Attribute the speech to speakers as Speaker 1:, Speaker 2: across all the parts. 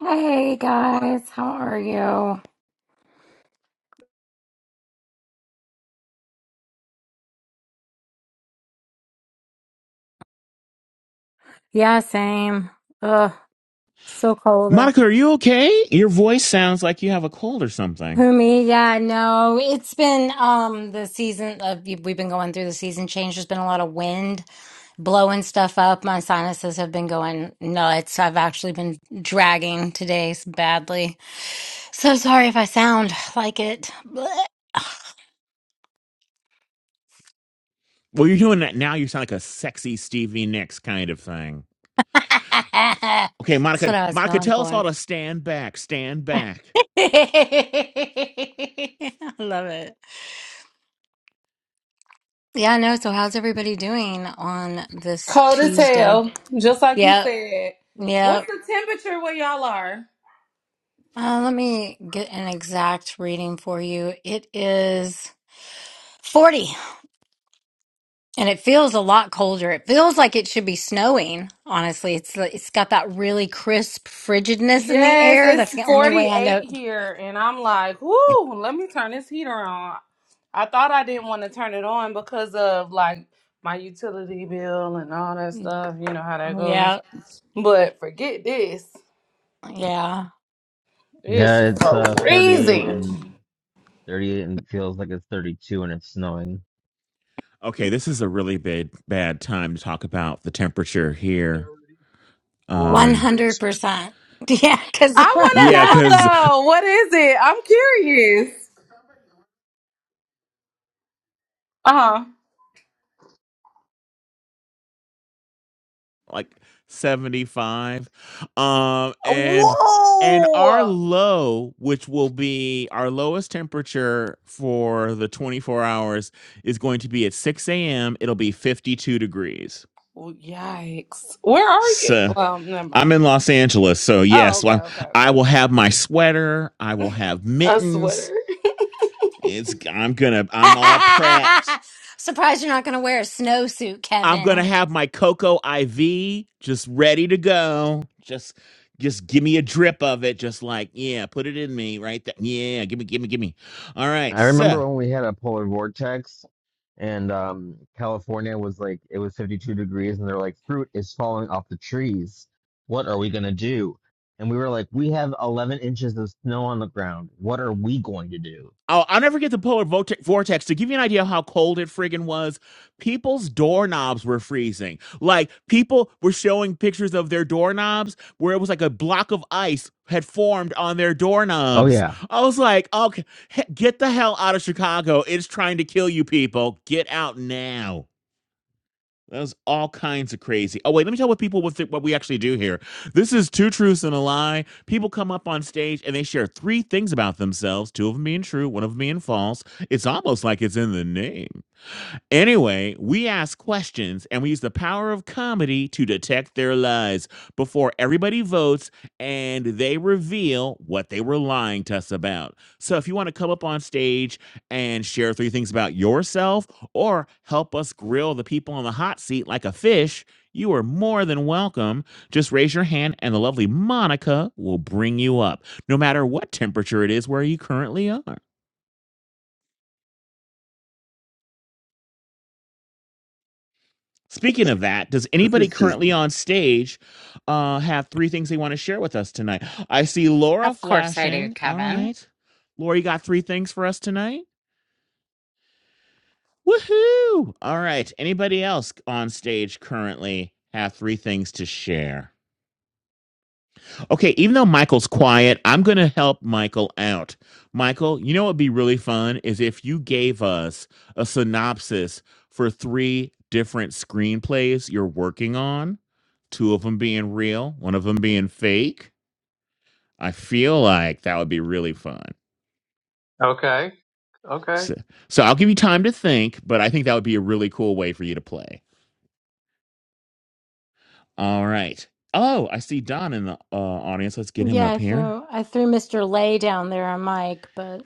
Speaker 1: Hey guys, how are you? Yeah, same. Ugh, so cold out.
Speaker 2: Monica, are you okay? Your voice sounds like you have a cold or something.
Speaker 1: Who me? Yeah, no. It's been um the season of we've been going through the season change. There's been a lot of wind blowing stuff up. My sinuses have been going nuts. I've actually been dragging today s- badly. So sorry if I sound like it. Blech.
Speaker 2: Well, you're doing that now. You sound like a sexy Stevie Nicks kind of thing. Okay,
Speaker 1: That's what
Speaker 2: Monica,
Speaker 1: I was
Speaker 2: Monica,
Speaker 1: going
Speaker 2: tell us all
Speaker 1: for.
Speaker 2: to stand back, stand back.
Speaker 1: I love it. Yeah, no. So, how's everybody doing on this
Speaker 3: Cold as
Speaker 1: Tuesday?
Speaker 3: hell, just like you
Speaker 1: Yeah,
Speaker 3: said. What's
Speaker 1: yeah.
Speaker 3: the temperature where y'all are?
Speaker 1: Uh, let me get an exact reading for you. It is 40, and it feels a lot colder. It feels like it should be snowing, honestly. It's like- it's got that really crisp frigidness in the
Speaker 3: Yes,
Speaker 1: air.
Speaker 3: it's
Speaker 1: That's the only way I
Speaker 3: 48
Speaker 1: know.
Speaker 3: here, and I'm like, whoo, let me turn this heater on. I thought I didn't want to turn it on because of like my utility bill and all that stuff. You know how that
Speaker 1: Yeah,
Speaker 3: goes. But forget this.
Speaker 1: yeah.
Speaker 3: It's
Speaker 4: Yeah, it's uh 38
Speaker 3: freezing.
Speaker 4: and 38 and feels like it's 32 and it's snowing.
Speaker 2: Okay, this is a really bad bad time to talk about the temperature here.
Speaker 5: 34
Speaker 2: Um,
Speaker 5: degrees here in
Speaker 1: 100%.
Speaker 5: New
Speaker 1: Yeah, because
Speaker 3: I
Speaker 2: yeah,
Speaker 3: want to know
Speaker 2: 'cause
Speaker 3: though, what is it? I'm curious. Uh
Speaker 2: like 75 um
Speaker 3: huh.
Speaker 2: and and our
Speaker 3: Whoa!
Speaker 2: low which will be our lowest temperature for the 24 hours is going to be at 6 a.m it'll be 52 degrees
Speaker 3: Well, yikes. Where are you?
Speaker 2: so
Speaker 3: Well, never
Speaker 2: i'm
Speaker 3: mind.
Speaker 2: in los angeles so
Speaker 3: Oh,
Speaker 2: yes
Speaker 3: okay,
Speaker 2: well,
Speaker 3: okay,
Speaker 2: i
Speaker 3: okay.
Speaker 2: will have my sweater i will have
Speaker 3: A sweater.
Speaker 2: mittens it's i'm gonna i'm all prepped
Speaker 1: surprised you're not going to wear a snowsuit,
Speaker 2: I'm gonna
Speaker 1: Kevin.
Speaker 2: have my cocoa IV just ready to go. Just just give me a drip of it. Just like, yeah, put it in me right there. Yeah, gimme, gimme, gimme. All right.
Speaker 4: I
Speaker 2: So
Speaker 4: remember when we had a polar vortex and um California was like it was 52 degrees and they're like fruit is falling off the trees. What are we gonna do? And we were like, we have 11 inches of snow on the ground. What are we going to do?
Speaker 2: I'll, I'll never get the polar vortex to give you an idea of how cold it friggin' was. People's doorknobs were freezing. Like people were showing pictures of their doorknobs where it was like a block of ice had formed on their
Speaker 4: Oh
Speaker 2: doorknobs.
Speaker 4: yeah,
Speaker 2: I was like, okay, he- get the hell out of Chicago. It's trying to kill you people. Get out now. That was all kinds of crazy. Oh wait, let me tell what people what, th- what we actually do here. This is two truths and a lie. People come up on stage and they share three things about themselves, two of them being true, one of them being false. It's almost like it's in the name. Anyway, we ask questions and we use the power of comedy to detect their lies before everybody votes and they reveal what they were lying to us about. So if you want to come up on stage and share three things about yourself or help us grill the people on the hot seat like a fish, you are more than welcome. Just raise your hand and the lovely Monica will bring you up, no matter what temperature it is where you currently are. Speaking of that, does
Speaker 6: Cause
Speaker 2: anybody
Speaker 6: it's just
Speaker 2: currently on stage uh, have three things they want to share with us tonight? I see Laura
Speaker 7: Of course I do,
Speaker 2: flashing. All
Speaker 7: Kevin.
Speaker 2: right. Laura, you got three things for us tonight? Woohoo! All right. Anybody else on stage currently have three things to share? Okay, even though Michael's quiet, I'm going to help Michael out. Michael, you know what would be really fun is if you gave us a synopsis for three different screenplays you're working on, two of them being real, one of them being fake. I feel like that would be really fun.
Speaker 5: York. Okay. Okay.
Speaker 2: So, so I'll give you time to think, but I think that would be a really cool way for you to play. All right. Oh, I see Don in the uh, audience. Let's get him
Speaker 1: Yeah,
Speaker 2: up
Speaker 1: I
Speaker 2: here.
Speaker 1: threw I threw Mr. Lay down there on Mike, but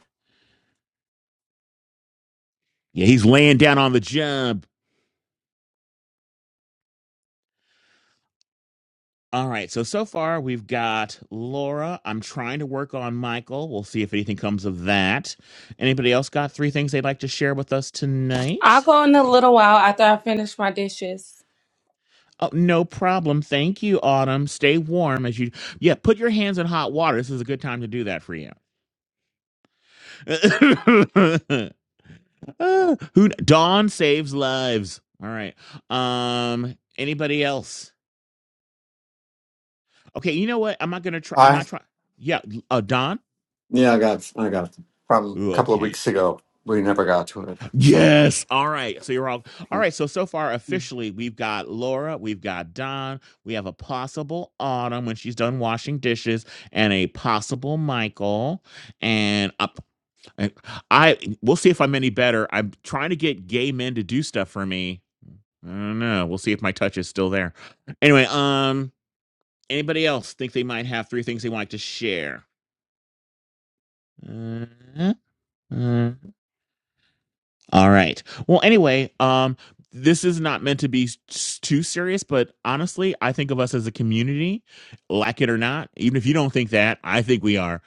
Speaker 2: Yeah, he's laying down on the job. All right. So so far we've got Laura. I'm trying to work on Michael. We'll see if anything comes of that. Anybody else got three things they'd like to share with us
Speaker 3: I'll
Speaker 2: tonight?
Speaker 3: go in a little while after I finish my dishes.
Speaker 2: Oh, no problem. Thank you, Autumn. Stay warm as you Yeah, put your hands in hot water. This is a good time to do that for you. Ah, Who Dawn saves lives. All right. Um anybody else? Okay, you know what? I'm not going to try I'm
Speaker 8: I
Speaker 2: not trying. Yeah, uh, Dawn.
Speaker 8: yeah, I got I got it from
Speaker 2: Ooh,
Speaker 8: a couple of
Speaker 2: okay.
Speaker 8: weeks ago. We never got to it. So
Speaker 2: Yes. All right. So you're all all
Speaker 8: uh,
Speaker 2: right. So so far
Speaker 8: you
Speaker 2: officially we've got Laura, we've got Don, we have a possible Autumn when she's done washing dishes, and a possible Michael. And up I I- we'll see if I'm any better. I'm trying to get gay men to do stuff for me. I don't know. We'll see if my touch is still there. Anyway, um, anybody else think they might have three things they would like to share? Uh, uh, All right. Well, anyway, um, this is not meant to be s- too serious, but honestly, I think of us as a community, like it or not. Even if you don't think that, I think we are.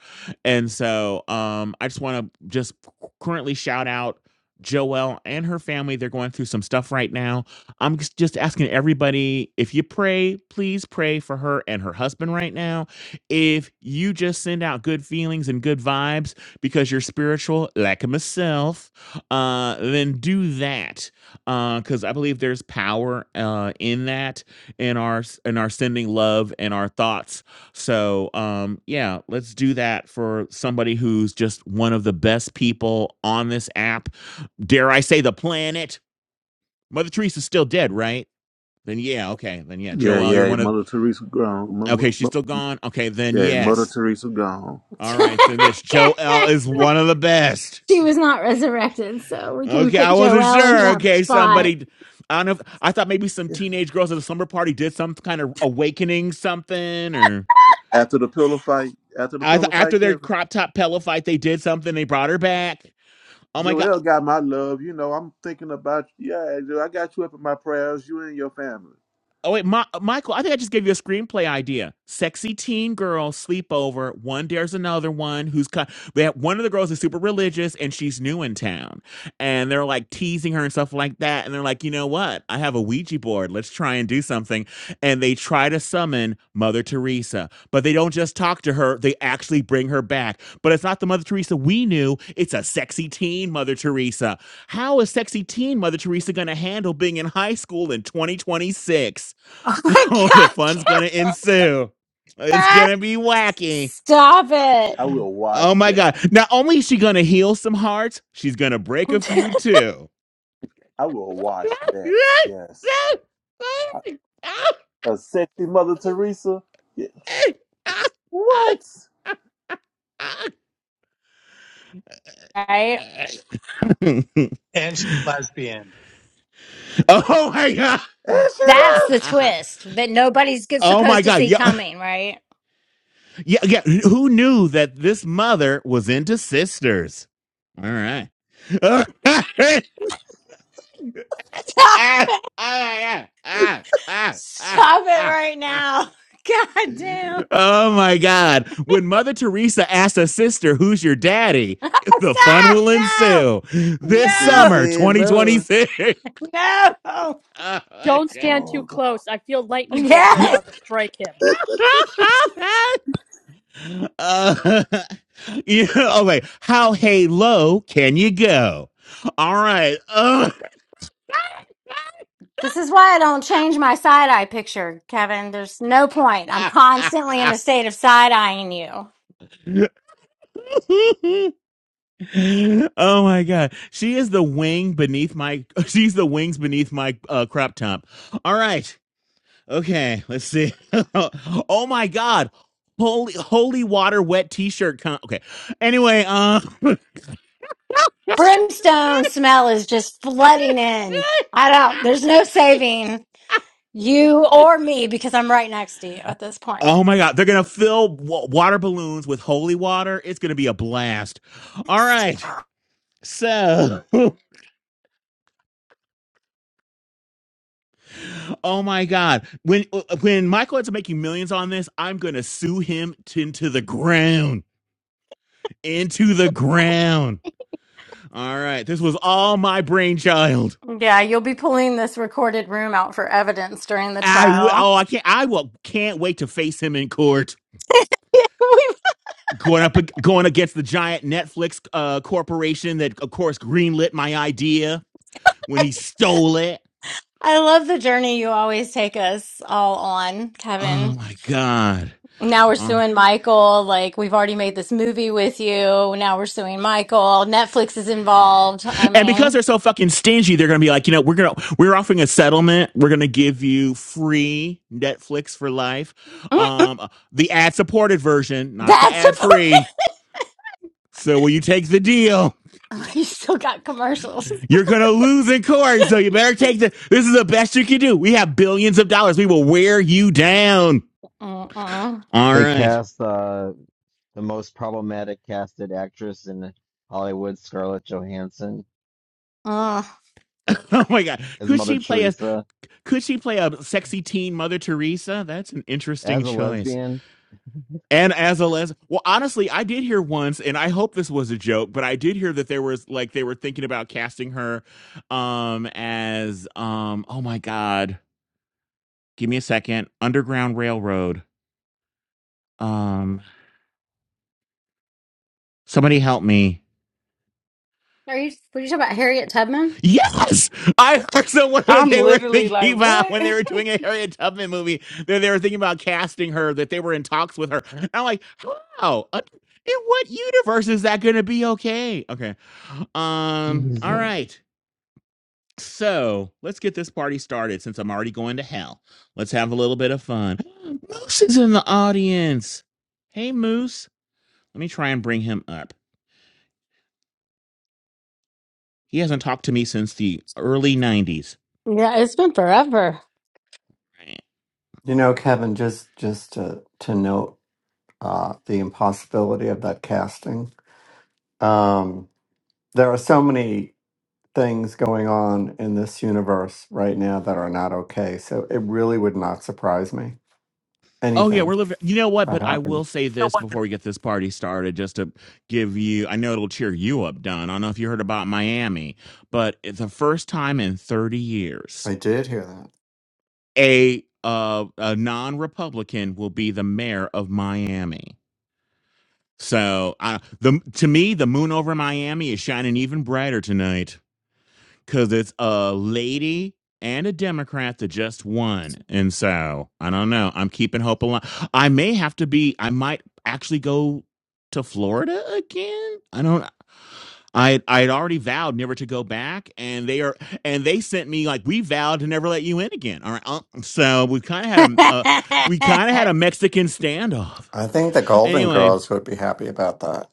Speaker 2: And so, um, I just want to just currently shout out Joelle and her family. They're going through some stuff right now. I'm just just asking everybody if you pray, please pray for her and her husband right now. If you just send out good feelings and good vibes because you're spiritual, like myself uh, then do that uh because I believe there's power uh, in that in our s- in our sending love and our thoughts. So um, yeah, let's do that for somebody who's just one of the best people on this app. Dare I say the planet? Mother Teresa's still dead, right? Then yeah, okay. Then yeah,
Speaker 6: yeah,
Speaker 2: Joel, you're
Speaker 6: yeah.
Speaker 2: one of.
Speaker 6: Mother Teresa gone. Mo-
Speaker 2: Okay,
Speaker 6: mo-
Speaker 2: she's
Speaker 6: mo-
Speaker 2: still gone. Okay, then
Speaker 6: Yeah, Mother
Speaker 2: yes.
Speaker 6: Teresa gone.
Speaker 2: All
Speaker 1: she
Speaker 2: right, so this Joel is one of the best.
Speaker 1: was not resurrected, so we can
Speaker 2: Okay,
Speaker 1: put
Speaker 2: I wasn't
Speaker 1: Joelle in
Speaker 2: sure.
Speaker 1: that
Speaker 2: Okay,
Speaker 6: Yeah.
Speaker 1: spot.
Speaker 2: somebody. I don't know. If, I thought maybe some
Speaker 6: yeah.
Speaker 2: teenage girls at a slumber party did some kind of awakening, something, or
Speaker 6: After the pillow fight, after the
Speaker 2: I th-
Speaker 6: pillow fight,
Speaker 2: after their
Speaker 6: Kevin
Speaker 2: crop top pillow fight, they did something. They brought her back. Oh my god!
Speaker 6: Joel got my love. You know, I'm thinking about you. yeah. Joel, I got you up in my prayers. You and your family.
Speaker 2: Oh wait, Ma- Michael, I think I just gave you a screenplay idea. Sexy teen girl sleepover. One dares another one who's kind. They have, one of the girls is super religious and she's new in town, and they're like teasing her and stuff like that. And they're like, you know what? I have a Ouija board. Let's try and do something. And they try to summon Mother Teresa, but they don't just talk to her. They actually bring her back. But it's not the Mother Teresa we knew. It's a sexy teen Mother Teresa. How is sexy teen Mother Teresa going to handle being in high school in 2026?
Speaker 1: Oh my
Speaker 2: Oh, the fun's
Speaker 1: god,
Speaker 2: gonna ensue. It's
Speaker 1: Kara!
Speaker 2: gonna be wacky.
Speaker 1: Stop it.
Speaker 6: I will watch
Speaker 2: Oh my
Speaker 6: that.
Speaker 2: god. Not only is she gonna heal some hearts, she's gonna break a few too.
Speaker 6: I will watch that. Yes, a a sexy Mother Teresa. Yeah. What?
Speaker 1: right?
Speaker 2: oh my god.
Speaker 5: And she's lesbian.
Speaker 6: And she
Speaker 1: That's the
Speaker 6: left.
Speaker 1: twist that nobody's get-
Speaker 2: Oh my
Speaker 1: supposed to
Speaker 2: god.
Speaker 1: see
Speaker 2: Yeah,
Speaker 1: coming, right?
Speaker 2: yeah, yeah. Who knew that this mother was into sisters? All right. ah,
Speaker 1: Stop
Speaker 2: ah,
Speaker 1: it!
Speaker 2: ah, ah, ah, ah,
Speaker 1: Stop it
Speaker 2: ah.
Speaker 1: right now. God damn.
Speaker 2: Oh my God. When Mother Teresa asks a sister, Who's your daddy? the fun
Speaker 1: Stop!
Speaker 2: will
Speaker 1: No!
Speaker 2: ensue this
Speaker 6: She ain't
Speaker 1: No!
Speaker 2: summer,
Speaker 6: saying none.
Speaker 2: 2026.
Speaker 1: No!
Speaker 2: Oh my
Speaker 9: Don't stand
Speaker 6: Oh
Speaker 9: too
Speaker 6: God.
Speaker 9: close. I feel lightning bolts are
Speaker 1: Yes!
Speaker 9: about to strike him.
Speaker 2: God. uh, you know, okay. How hey low can you go? All right.
Speaker 1: This is why I don't change my side eye picture, Kevin. There's no point. I'm
Speaker 2: Ugh.
Speaker 1: constantly in a state of side eyeing you.
Speaker 2: oh my god she is the wing beneath my she's the wings beneath my uh, crop top all right okay let's see oh my god holy holy water wet t-shirt con- okay anyway um
Speaker 1: Brimstone smell is just flooding in. I don't, there's no saving you or me because I'm right next to you at this point.
Speaker 2: Oh my God, they're gonna fill wa- water balloons with holy water. It's gonna be a blast. All right, so Oh my God! When uh, when Michael ends up making millions on this, I'm gonna sue him t- into the ground, into the ground. All right, this was all my brainchild.
Speaker 1: Yeah, you'll be pulling this recorded room out for evidence during the
Speaker 2: I w-
Speaker 1: trial.
Speaker 2: oh I can't I will can't wait to face him in court. Going up ag- going against the giant Netflix uh, corporation that of course greenlit my idea when he stole it.
Speaker 1: I love the journey you always take us all on, Kevin.
Speaker 2: Oh my God!
Speaker 1: Now we're
Speaker 2: Uh,
Speaker 1: suing Michael. Like, we've already made this movie with you. Now we're suing Michael. Netflix is involved. I
Speaker 2: And because
Speaker 1: mean,
Speaker 2: they're so fucking stingy, they're gonna be like, you know, we're gonna we're offering a settlement. We're gonna give you free Netflix for life,
Speaker 1: mm,
Speaker 2: um, the ad supported version, not the
Speaker 1: that's
Speaker 2: ad
Speaker 1: important.
Speaker 2: free. So will you take the deal?
Speaker 1: You still got commercials.
Speaker 2: You're gonna lose in court, so you better take the. This is the best you can do. We have billions of dollars. We will wear you down.
Speaker 1: Mm-mm.
Speaker 2: All
Speaker 4: they
Speaker 2: right.
Speaker 4: cast uh the most problematic casted actress in Hollywood, Scarlett Johansson,
Speaker 1: Mm. Are
Speaker 2: Oh my God.
Speaker 4: as
Speaker 2: Could
Speaker 4: Mother
Speaker 2: she play a?
Speaker 4: Teresa,
Speaker 2: Could she play a sexy teen Mother Teresa? That's an
Speaker 4: as
Speaker 2: interesting
Speaker 4: a
Speaker 2: choice.
Speaker 4: lesbian.
Speaker 2: And as a les, well, honestly, I did hear once, and I hope this was a joke, but I did hear that there was like they were thinking about casting her, um, as um, oh my god, give me a second, Underground Railroad, um, somebody help me.
Speaker 1: you, were you talking about Harriet Tubman?
Speaker 2: Yes, I heard someone that
Speaker 3: I'm
Speaker 2: they were
Speaker 3: literally
Speaker 2: thinking
Speaker 3: like,
Speaker 2: about
Speaker 3: what?
Speaker 2: when they were doing a Harriet Tubman movie that they were thinking about casting her, that they were in talks with her. And I'm like, how? In what universe is that going to be okay? Okay. Um. All
Speaker 4: Jesus.
Speaker 2: right. So let's get this party started since I'm already going to hell. Let's have a little bit of fun. Moose is in the audience. Hey, Moose. Let me try and bring him up. He hasn't talked to me since the early 90s.
Speaker 1: Yeah, it's been forever.
Speaker 8: know, Kevin, just just to to note uh, the impossibility of that casting. Um, there are so many things going on in this universe right now that are not okay. So it really would not surprise me
Speaker 2: Oh, yeah,
Speaker 8: anything
Speaker 2: we're living. You know what?
Speaker 8: that
Speaker 2: But I
Speaker 8: happened.
Speaker 2: will say this before we get this party started, just to give you, I know it'll cheer you up, Don. I don't know if you heard about Miami, but it's the first time in 30 years,
Speaker 8: I did hear that.
Speaker 2: a, uh, a non Republican will be the mayor of Miami. So I, the to me, the moon over Miami is shining even brighter tonight because it's a lady and a Democrat that just won. And so I don't know. I'm keeping hope alive. I may have to be. I might actually go to Florida again. I don't. I I had already vowed never to go back, and they are and they sent me like we vowed to never let you in again. All right, uh, so we kind of had a uh, we kind of had a Mexican standoff.
Speaker 8: I think the Golden
Speaker 2: Anyway,
Speaker 8: Girls would be happy about that.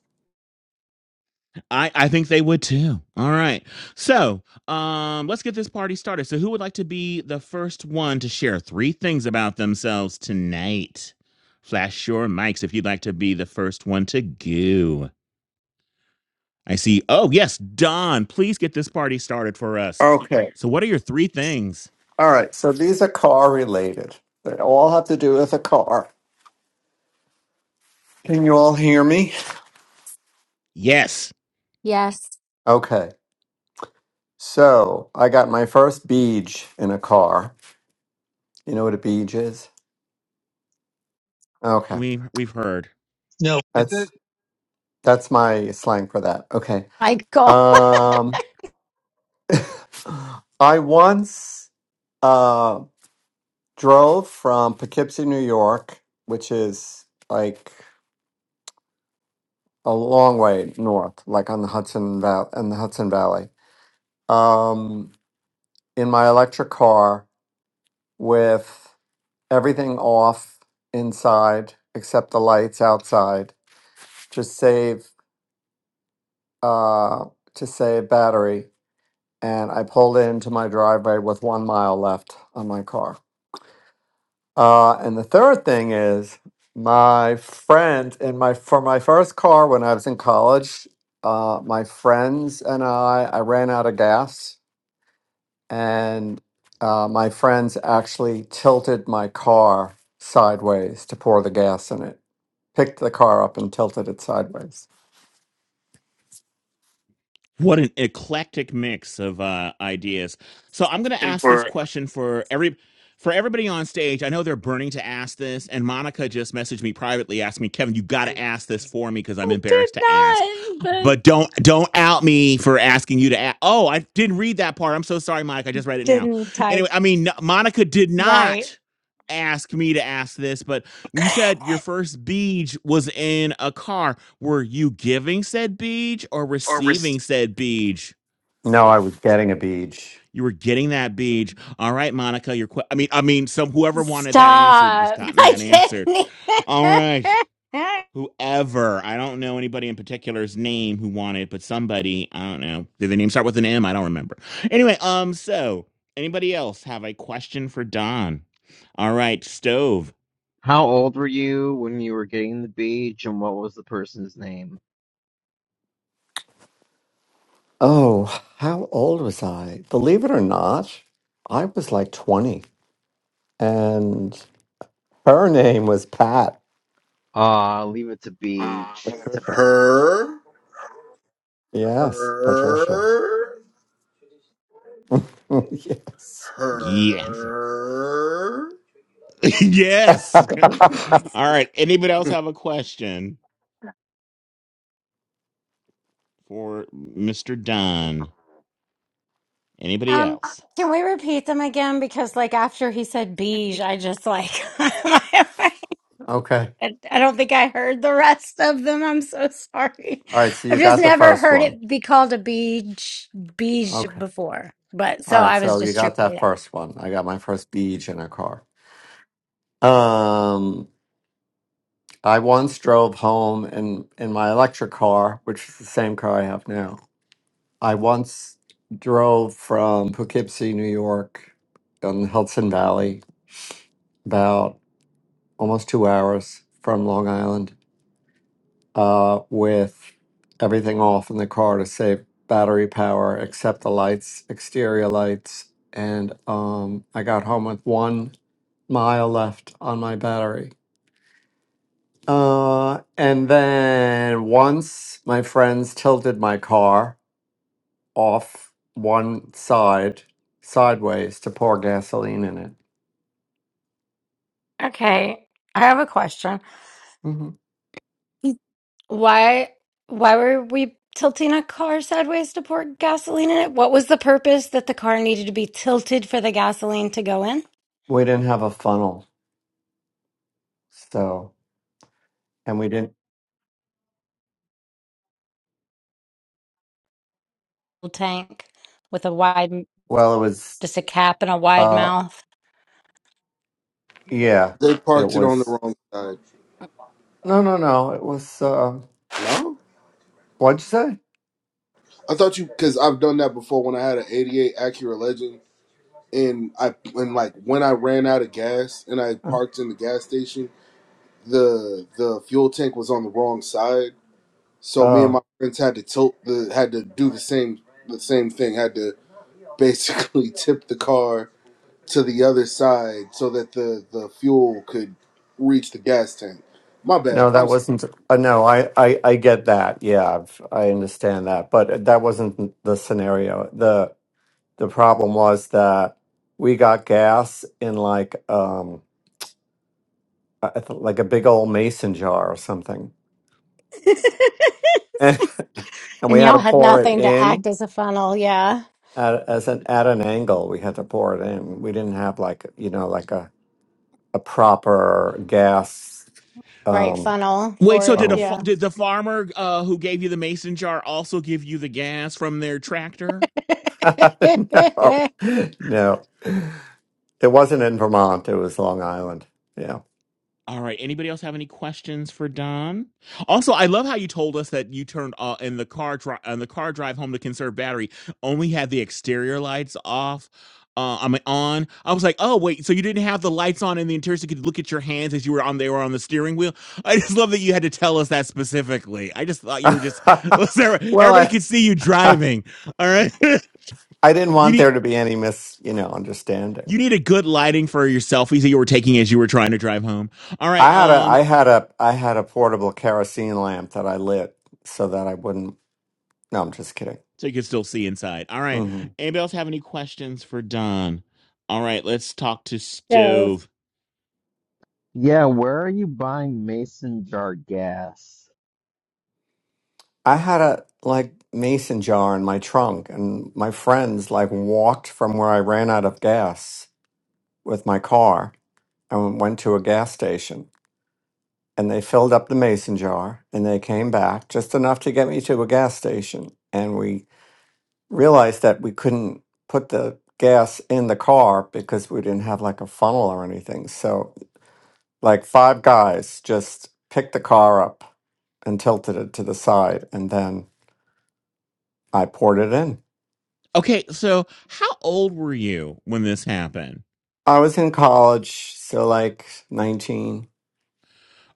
Speaker 2: I, I think they would too. All right. So um, let's get this party started. So, who would like to be the first one to share three things about themselves tonight? Flash your mics if you'd like to be the first one to go. I see. Oh, yes. Don, please get this party started for us.
Speaker 8: Okay.
Speaker 2: So, what are your three things?
Speaker 8: All right, so these are car related. They all have to do with a car. Can you all hear me?
Speaker 2: Yes.
Speaker 1: Yes.
Speaker 8: Okay, so I got my first beej in a car. You know what a beej is? Okay,
Speaker 2: we we've heard.
Speaker 5: No, Is it?
Speaker 8: that's that's my slang for that. Okay,
Speaker 1: Michael,
Speaker 8: um, I once uh, drove from Poughkeepsie, New York, which is like a long way north, like on the Hudson Valley, in the Hudson Valley. Um, in my electric car with everything off inside except the lights outside to save uh, to save battery. And I pulled into my driveway with one mile left on my car. Uh, and the third thing is my friend in my for my first car when I was in college, uh, my friends and I I ran out of gas and uh, my friends actually tilted my car sideways to pour the gas in it. Picked the car up and tilted it sideways.
Speaker 2: What an eclectic mix of uh, ideas. So I'm going to ask this question for every for everybody on stage. I know they're burning to ask this, and Monica just messaged me privately, asked me, "Kevin, you got to ask this for me because I'm
Speaker 1: I did
Speaker 2: embarrassed to ask."
Speaker 1: not, but
Speaker 2: But don't don't out me for asking you to ask. Oh, I didn't read that part. I'm so sorry, Monica. I just read it now.
Speaker 1: didn't type
Speaker 2: Anyway, I mean, no- Monica did
Speaker 1: right.
Speaker 2: not ask me to ask this, but you said your first beach was in a car. Were you giving said beej or
Speaker 8: Or was
Speaker 2: receiving said beej?
Speaker 8: No, I was getting a beach.
Speaker 2: You were getting that beej. All right, Monica, your que- I mean I mean some whoever wanted that answered was
Speaker 1: Stop.
Speaker 2: gotten that
Speaker 1: I
Speaker 2: answered. All right.
Speaker 1: didn't.
Speaker 2: Whoever. I don't know anybody in particular's name who wanted, but somebody, I don't know. Did the name start with an M? I don't remember. Anyway, um so anybody else have a question for Don? All right, stove.
Speaker 4: How old were you when you were getting the beach, and what was the person's name?
Speaker 8: Oh, how old was I? Believe it or not, I was like 20. and. Her name was Pat.
Speaker 4: Ah, leave it to Beach.
Speaker 8: Patricia.
Speaker 10: her,
Speaker 8: Yes, Patricia.
Speaker 10: her,
Speaker 8: yes.
Speaker 2: Yes.
Speaker 10: her.
Speaker 2: yes. All right. Anybody else have a question? for Mr. Don. Anybody
Speaker 1: Um,
Speaker 2: else?
Speaker 1: can we repeat them again? Because like after he said beige, I just like I
Speaker 8: okay.
Speaker 1: don't think I heard the rest of them. I'm so sorry.
Speaker 8: All right. So
Speaker 1: I've
Speaker 8: you
Speaker 1: just
Speaker 8: got the
Speaker 1: never
Speaker 8: first
Speaker 1: heard
Speaker 8: one.
Speaker 1: it be called a beige beige
Speaker 8: Okay.
Speaker 1: before. But
Speaker 8: All
Speaker 1: so
Speaker 8: right.
Speaker 1: I was
Speaker 8: So you
Speaker 1: just
Speaker 8: got
Speaker 1: tripping.
Speaker 8: that
Speaker 1: it up.
Speaker 8: first one. I got my first beach in a car. Um, I once drove home in in my electric car, which is the same car I have now. I once drove from Poughkeepsie, New York, on the Hudson Valley, about almost two hours from Long Island uh, with everything off in the car to save battery power, except the lights, exterior lights. And um, I got home with one mile left on my battery. Uh, and then once my friends tilted my car off one side, sideways, to pour gasoline in it.
Speaker 1: Okay, I have a question.
Speaker 8: hmm
Speaker 1: Why why were we tilting a car sideways to pour gasoline in it? What was the purpose that the car needed to be tilted for the gasoline to go in?
Speaker 8: We didn't have a funnel. So, and we didn't,
Speaker 1: tank with a wide,
Speaker 8: well, it was,
Speaker 1: just a cap and a wide
Speaker 8: uh,
Speaker 1: mouth.
Speaker 8: yeah,
Speaker 10: They
Speaker 8: it
Speaker 10: parked it on the
Speaker 8: was
Speaker 10: wrong side.
Speaker 8: No, no, no. It was. Uh,
Speaker 10: No,
Speaker 8: what'd you say?
Speaker 10: I thought you because I've done that before when I had an '88 Acura Legend, and I and like when I ran out of gas and I
Speaker 8: Uh,
Speaker 10: parked in the gas station, the the fuel tank was on the wrong side, so me and my
Speaker 8: Oh,
Speaker 10: friends had to tilt the had to do the same the same thing, had to basically tip the car to the other side so that the the fuel could reach the gas tank. My bad.
Speaker 8: no, that
Speaker 10: I'm sorry.
Speaker 8: wasn't. Uh, no, I, I, I get that. Yeah, I've, I understand that. But that wasn't the scenario. the The problem was that we got gas in like um I I th- like a big old mason jar or something, and, we
Speaker 1: And
Speaker 8: had
Speaker 1: y'all
Speaker 8: to
Speaker 1: had
Speaker 8: pour it
Speaker 1: nothing to
Speaker 8: in
Speaker 1: act as a funnel. Yeah.
Speaker 8: at as an at an angle. We had to pour it in. We didn't have like you know like a a proper gas
Speaker 1: Right
Speaker 8: um
Speaker 1: funnel
Speaker 2: Wait,
Speaker 1: for
Speaker 2: so did
Speaker 1: it.
Speaker 2: a
Speaker 8: funnel
Speaker 2: fa-
Speaker 1: Yeah.
Speaker 2: did the farmer uh, who gave you the mason jar also give you the gas from their tractor?
Speaker 8: no, no, it wasn't in Vermont. It was Long Island. Yeah.
Speaker 2: All right. Anybody else have any questions for Don? Also, I love how you told us that you turned uh, in the car dri- on the car drive home to conserve battery. Only had the exterior lights off. Uh, I mean, on. I was like, oh wait, so you didn't have the lights on in the interior, so you could look at your hands as you were on. They were on the steering wheel. I just love that you had to tell us that specifically. I just thought you were just. Sarah,
Speaker 8: well,
Speaker 2: Everybody
Speaker 8: I
Speaker 2: could see you driving. All right.
Speaker 8: I didn't
Speaker 2: you
Speaker 8: want
Speaker 2: need
Speaker 8: there to be any mis you know understanding.
Speaker 2: you need a good lighting for your selfies that you were taking as you were trying to drive home. All
Speaker 8: I
Speaker 2: right.
Speaker 8: had a
Speaker 2: um,
Speaker 8: I had a I had a portable kerosene lamp that I lit so that I wouldn't. No, I'm just kidding.
Speaker 2: so you can still see inside. All right.
Speaker 8: hmm
Speaker 2: Anybody else have any questions for Don? All right, let's talk to
Speaker 1: so,
Speaker 2: Stove.
Speaker 4: Yeah, where are you buying mason jar gas?
Speaker 8: I had a like mason jar in my trunk, and my friends like walked from where I ran out of gas with my car and went to a gas station and they filled up the mason jar and they came back just enough to get me to a gas station and we realized that we couldn't put the gas in the car because we didn't have like a funnel or anything so like five guys just picked the car up and tilted it to the side and then i poured it in
Speaker 2: Okay, so how old were you when this happened?
Speaker 8: i was in college so like 19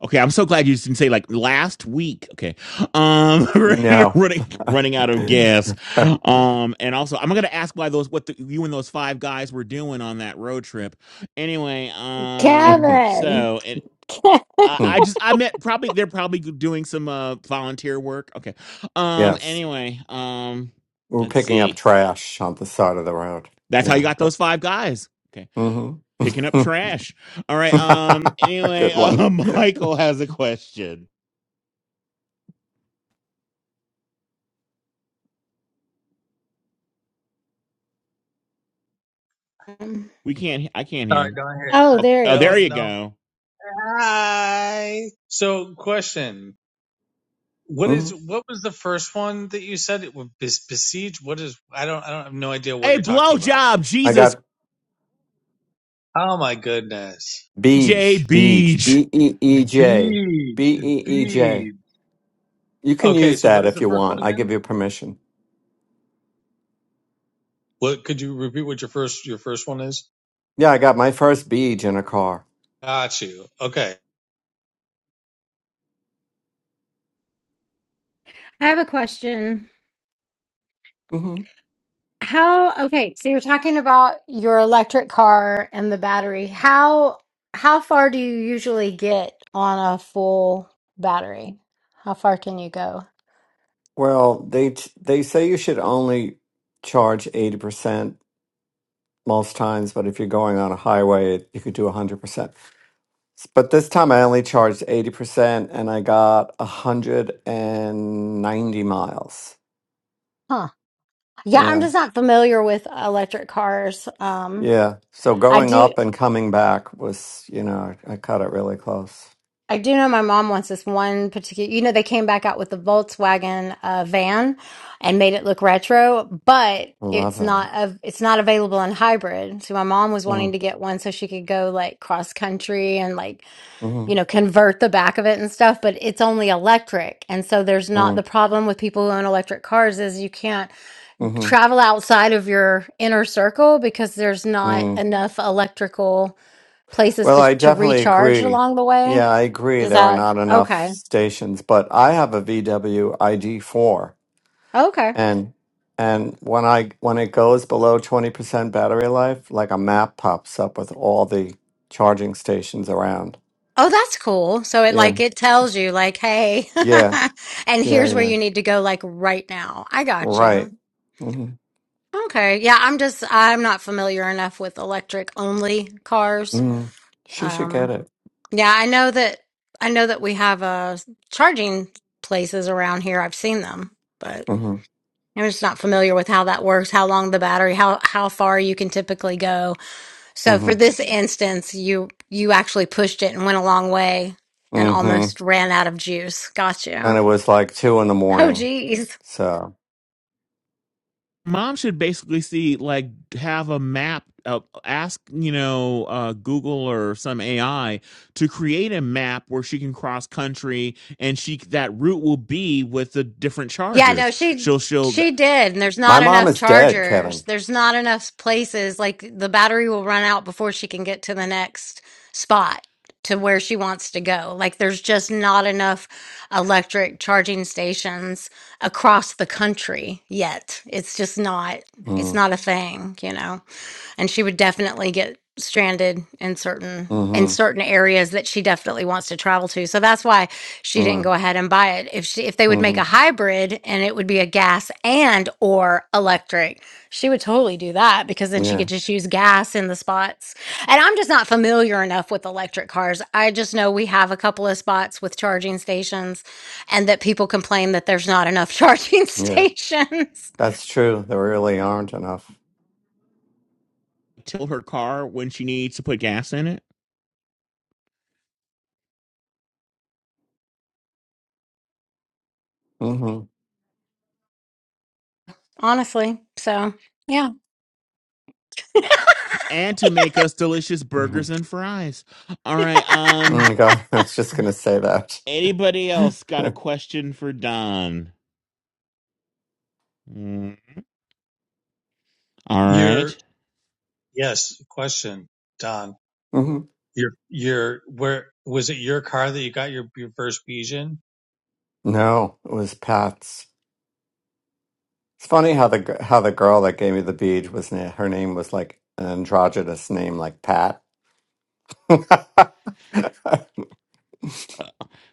Speaker 2: Okay, I'm so glad you didn't say like last week. Okay, um,
Speaker 8: no
Speaker 2: running running out of gas. Um, and also I'm gonna ask why those what the, you and those five guys were doing on that road trip. Anyway, um, so and
Speaker 1: Kevin.
Speaker 2: I I just I meant probably they're probably doing some uh volunteer work. Okay. Um
Speaker 8: yes
Speaker 2: anyway, um
Speaker 8: We're
Speaker 2: let's
Speaker 8: picking up
Speaker 2: see.
Speaker 8: trash on the side of the road.
Speaker 2: That's how you
Speaker 8: Yeah.
Speaker 2: got those five guys. Okay. Picking up
Speaker 8: Mm-hmm.
Speaker 2: trash. All right. Um anyway,
Speaker 8: Good one.
Speaker 2: uh, Michael has a question. We can't I can't hear
Speaker 5: sorry,
Speaker 2: him.
Speaker 5: go ahead.
Speaker 1: Oh,
Speaker 5: Sorry.
Speaker 2: Oh,
Speaker 1: there he
Speaker 2: oh there
Speaker 5: No,
Speaker 1: is.
Speaker 2: you
Speaker 5: no.
Speaker 2: go.
Speaker 5: Hi. So, question: What
Speaker 8: hmm
Speaker 5: is what was the first one that you said? It was besiege. What is? I don't. I don't I have no idea what
Speaker 2: Hey,
Speaker 5: you're talking about.
Speaker 2: blowjob,
Speaker 8: I
Speaker 2: Jesus
Speaker 8: got
Speaker 5: Oh my goodness.
Speaker 2: J.
Speaker 8: Beej, Beej,
Speaker 2: Beej.
Speaker 8: B E E J, B
Speaker 5: Beach,
Speaker 8: E E J.
Speaker 5: beach.
Speaker 8: You can
Speaker 5: Okay,
Speaker 8: use
Speaker 5: so
Speaker 8: that
Speaker 5: what is
Speaker 8: if
Speaker 5: the
Speaker 8: you
Speaker 5: first one
Speaker 8: want. I give
Speaker 5: again?
Speaker 8: you permission.
Speaker 5: What could you repeat? What your first your first one is?
Speaker 8: Yeah, I got my first Beej in a car.
Speaker 5: Got you. Okay.
Speaker 1: I have a question.
Speaker 8: hmm
Speaker 1: How, okay, so you're talking about your electric car and the battery. How how far do you usually get on a full battery? How far can you go?
Speaker 8: Well, they t- they say you should only charge eighty percent most times, but if you're going on a highway, you could do 100%. But this time I only charged 80% and I got 190 miles.
Speaker 1: Huh. Yeah, I'm
Speaker 8: Yeah.
Speaker 1: just not familiar with electric cars. Um,
Speaker 8: Yeah. So
Speaker 1: I
Speaker 8: going
Speaker 1: do.
Speaker 8: up and coming back was, you know, I cut it really close.
Speaker 1: I do know my mom wants this one particular. You know, they came back out with the Volkswagen uh, van and made it look retro, but
Speaker 8: I love
Speaker 1: it's
Speaker 8: that.
Speaker 1: not a, it's not available in hybrid. So my mom was wanting
Speaker 8: Mm,
Speaker 1: to get one so she could go like cross country and like you
Speaker 8: mm,
Speaker 1: know convert the back of it and stuff. But it's only electric, and so there's not
Speaker 8: mm,
Speaker 1: the problem with people who own electric cars is you can't
Speaker 8: mm,
Speaker 1: travel outside of your inner circle because there's not
Speaker 8: mm.
Speaker 1: enough electrical places
Speaker 8: Well,
Speaker 1: to,
Speaker 8: I
Speaker 1: to
Speaker 8: definitely
Speaker 1: recharge
Speaker 8: agree.
Speaker 1: along the way?
Speaker 8: Yeah, I agree.
Speaker 1: Is
Speaker 8: There are
Speaker 1: that
Speaker 8: not enough
Speaker 1: okay?
Speaker 8: stations, but I have a VW ID4
Speaker 1: Okay.
Speaker 8: and and when I when it goes below twenty percent battery life, like a map pops up with all the charging stations around.
Speaker 1: Oh, that's cool. So it
Speaker 8: Yeah,
Speaker 1: like it tells you like, hey,
Speaker 8: yeah,
Speaker 1: and
Speaker 8: yeah,
Speaker 1: here's where
Speaker 8: yeah.
Speaker 1: you need to go like right now. I got
Speaker 8: Right.
Speaker 1: you.
Speaker 8: hmm
Speaker 1: Okay. Yeah, I'm just I'm not familiar enough with electric only cars.
Speaker 8: hmm She should get
Speaker 1: Um
Speaker 8: it.
Speaker 1: yeah, I know that I know that we have uh charging places around here. I've seen them, but
Speaker 8: hmm
Speaker 1: I'm just not familiar with how that works, how long the battery, how how far you can typically go So
Speaker 8: hmm
Speaker 1: for this instance, you you actually pushed it and went a long way and
Speaker 8: hmm
Speaker 1: almost ran out of juice. Got
Speaker 8: And it
Speaker 1: you.
Speaker 8: was like two in the
Speaker 1: Oh
Speaker 8: morning.
Speaker 1: geez.
Speaker 8: So
Speaker 2: mom should basically see like have a map uh, ask you know uh google or some ai to create a map where she can cross country and she that route will be with the different
Speaker 1: Yeah, no,
Speaker 2: chargers
Speaker 1: she
Speaker 2: she'll she'll th-
Speaker 1: she did. And there's
Speaker 8: my
Speaker 1: not
Speaker 8: mom
Speaker 1: enough
Speaker 8: is dead,
Speaker 1: chargers.
Speaker 8: Kevin.
Speaker 1: There's not enough places. Like the battery will run out before she can get to the next spot to where she wants to go. Like there's just not enough electric charging stations across the country yet. It's just not it's
Speaker 8: Mm,
Speaker 1: not a thing, you know. and she would definitely get stranded in certain in
Speaker 8: mm-hmm,
Speaker 1: certain areas that she definitely wants to travel to. So that's why she didn't go ahead and buy it. If she if they
Speaker 8: hmm
Speaker 1: would
Speaker 8: mm
Speaker 1: make a
Speaker 8: hmm
Speaker 1: hybrid and it would be a gas and or electric, she would totally do that because then she
Speaker 8: Yeah,
Speaker 1: could just use gas in the spots. And I'm just not familiar enough with electric cars. I just know we have a couple of spots with charging stations and that people complain that there's not enough charging
Speaker 8: yeah.
Speaker 1: stations.
Speaker 8: That's true. There really aren't enough.
Speaker 2: tilt her car when she needs to put gas in it
Speaker 8: Mm-hmm.
Speaker 1: Honestly. So, yeah.
Speaker 2: and to make us delicious burgers
Speaker 8: Mm-hmm.
Speaker 2: and fries all right um
Speaker 8: Mm, God, I was just gonna say that.
Speaker 2: anybody else got a question for don Mm, all
Speaker 5: Your
Speaker 2: right
Speaker 5: Yes. Question, Don.
Speaker 8: Mhm.
Speaker 5: Your your where was it your car that you got your, your first beige in?
Speaker 8: No, it was Pat's. It's funny how the gr- how the girl that gave me the bead was na- her name was like an androgynous name like Pat. it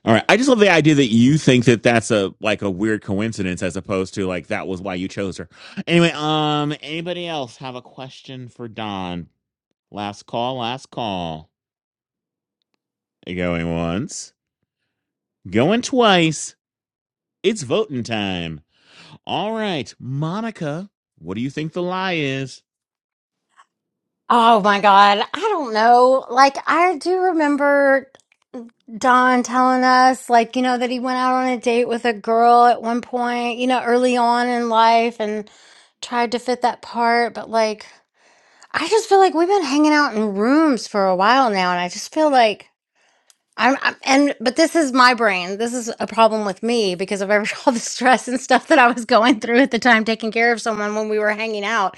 Speaker 2: All right. I just love the idea that you think that that's a like a weird coincidence as opposed to like that was why you chose her. Anyway, um anybody else have a question for Don? Last call, last call. Going once, going twice. It's voting time. All right, Monica, what do you think the lie is?
Speaker 1: Oh my God. I don't know. Like, I do remember Don telling us, like, you know, that he went out on a date with a girl at one point, you know, early on in life and tried to fit that part. But like, I just feel like we've been hanging out in rooms for a while now. And I just feel like I'm, I'm and, but this is my brain. This is a problem with me because of every, all the stress and stuff that I was going through at the time taking care of someone when we were hanging out.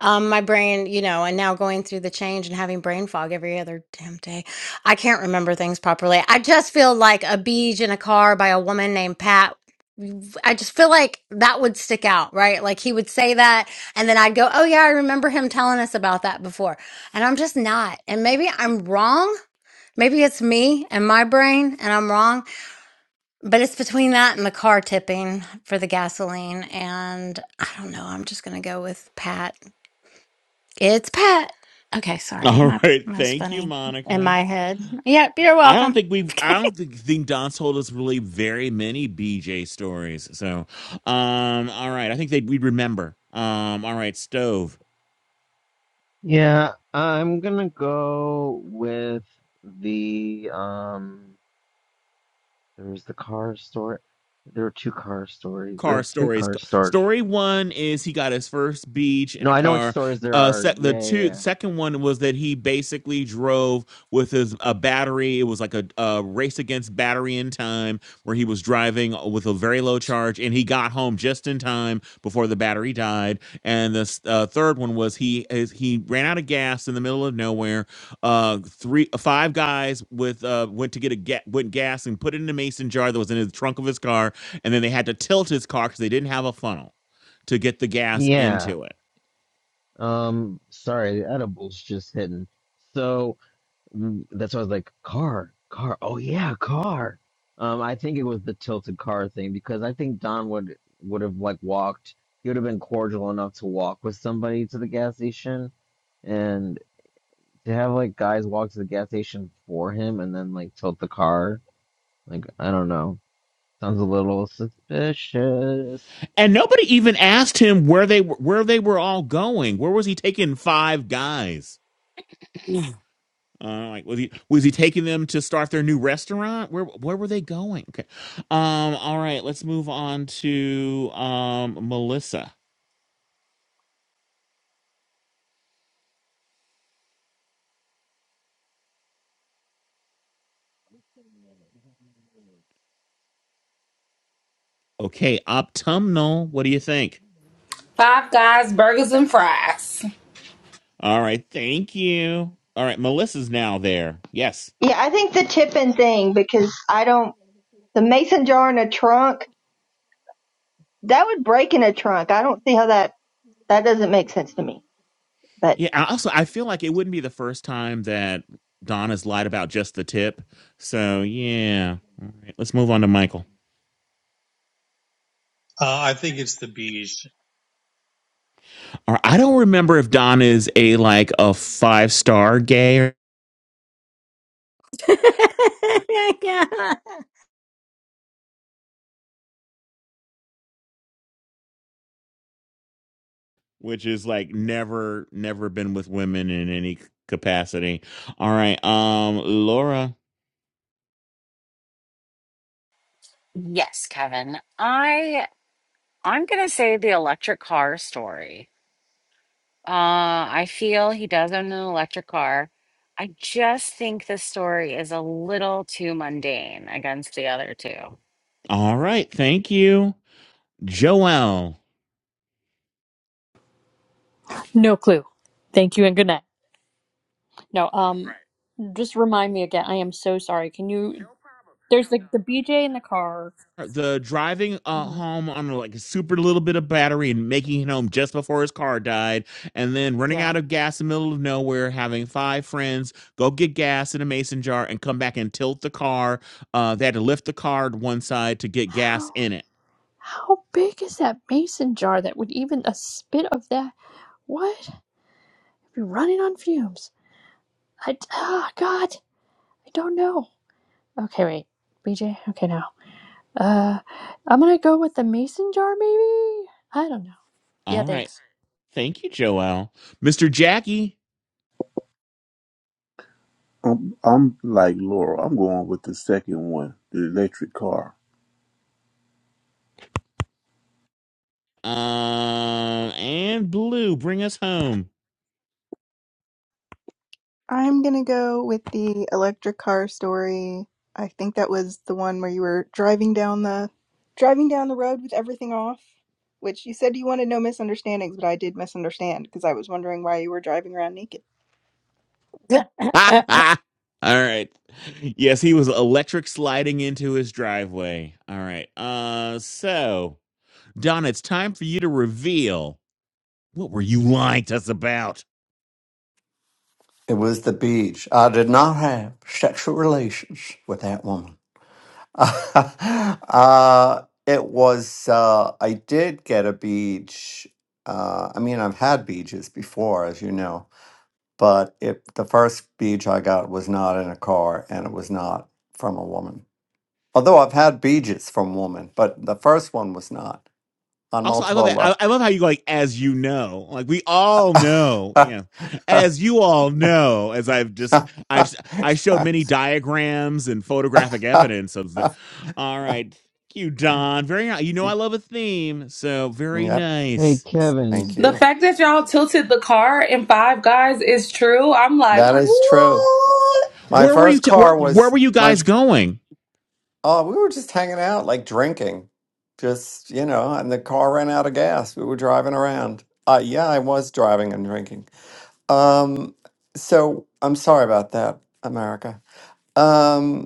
Speaker 1: Um, my brain, you know, and now going through the change and having brain fog every other damn day, I can't remember things properly. I just feel like a beach in a car by a woman named Pat. I just feel like that would stick out, right? Like he would say that, and then I'd go, "Oh yeah, I remember him telling us about that before." And I'm just not. And maybe I'm wrong. Maybe it's me and my brain, and I'm wrong. But it's between that and the car tipping for the gasoline, and I don't know. I'm just gonna go with Pat. It's Pat. Okay, sorry.
Speaker 2: All
Speaker 1: My
Speaker 2: right,
Speaker 1: that was
Speaker 2: thank you,
Speaker 1: funny in
Speaker 2: Monica.
Speaker 1: my head. Yep, you're
Speaker 2: I don't
Speaker 1: welcome.
Speaker 2: think we've I
Speaker 1: Okay.
Speaker 2: don't think, think Don told us really very many BJ stories. So um all right. I think they we'd remember. Um all right, stove.
Speaker 4: Yeah, I'm gonna go with the um. There was the car store. There are two car stores. There are
Speaker 2: car
Speaker 4: three
Speaker 2: stories.
Speaker 4: car stores.
Speaker 2: Story one is he got his first beach
Speaker 4: No,
Speaker 2: in a
Speaker 4: I know which
Speaker 2: car.
Speaker 4: stores there
Speaker 2: Uh,
Speaker 4: are.
Speaker 2: sec- the
Speaker 4: Yeah, yeah,
Speaker 2: two
Speaker 4: yeah.
Speaker 2: second one was that he basically drove with his a battery. It was like a, a race against battery in time, where he was driving with a very low charge, and he got home just in time before the battery died. And the s- uh, third one was he is- he ran out of gas in the middle of nowhere. Uh, three five guys with uh went to get a ga- went gas and put it in a mason jar that was in the trunk of his car and then they had to tilt his car because they didn't have a funnel to get the gas
Speaker 4: Yeah,
Speaker 2: into it.
Speaker 4: Um, sorry, the edibles just hitting. So Mm, That's why I was like, car, car. Oh yeah, car. Um, I think it was the tilted car thing because I think Don would would have like walked. He would have been cordial enough to walk with somebody to the gas station, and to have like guys walk to the gas station for him and then like tilt the car. Like I don't know. Sounds a little suspicious.
Speaker 2: And nobody even asked him where they were, where they were all going. Where was he taking five guys? Uh, like was he was he taking them to start their new restaurant? Where where were they going? Okay, um, all right, let's move on to um Melissa. Okay, autumnal. What do you think?
Speaker 3: Five guys, burgers, and fries.
Speaker 2: All right, thank you. All right, Melissa's now there. Yes.
Speaker 11: Yeah, I think the tipping thing because I don't the mason jar in a trunk that would break in a trunk. I don't see how that that doesn't make sense to me. but.
Speaker 2: Yeah. I Also, I feel like it wouldn't be the first time that Donna's lied about just the tip. So yeah. All right. Let's move on to Michael.
Speaker 5: Uh, I think it's the beige.
Speaker 2: Or I don't remember if Don is a like a five star gay, or-
Speaker 1: yeah.
Speaker 2: which is like never, never been with women in any capacity. All right. Um, Laura.
Speaker 7: Yes, Kevin. I I'm gonna say the electric car story. Uh I feel he does own an electric car. I just think the story is a little too mundane against the other two.
Speaker 2: All right. Thank you, Joelle.
Speaker 9: No clue. Thank you and good night. No, um, just remind me again. I am so sorry. Can you? There's the the BJ in the car.
Speaker 2: the driving uh,
Speaker 9: hmm
Speaker 2: home on like a super little bit of battery and making it home just before his car died, and then running
Speaker 9: Yeah.
Speaker 2: out of gas in the middle of nowhere, having five friends go get gas in a mason jar and come back and tilt the car. Uh, they had to lift the car to one side to get gas
Speaker 9: How
Speaker 2: in it.
Speaker 9: how big is that mason jar that would even a spit of that? What? I'd be running on fumes. I ah God, I don't know. Okay, wait, BJ. Okay, now, uh, I'm gonna go with the mason jar, maybe. I don't know. Yeah.
Speaker 2: All right.
Speaker 9: Thanks.
Speaker 2: Thank you, Joel. Mr. Jackie
Speaker 6: I'm, I'm like Laura. I'm going with the second one, the electric car.
Speaker 2: um, and Blue, bring us home.
Speaker 12: I'm gonna go with the electric car story. I think that was the one where you were driving down the driving down the road with everything off, which you said you wanted no misunderstandings, but I did misunderstand because I was wondering why you were driving around naked.
Speaker 2: All right. Yes, he was electric sliding into his driveway. All right. Uh so, Don, it's time for you to reveal what were you lying to us about?
Speaker 8: was the beach. I did not have sexual relations with that woman. uh, it was. Uh, I did get a beach. Uh, I mean, I've had beaches before, as you know, but it the first beach I got was not in a car, and it was not from a woman Although I've had beaches from women, but the first one was not on
Speaker 2: Also, I love
Speaker 8: multiple
Speaker 2: that.
Speaker 8: levels.
Speaker 2: I, I love how you go, like as you know. Like we all know, yeah. As you all know, as I've just I've I showed many diagrams and photographic evidence of the All right. Thank you, Don. Very ni- you know I love a theme. So, very
Speaker 8: yep,
Speaker 4: Hey
Speaker 2: nice.
Speaker 8: thank
Speaker 4: Kevin,
Speaker 3: The
Speaker 8: you.
Speaker 3: fact that y'all tilted the car in Five Guys is true. I'm like,
Speaker 8: That is true.
Speaker 3: what?
Speaker 8: My
Speaker 2: Where were you?
Speaker 8: first
Speaker 2: T- where
Speaker 8: car
Speaker 2: Where
Speaker 8: was
Speaker 2: were you
Speaker 8: my
Speaker 2: guys going?
Speaker 8: oh, we were just hanging out, like drinking. Just, you know, and the car ran out of gas. We were driving around. Uh yeah, I was driving and drinking. Um so I'm sorry about that, America. Um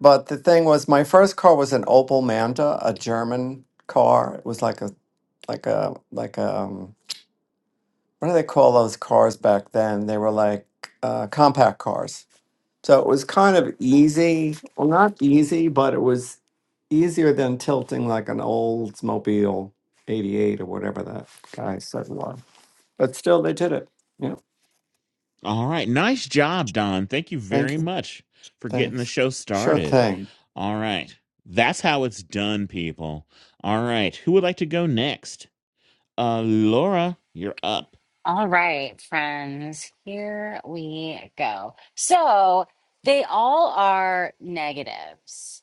Speaker 8: But the thing was, my first car was an Opel Manta, a German car. It was like a like a like a um, what do they call those cars back then? They were like uh, compact cars. So it was kind of easy. Well, not easy, but it was easier than tilting like an Oldsmobile 88 or whatever that guy said was. But still, they did it. Yeah.
Speaker 2: All right, nice job, Don. Thank you
Speaker 8: Thank
Speaker 2: very
Speaker 8: you.
Speaker 2: much for getting the
Speaker 8: Thanks.
Speaker 2: show
Speaker 8: Sure
Speaker 2: started.
Speaker 8: thing.
Speaker 2: All right, that's how it's done, people. All right, who would like to go next? Uh, Laura, you're up.
Speaker 7: All right, friends, here we go. So they all are negatives,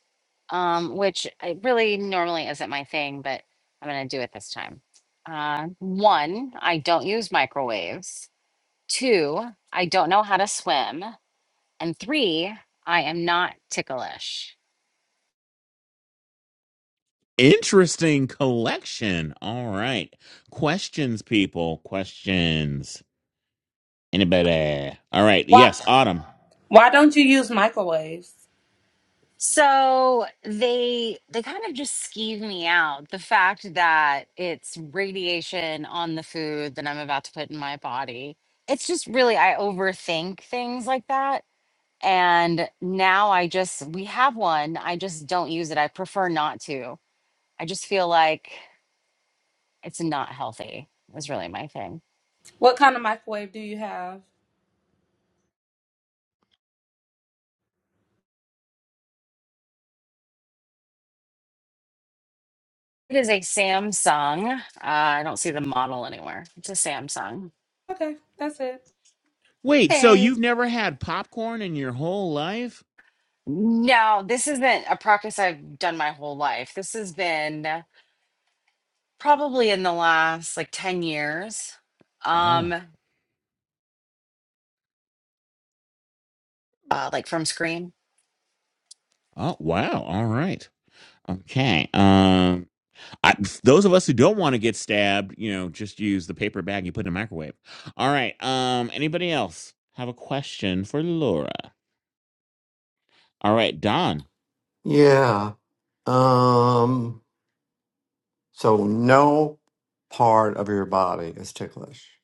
Speaker 7: um, which I really normally isn't my thing, but I'm going to do it this time. Uh, one, I don't use microwaves. Two, I don't know how to swim. And three, I am not ticklish.
Speaker 2: Interesting collection. All right, questions, people. Questions. Anybody? All right.
Speaker 3: Why,
Speaker 2: Yes, Autumn.
Speaker 3: why don't you use microwaves?
Speaker 7: So they they kind of just skeeve me out. The fact that it's radiation on the food that I'm about to put in my body. It's just really I overthink things like that. And now I just we have one. I just don't use it. I prefer not to. I just feel like it's not healthy. Is really my thing.
Speaker 3: What kind of microwave do you have?
Speaker 7: It is a Samsung. Uh, I don't see the model anywhere. It's a Samsung.
Speaker 3: Okay, that's it.
Speaker 2: Wait, so
Speaker 7: Hey.
Speaker 2: you've never had popcorn in your whole life?
Speaker 7: No, this isn't a practice I've done my whole life. This has been probably in the last like 10 years,
Speaker 2: Oh.
Speaker 7: um, uh, like from Scream.
Speaker 2: Oh, wow. All right. Okay. Um, I, those of us who don't want to get stabbed, you know, just use the paper bag you put in the microwave. All right. Um, anybody else have a question for Laura? All right, Don.
Speaker 8: Yeah. Um. So no part of your body is ticklish.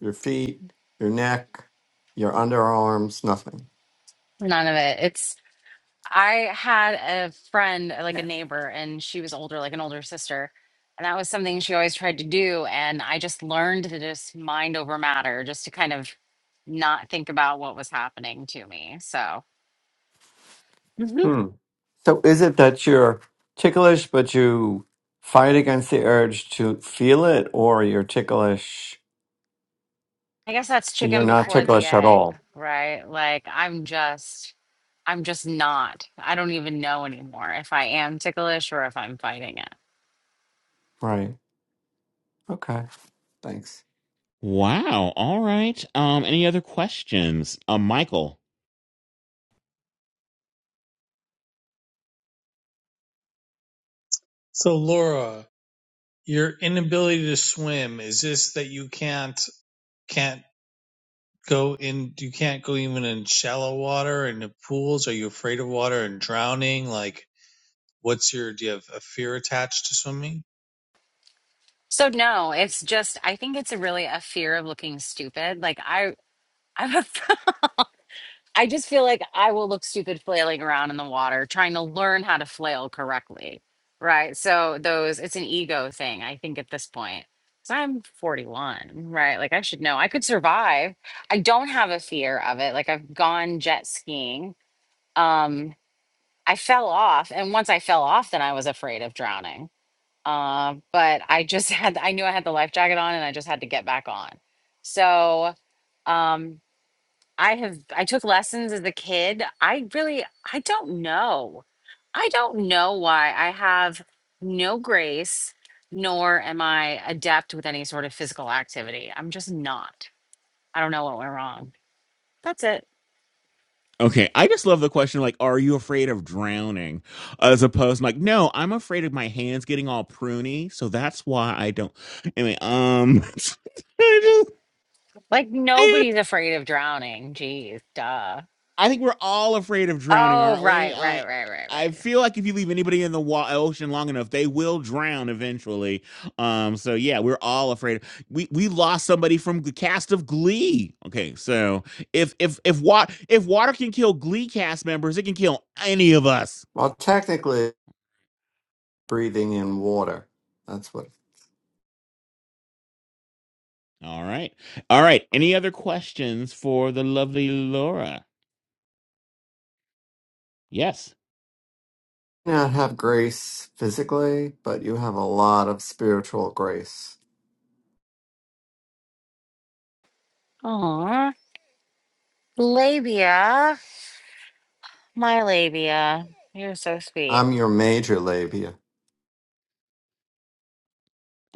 Speaker 8: Your feet, your neck, your underarms, nothing.
Speaker 7: None of it. It's, I had a friend, uh, like a neighbor, and she was older, like an older sister. And that was something she always tried to do. And I just learned to just mind over matter, just to kind of not think about what was happening to me. So Mhm.
Speaker 8: Hmm. So is it that you're ticklish but you fight against the urge to feel it or you're ticklish
Speaker 7: I guess that's
Speaker 8: you're
Speaker 7: chicken
Speaker 8: not
Speaker 7: before the
Speaker 8: ticklish at
Speaker 7: egg,
Speaker 8: all?
Speaker 7: right? Like I'm just. I'm just not. I don't even know anymore if I am ticklish or if I'm fighting it.
Speaker 8: Right. Okay. Thanks.
Speaker 2: Wow. All right. Um, any other questions? Uh, Michael.
Speaker 5: So Laura, your inability to swim is this that you can't can't go in you can't go even in shallow water in the pools? Are you afraid of water and drowning? Like what's your do you have a fear attached to swimming?
Speaker 7: So no, it's just I think it's a really a fear of looking stupid. Like I I'm a I just feel like I will look stupid flailing around in the water trying to learn how to flail correctly. Right? So those it's an ego thing I think at this point. Cuz I'm 41, right? Like I should know. I could survive. I don't have a fear of it. Like I've gone jet skiing. Um I fell off, and once I fell off, then I was afraid of drowning. Uh, but I just had, I knew I had the life jacket on, and I just had to get back on. So um, I have, I took lessons as a kid. I really, I don't know. I don't know why I have no grace, nor am I adept with any sort of physical activity. I'm just not. I don't know what went wrong. That's it.
Speaker 2: Okay, I just love the question like, are you afraid of drowning? As opposed like, no, I'm afraid of my hands getting all pruny, so that's why I don't. Anyway, um, I
Speaker 7: Like
Speaker 2: just.
Speaker 7: nobody's afraid of drowning. Jeez, duh.
Speaker 2: I think we're all afraid of drowning,
Speaker 7: Oh,
Speaker 2: aren't we?
Speaker 7: right, right,
Speaker 2: I
Speaker 7: right, right,
Speaker 2: I
Speaker 7: right.
Speaker 2: feel like if you leave anybody in the wa- ocean long enough, they will drown eventually. Um, so yeah, we're all afraid. We we lost somebody from the cast of Glee. Okay, so if if if water if water can kill Glee cast members, it can kill any of us.
Speaker 8: Well, technically breathing in water. That's what
Speaker 2: All right, all right. Any other questions for the lovely Laura? Yes.
Speaker 8: you not have grace physically, but you have a lot of spiritual grace.
Speaker 7: Aw. Labia. My labia. You're so sweet.
Speaker 8: I'm your major labia.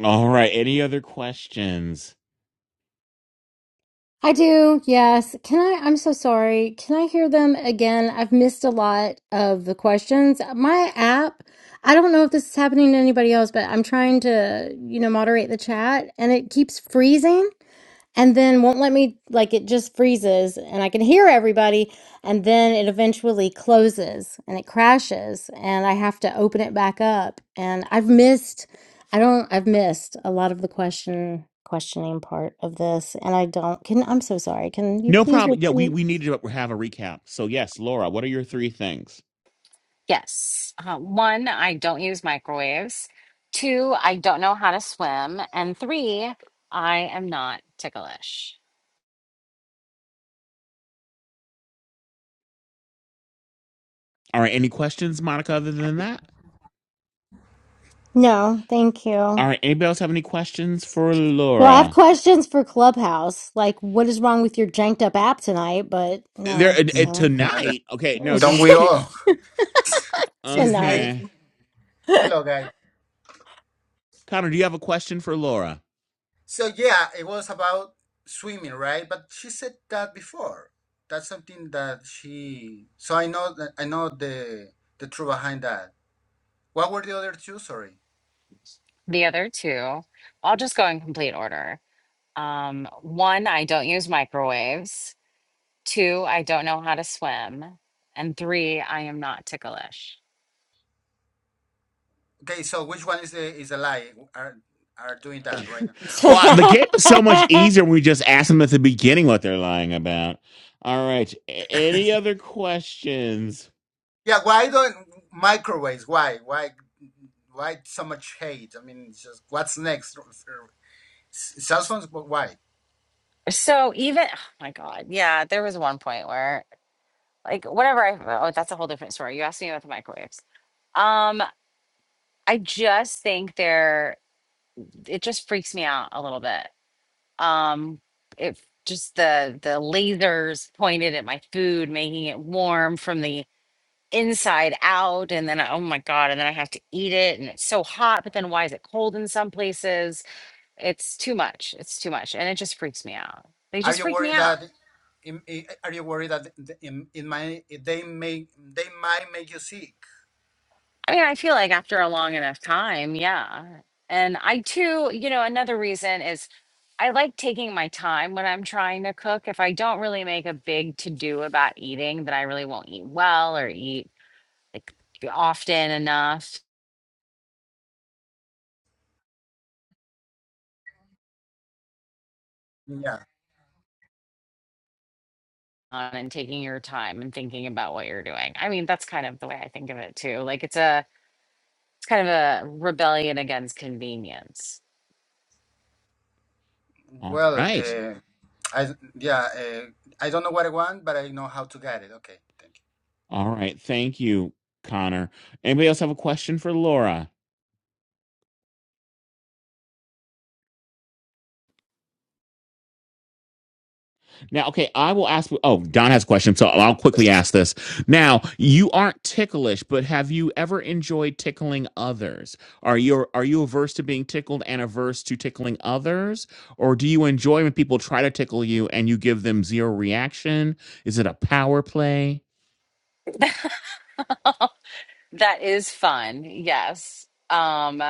Speaker 2: All right. Any other questions?
Speaker 1: I do, yes. Can I? I'm so sorry. Can I hear them again? I've missed a lot of the questions. My app, I don't know if this is happening to anybody else, but I'm trying to, you know, moderate the chat and it keeps freezing. and then won't let me like it just freezes and i can hear everybody and then it eventually closes and it crashes and i have to open it back up and i've missed i don't i've missed a lot of the question questioning part of this and i don't can i'm so sorry can you
Speaker 2: No
Speaker 1: please
Speaker 2: problem. Yeah, we,
Speaker 1: repeat
Speaker 2: we need to have a recap. So, yes, Laura, what are your three things?
Speaker 7: Yes. Uh, one, I don't use microwaves. Two, I don't know how to swim. And three, I am not ticklish.
Speaker 2: All right, any questions, Monica, other than that?
Speaker 1: no thank
Speaker 2: All
Speaker 1: you
Speaker 2: right, anybody else have any questions for
Speaker 1: well i have
Speaker 2: Laura?
Speaker 1: questions for clubhouse like what is wrong with your janked up app tonight but
Speaker 2: There
Speaker 1: no
Speaker 2: uh, uh,
Speaker 1: so
Speaker 13: Yeah, that-
Speaker 2: Tonight? Okay, no,
Speaker 13: Don't
Speaker 2: just.
Speaker 13: we
Speaker 2: pe-
Speaker 13: all? Since the
Speaker 1: tonight
Speaker 2: Okay.
Speaker 13: beginning. Hello, guys.
Speaker 2: Connor, do you have a question for Laura?
Speaker 13: So yeah, it was about swimming, right? But she said that before. That's something that she. So I know that I know the the truth behind that. What were the other two? Sorry.
Speaker 7: The other two, I'll just go in complete order. Um, one, I don't use microwaves. Two, I don't know how to swim. And three, I am not ticklish.
Speaker 13: Okay, so which one is the is a lie? Are are doing that right now?
Speaker 2: well, I- the game is so much
Speaker 1: well,
Speaker 2: easier when we just ask them at the beginning what they're lying about. All right, a- any other questions?
Speaker 13: Yeah. Why don't microwaves? Why why why so much hate? I mean, it's just what's next? Cell phones? But Why?
Speaker 7: So even, oh my God, yeah, there was one point where like whatever I oh that's a whole different story. You asked me about the microwaves. Um I just think they're it just freaks me out a little bit. Um it just the the lasers pointed at my food making it warm from the inside out and then I- oh my god and then I have to eat it and it's so hot but then why is it cold in some places? It's too much. It's too much and it just freaks me out. They
Speaker 13: Are
Speaker 7: just
Speaker 13: you
Speaker 7: freak me
Speaker 13: worried
Speaker 7: out.
Speaker 13: that in, i- are you worried that in, in my they may they might make you sick?
Speaker 7: I mean, I feel like after a long enough time, yeah. And I too, you know, another reason is I like taking my time when I'm trying to cook. If I don't really make a big to do about eating, that I really won't eat well or eat like often enough.
Speaker 13: Yeah.
Speaker 7: um, and taking your time and thinking about what you're doing. I mean, that's kind of the way I think of it too. Like it's a, it's kind of a rebellion against convenience.
Speaker 2: All
Speaker 13: Well,
Speaker 2: right.
Speaker 13: uh, I yeah uh, I don't know what I want, but I know how to get it. Okay, thank
Speaker 2: All right, thank you, Connor. Anybody else have a question for Laura? Now, okay, I will ask. Oh, Don has a question, so I'll quickly ask this. Now, you aren't ticklish, but have you ever enjoyed tickling others? Are you are you averse to being tickled and averse to tickling others, or do you enjoy when people try to tickle you and you give them zero reaction? Is it a power play?
Speaker 7: That is fun, yes. Um,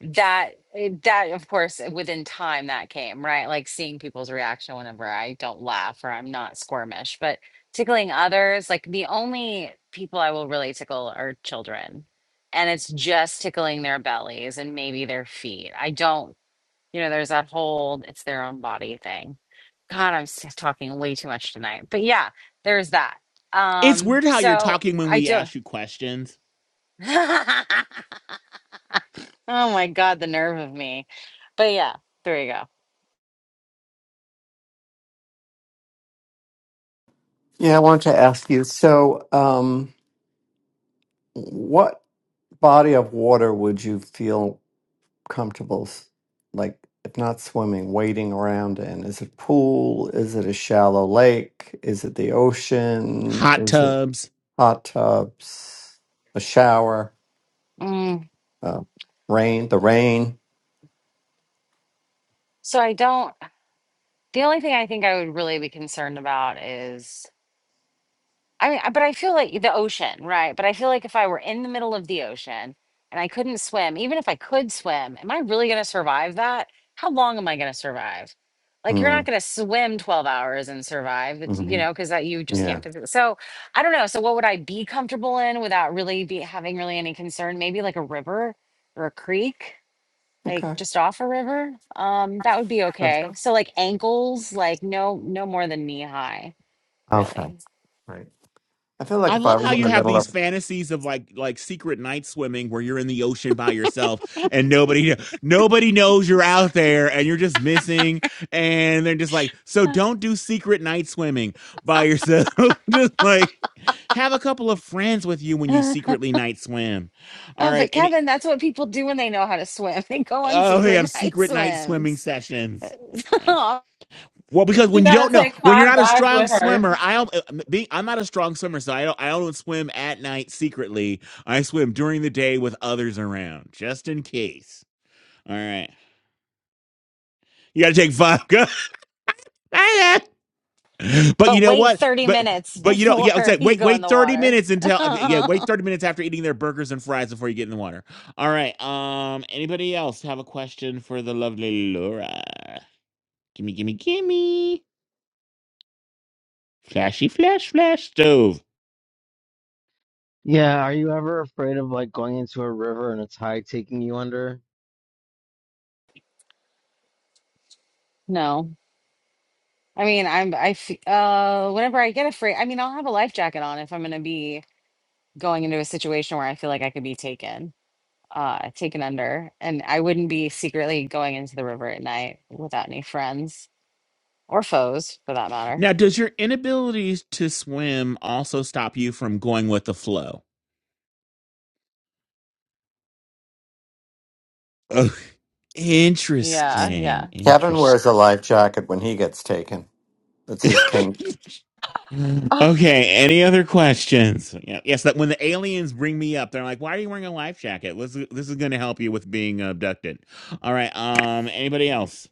Speaker 7: that eh, that of course eh, within time that came right like seeing people's reaction whenever i don't laugh or i'm not squirmish but tickling others like the only people i will really tickle are children and it's just tickling their bellies and maybe their feet i don't you know there's that whole it's their own body thing god i'm s- talking way too much tonight but yeah there's that
Speaker 2: It's
Speaker 7: um
Speaker 2: weird how you're
Speaker 7: so
Speaker 2: talking when
Speaker 7: i
Speaker 2: we
Speaker 7: don't
Speaker 2: ask you questions.
Speaker 7: Oh my God, the nerve of me. But yeah, there you go.
Speaker 8: Yeah, I wanted to ask you. So, um, what body of water would you feel comfortable, s- like, if not swimming, wading around in? Is it pool? Is it a shallow lake? Is it the ocean?
Speaker 2: Hot
Speaker 8: Is it
Speaker 2: tubs.
Speaker 8: hot tubs? A shower?
Speaker 7: Mm.
Speaker 8: Uh, rain? The rain?
Speaker 7: So I don't, the only thing I think I would really be concerned about is, I mean, I- but I feel like the ocean, right? But I feel like if I were in the middle of the ocean and I couldn't swim, even if I could swim, am I really going to survive that? How long am I going to survive? Like you're not
Speaker 8: Mm,
Speaker 7: going to swim 12 hours and survive, it's- you
Speaker 8: hmm
Speaker 7: know, because that you just
Speaker 8: Yeah.
Speaker 7: can't physically. So I don't know. So what would I be comfortable in without really be having really any concern? Maybe like a river or a creek like
Speaker 8: Okay.
Speaker 7: just off a river, um, that would be okay. So like ankles, like no, no more than knee high,
Speaker 8: Okay.
Speaker 7: really.
Speaker 8: Right. I feel like
Speaker 2: I
Speaker 8: if I
Speaker 2: love how
Speaker 8: was in
Speaker 2: you
Speaker 8: the
Speaker 2: have
Speaker 8: middle
Speaker 2: these
Speaker 8: of
Speaker 2: fantasies of like like secret night swimming where you're in the ocean by yourself and nobody nobody knows you're out there and you're just missing and they're just like so don't do secret night swimming by yourself just like have a couple of friends with you when you
Speaker 7: oh,
Speaker 2: secretly night swim. All right,
Speaker 7: but
Speaker 2: and it,
Speaker 7: Kevin, that's what people do when they know how to swim. They go on
Speaker 2: oh, they
Speaker 7: secret
Speaker 2: have
Speaker 7: night
Speaker 2: secret night swimming
Speaker 7: swims.
Speaker 2: sessions.
Speaker 7: but
Speaker 2: Well, because
Speaker 3: She
Speaker 2: when you
Speaker 3: gotta
Speaker 2: don't know,
Speaker 3: take
Speaker 2: when you're
Speaker 3: Five
Speaker 2: not a
Speaker 3: Guys
Speaker 2: strong
Speaker 3: with her.
Speaker 2: swimmer, I don't- uh, being I'm not a strong swimmer, so I don't I don't swim at night secretly. I swim during the day with others around, just in case. All right, you got to take vodka. but you know
Speaker 7: wait
Speaker 2: what?
Speaker 7: 30
Speaker 2: But
Speaker 7: minutes
Speaker 2: but you know, yeah. It's
Speaker 7: before
Speaker 2: like
Speaker 7: you
Speaker 2: wait
Speaker 7: go in
Speaker 2: wait
Speaker 7: the
Speaker 2: thirty
Speaker 7: water.
Speaker 2: minutes until I mean, yeah wait thirty minutes after eating their burgers and fries before you get in the water. All right. Um. Anybody else have a question for the lovely Laura? Gimme gimme gimme. Flashy flash flash stove.
Speaker 4: yeah, are you ever afraid of like going into a river and a tide taking you under?
Speaker 7: no. I mean, I'm I f- uh whenever I get afraid, I mean, I'll have a life jacket on if I'm going to be going into a situation where I feel like I could be taken. uh taken under and i wouldn't be secretly going into the river at night without any friends or foes for that matter
Speaker 2: Now, does your inability to swim also stop you from going with the flow? Oh,
Speaker 7: yeah yeah
Speaker 2: interesting.
Speaker 8: Kevin
Speaker 2: Interesting.
Speaker 8: wears a life jacket when he gets taken. That's his king.
Speaker 7: oh,
Speaker 2: okay. Any other questions? Yeah, Yes. That when the aliens bring me up, they're like, "Why are you wearing a life jacket? This is, this is going to help you with being abducted." All right. Um. Anybody else?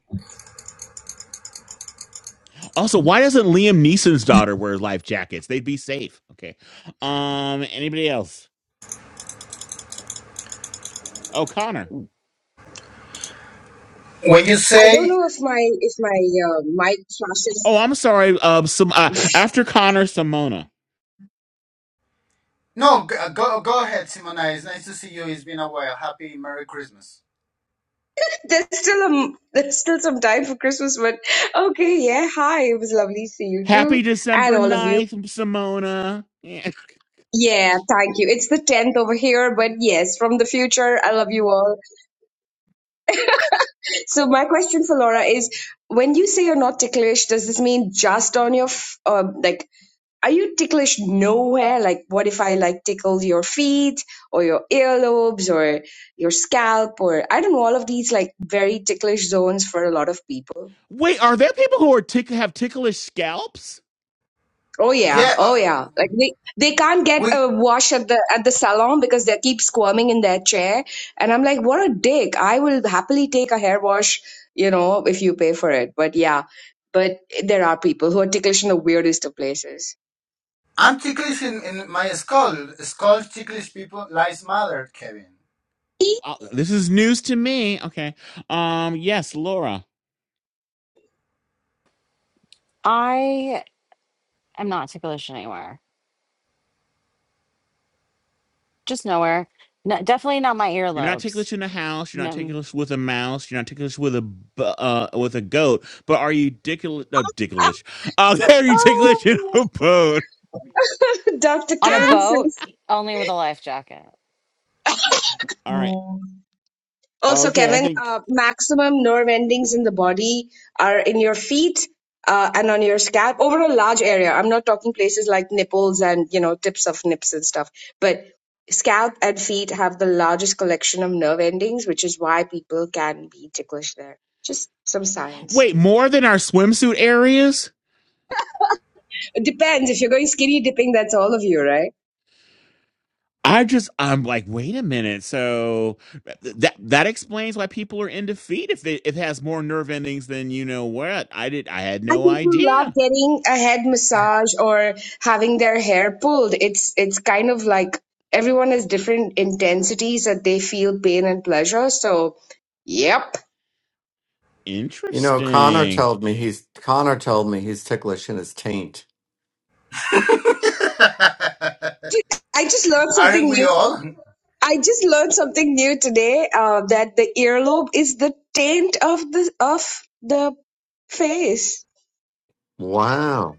Speaker 2: Also, why doesn't Liam Neeson's daughter wear life jackets? They'd be safe. Okay. Um. Anybody else? Oh, Connor.
Speaker 13: you. When you
Speaker 14: I don't
Speaker 13: say
Speaker 14: know if my if my uh, mic
Speaker 2: Oh,
Speaker 14: flashes.
Speaker 2: I'm sorry. Um. Some uh, after Connor, Simona.
Speaker 13: no, g- uh, go go ahead, Simona. It's nice to see you. It's been a while. Happy Merry Christmas.
Speaker 14: There's still um there's still some time for Christmas, but okay, yeah. Hi, it was lovely to see you too,
Speaker 2: Happy
Speaker 14: and
Speaker 2: December
Speaker 14: all of you.
Speaker 2: ninth, Simona. Yeah.
Speaker 14: Yeah, thank you. It's the tenth over here, but yes, from the future, I love you all. So my question for Laura is: When you say you're not ticklish, does this mean just on your f- uh, like Are you ticklish nowhere? Like, what if I like tickled your feet or your earlobes or your scalp or I don't know, all of these like very ticklish zones for a lot of people.
Speaker 2: Wait, are there people who are tick- have ticklish scalps?
Speaker 14: Oh yeah,
Speaker 13: Yeah, uh,
Speaker 14: oh yeah. Like they they can't get
Speaker 13: we.
Speaker 14: a wash at the at the salon because they keep squirming in their chair. And I'm like, what a dick. I will happily take a hair wash, you know, if you pay for it. But yeah, but there are people who are ticklish in the weirdest of places.
Speaker 13: I'm ticklish in, in my skull. Skull ticklish people lies matter, Kevin.
Speaker 2: Uh, This is news to me. Okay. Um. Yes, Laura.
Speaker 7: i am not ticklish anywhere just nowhere no, definitely not my
Speaker 2: You're not
Speaker 7: earlobes
Speaker 2: ticklish in the house. You're not
Speaker 7: no
Speaker 2: ticklish with a mouse. You're not ticklish with a bu- uh, with a goat. But are you ticklish? Uh, ticklish. Uh, are you ticklish in
Speaker 14: Oh,
Speaker 2: a boat?
Speaker 14: Dr.
Speaker 7: on a
Speaker 2: Ah!
Speaker 14: Karen
Speaker 7: boat
Speaker 14: says.
Speaker 7: only with a life jacket
Speaker 2: All right.
Speaker 14: Mm. Also,
Speaker 2: Okay. I
Speaker 14: Kevin,
Speaker 2: think.
Speaker 14: uh, maximum nerve endings in the body are in your feet uh, and on your scalp over a large area. I'm not talking places like nipples and you know tips of nips and stuff, but scalp and feet have the largest collection of nerve endings, which is why people can be ticklish there. Just some science.
Speaker 2: Wait, more than our swimsuit areas.
Speaker 14: It depends. If you're going skinny dipping, that's all of you, right?
Speaker 2: I just I'm like, wait a minute. So th- that that explains why people are in defeat if it, if it has more nerve endings than you know what. I did I had
Speaker 14: And
Speaker 2: no
Speaker 14: people love
Speaker 2: idea.
Speaker 14: getting a head massage or having their hair pulled. It's it's kind of like everyone has different intensities that they feel pain and pleasure. So, yep.
Speaker 8: You know, Connor
Speaker 2: Interesting.
Speaker 8: told me he's Connor told me he's ticklish in his taint.
Speaker 14: I just learned something
Speaker 13: Aren't we
Speaker 14: new.
Speaker 13: all?
Speaker 14: I just learned something new today. Uh, that the earlobe is the taint of the of the face.
Speaker 8: Wow.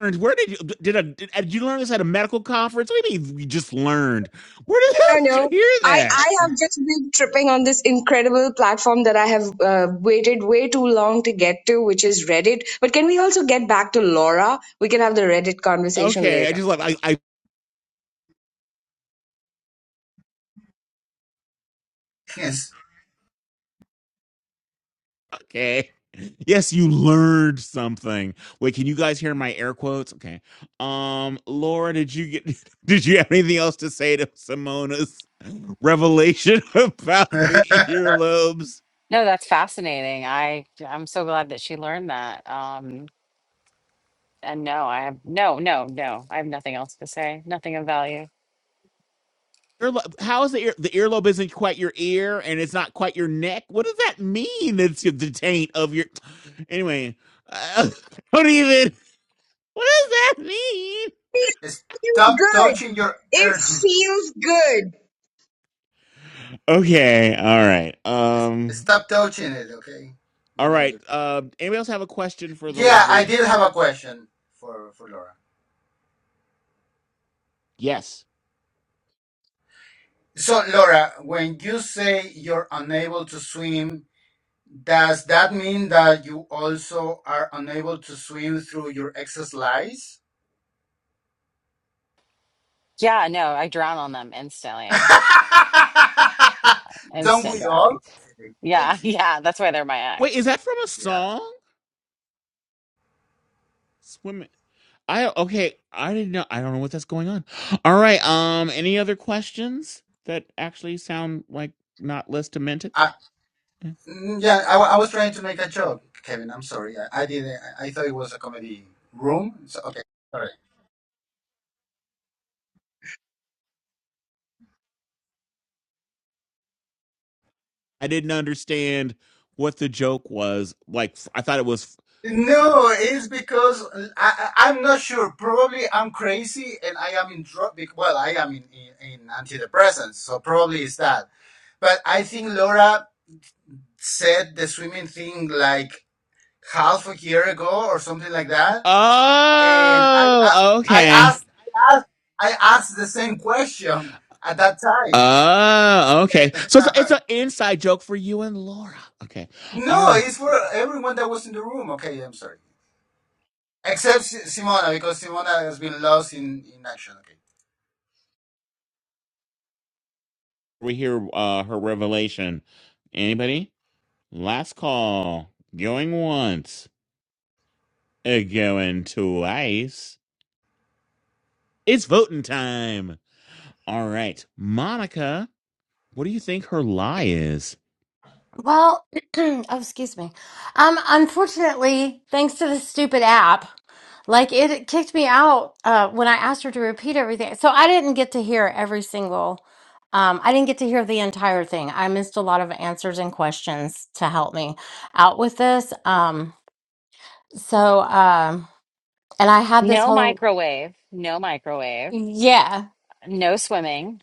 Speaker 2: And Where did you did, I, did, uh, did you learn this at a medical conference? What do you mean we just learned? Where the
Speaker 14: No,
Speaker 2: hell did
Speaker 14: no.
Speaker 2: you hear
Speaker 14: I, I
Speaker 2: that?
Speaker 14: have just been tripping on this incredible platform that I have uh, waited way too long to get to, which is Reddit. But can we also get back to Laura? We can have the Reddit conversation
Speaker 2: Okay, I
Speaker 14: later.
Speaker 2: just like I, I
Speaker 13: Yes.
Speaker 2: okay. Yes, you learned something. Wait, can you guys hear my air quotes? Okay. Um, Laura, did you get did you have anything else to say to Simona's? revelation about the earlobes.
Speaker 7: no that's fascinating i i'm so glad that she learned that um and no i have no no no i have nothing else to say nothing of value
Speaker 2: Earlo- How is the ear? The earlobe isn't quite your ear, and it's not quite your neck. What does that mean? It's the taint of your. Anyway, uh, don't even. What does that mean?
Speaker 14: It feels
Speaker 13: Stop
Speaker 14: good.
Speaker 13: touching your
Speaker 14: It
Speaker 13: ear.
Speaker 14: feels good.
Speaker 2: Okay, all right. Um,
Speaker 13: Stop touching it, okay? We
Speaker 2: all
Speaker 13: know
Speaker 2: right.
Speaker 13: you.
Speaker 2: Uh. anybody else have a question for the
Speaker 13: Yeah, I
Speaker 2: lovely?
Speaker 13: did have a question for, for Laura.
Speaker 2: Yes.
Speaker 13: So, Laura, when you say you're unable to swim, does that mean that you also are unable to swim through your excess lies?
Speaker 7: yeah no i drown on them instantly yeah
Speaker 13: Don't
Speaker 7: instant
Speaker 13: we
Speaker 7: drowning
Speaker 13: all? Okay,
Speaker 7: Yeah,
Speaker 13: thank you.
Speaker 7: yeah, that's why they're my
Speaker 2: Wait, is
Speaker 7: ex.
Speaker 2: that from a
Speaker 13: Yeah.
Speaker 2: song? Swim. I okay. I didn't know. I don't know what that's going on. All right. Um. Any other questions that actually sound like not less demented?
Speaker 13: I, Mm, Yeah, I, wa- I was trying to make a joke, Kevin. I'm sorry. I, I didn't. I, I thought it was a comedy room. So, okay, sorry.
Speaker 2: I didn't understand what the joke was. Like I thought it was.
Speaker 13: No, it's because I, I, I'm not sure. Probably I'm crazy and I am in drug. Well, I am in, in, in antidepressants, so probably it's that. But I think Laura said the swimming thing like half a year ago or something like that, and I I,
Speaker 2: Oh.
Speaker 13: I
Speaker 2: Okay.
Speaker 13: asked I asked I asked the same question at that time.
Speaker 2: Oh. Okay. So it's it's an inside joke for you and Laura. Okay. All
Speaker 13: No,
Speaker 2: right.
Speaker 13: it's for everyone that was in the room. Okay, I'm sorry. Except Si- Simona, because Simona has been lost in, in action. Okay.
Speaker 2: We hear uh her revelation. Anybody? Last call. Going once. Uh, Going twice. It's voting time. All right. Monica, what do you think her lie is?
Speaker 1: oh, excuse me. Um, unfortunately, thanks to this stupid app, like it kicked me out uh, when I asked her to repeat everything. So I didn't get to hear every single. Um, I didn't get to hear the entire thing. I missed a lot of answers and questions to help me out with this. Um, so, um, and I had this
Speaker 7: No
Speaker 1: whole
Speaker 7: microwave, no microwave,
Speaker 1: yeah.
Speaker 7: no swimming,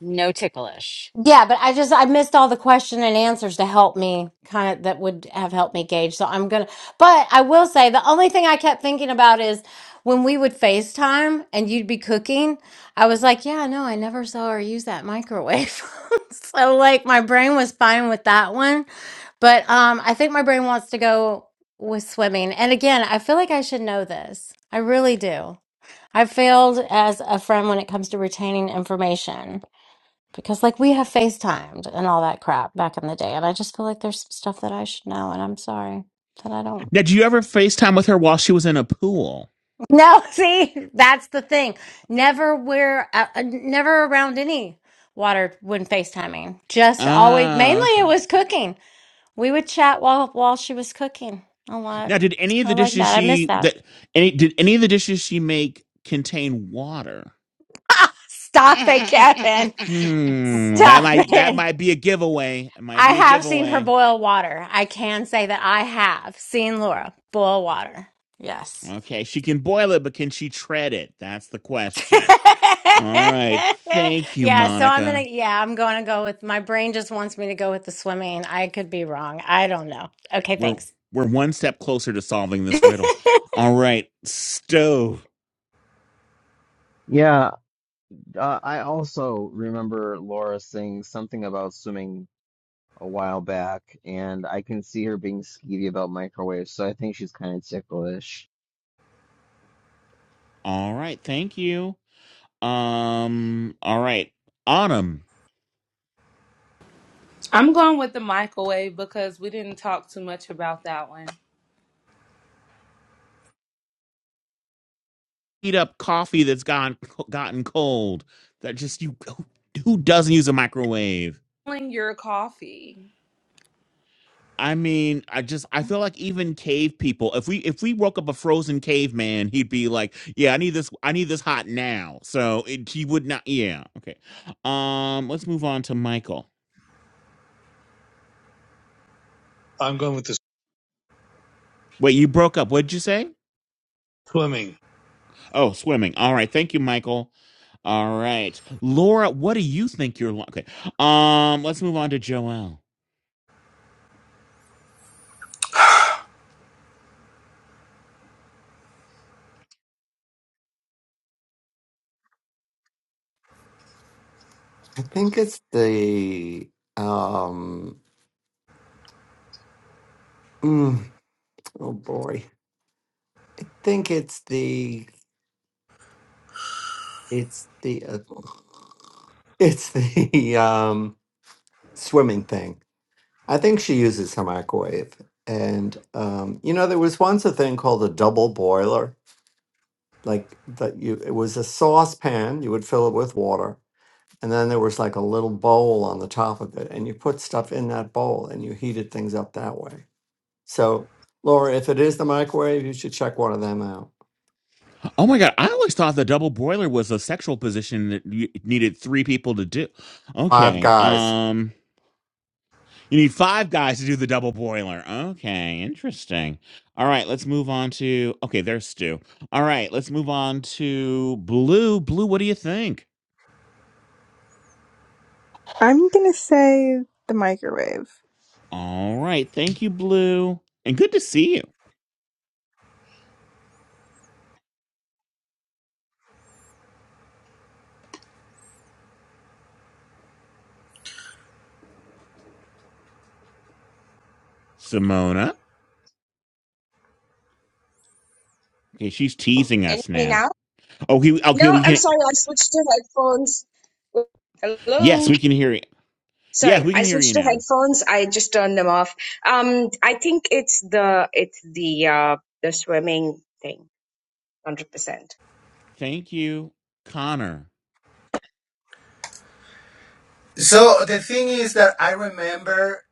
Speaker 7: no ticklish.
Speaker 1: Yeah, but I just I missed all the question and answers to help me kind of that would have helped me gauge. So I'm gonna but I will say the only thing I kept thinking about is when we would FaceTime and you'd be cooking, I was like, Yeah, no, I never saw her use that microwave. so like my brain was fine with that one. But um I think my brain wants to go with swimming. And again, I feel like I should know this. I really do. I failed as a friend when it comes to retaining information because like we have FaceTimed and all that crap back in the day, and I just feel like there's some stuff that I should know, and I'm sorry that I don't.
Speaker 2: Now, did you ever FaceTime with her while she was in a pool?
Speaker 1: No, see, that's the thing. Never wear, uh, uh, never around any water when FaceTiming. Just always,
Speaker 2: Ah,
Speaker 1: mainly it
Speaker 2: okay.
Speaker 1: was cooking. We would chat while while she was cooking a lot.
Speaker 2: Now, did any of
Speaker 1: I
Speaker 2: the
Speaker 1: like
Speaker 2: dishes
Speaker 1: that. I miss
Speaker 2: she
Speaker 1: that.
Speaker 2: that any did any of the dishes she make contain water?
Speaker 1: Stop it, Kevin.
Speaker 2: Hmm. That
Speaker 1: Stop
Speaker 2: might that
Speaker 1: it.
Speaker 2: might be a giveaway. It might
Speaker 1: I
Speaker 2: be a
Speaker 1: have seen her
Speaker 2: giveaway.
Speaker 1: boil water. I can say that I have seen Laura boil water. Yes.
Speaker 2: Okay, she can boil it, but can she tread it? That's the question. All right. Thank you,
Speaker 1: yeah, so I'm
Speaker 2: Monica.
Speaker 1: gonna yeah, I'm gonna go with my brain just wants me to go with the swimming. I could be wrong. I don't know. Okay,
Speaker 2: we're
Speaker 1: thanks.
Speaker 2: we're one step closer to solving this riddle. All right, stove.
Speaker 4: Yeah, Uh, I also remember Laura saying something about swimming a while back, and I can see her being skeevy about microwaves, so I think she's kind of ticklish.
Speaker 2: All right, thank you. Um, all right, autumn.
Speaker 3: I'm going with the microwave because we didn't talk too much about that one.
Speaker 2: Heat up coffee that's gone gotten cold. That just you. Who doesn't use a microwave?
Speaker 3: Smelling Your coffee.
Speaker 2: I mean, I just I feel like even cave people. If we if we woke up a frozen caveman, he'd be like, "Yeah, I need this. I need this hot now." So it, he would not. Yeah. Okay. Um. Let's move on to Michael.
Speaker 5: I'm going with the
Speaker 2: Wait, you broke up. What'd you say?
Speaker 5: swimming.
Speaker 2: Oh, swimming. All right. Thank you, Michael. All right. Laura, what do you think you're like? Okay. Um, let's move on to Joelle.
Speaker 8: I think it's the um mm, oh boy. I think it's the it's the uh, it's the um swimming thing. I think she uses her microwave. And um you know there was once a thing called a double boiler. Like that you it was a saucepan, you would fill it with water and then there was like a little bowl on the top of it and you put stuff in that bowl and you heated things up that way so laura if it is the microwave you should check one of them out
Speaker 2: Oh my God. I always thought the double broiler was a sexual position that you needed three people to do.
Speaker 8: five
Speaker 2: Okay.
Speaker 8: guys
Speaker 2: Um, you need five guys to do the double boiler. Okay. Interesting. All right. Let's move on to, okay, there's Stu. All right. Let's move on to Blue. Blue, what do you think?
Speaker 12: I'm gonna say the microwave.
Speaker 2: All right. Thank you, Blue. And good to see you, Simona. Okay, she's teasing
Speaker 14: Can you
Speaker 2: us
Speaker 14: hear me
Speaker 2: now.
Speaker 14: now?
Speaker 2: Oh, he, okay,
Speaker 14: No,
Speaker 2: we
Speaker 14: I'm
Speaker 2: can.
Speaker 14: sorry. I switched to headphones.
Speaker 2: Yes,
Speaker 14: Hello.
Speaker 2: we can hear you. Yes,
Speaker 14: Sorry,
Speaker 2: we
Speaker 14: I
Speaker 2: can hear you
Speaker 14: switched to
Speaker 2: now.
Speaker 14: headphones. I just turned them off. Um, I think it's the it's the uh the swimming thing, one hundred percent.
Speaker 2: Thank you, Connor.
Speaker 13: So the thing is that I remember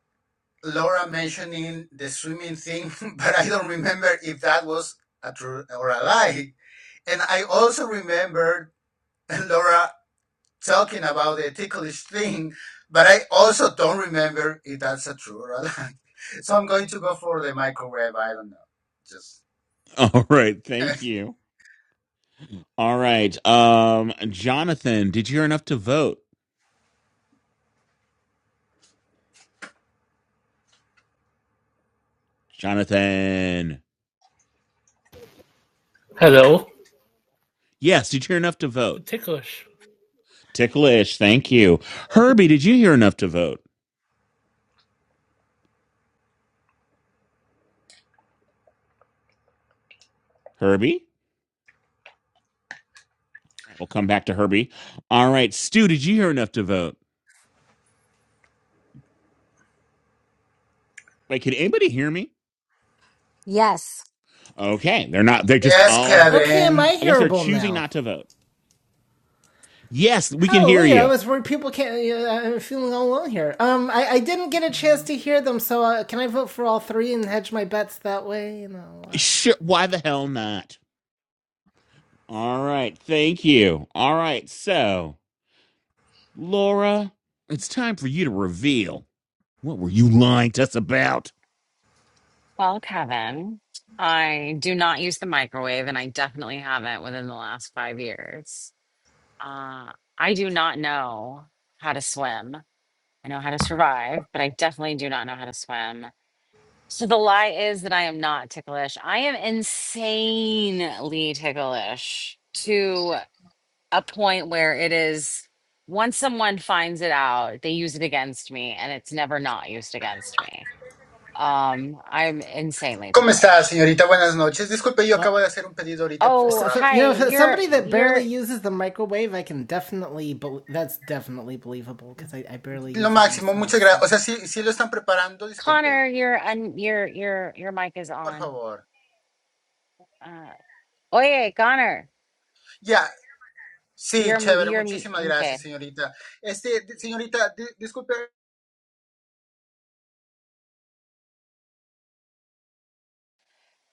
Speaker 13: Laura mentioning the swimming thing, but I don't remember if that was a true or a lie. And I also remember Laura talking about the ticklish thing, but I also don't remember if that's a true or a lie. So I'm going to go for the microwave. I don't know. Just
Speaker 2: All right, thank you. All right, um, Jonathan, did you hear enough to vote? Jonathan,
Speaker 15: Hello,
Speaker 2: yes, did you hear enough to vote?
Speaker 15: ticklish
Speaker 2: Ticklish, thank you. Herbie, did you hear enough to vote? Herbie, all right, we'll come back to Herbie. All right, Stu, did you hear enough to vote? Wait, can anybody hear me?
Speaker 1: yes,
Speaker 2: Okay, they're not. They're just
Speaker 13: yes,
Speaker 2: all.
Speaker 16: Okay,
Speaker 13: Kevin.
Speaker 16: am I
Speaker 2: I guess they're
Speaker 16: hearable
Speaker 2: choosing
Speaker 16: now?
Speaker 2: not to vote. Yes, we can hear
Speaker 16: Hallelujah! I
Speaker 2: you.
Speaker 16: was worried people can't. You know, I'm feeling all alone here. Um, I, I didn't get a chance to hear them, so uh, can I vote for all three and hedge my bets that way? You know, uh,
Speaker 2: Sure. Why the hell not? All right. Thank you. All right. So, Laura, it's time for you to reveal what were you lying to us about?
Speaker 7: Well, Kevin, I do not use the microwave, and I definitely haven't within the last five years. Uh, I do not know how to swim. I know how to survive, but I definitely do not know how to swim. So the lie is that I am not ticklish. I am insanely ticklish to a point where it is once someone finds it out, they use it against me and it's never not used against me. Um, I'm insanely
Speaker 13: ¿Cómo está,
Speaker 7: ticklish.
Speaker 13: señorita? Buenas noches. Disculpe, yo
Speaker 16: well,
Speaker 13: acabo de hacer un pedido ahorita por
Speaker 16: so,
Speaker 7: Oh,
Speaker 16: so you
Speaker 7: hi,
Speaker 16: know,
Speaker 13: Rappi.
Speaker 16: for
Speaker 7: you're
Speaker 16: somebody that barely
Speaker 7: you're
Speaker 16: uses the microwave, I can definitely. Be- that's definitely believable because I, I barely
Speaker 13: Lo
Speaker 16: use it
Speaker 13: máximo,
Speaker 16: myself.
Speaker 13: muchas gracias.
Speaker 16: So
Speaker 13: O sea, sí, sí lo están preparando, disculpe.
Speaker 7: Connor, you're un your your your mic is
Speaker 13: Por
Speaker 7: on.
Speaker 13: favor.
Speaker 7: Uh oh yeah, Connor.
Speaker 13: Ya, sí,
Speaker 7: You're m-
Speaker 13: chévere.
Speaker 7: you're me
Speaker 13: Muchísimas gracias,
Speaker 7: okay.
Speaker 13: señorita. Este, di- señorita, di- disculpe.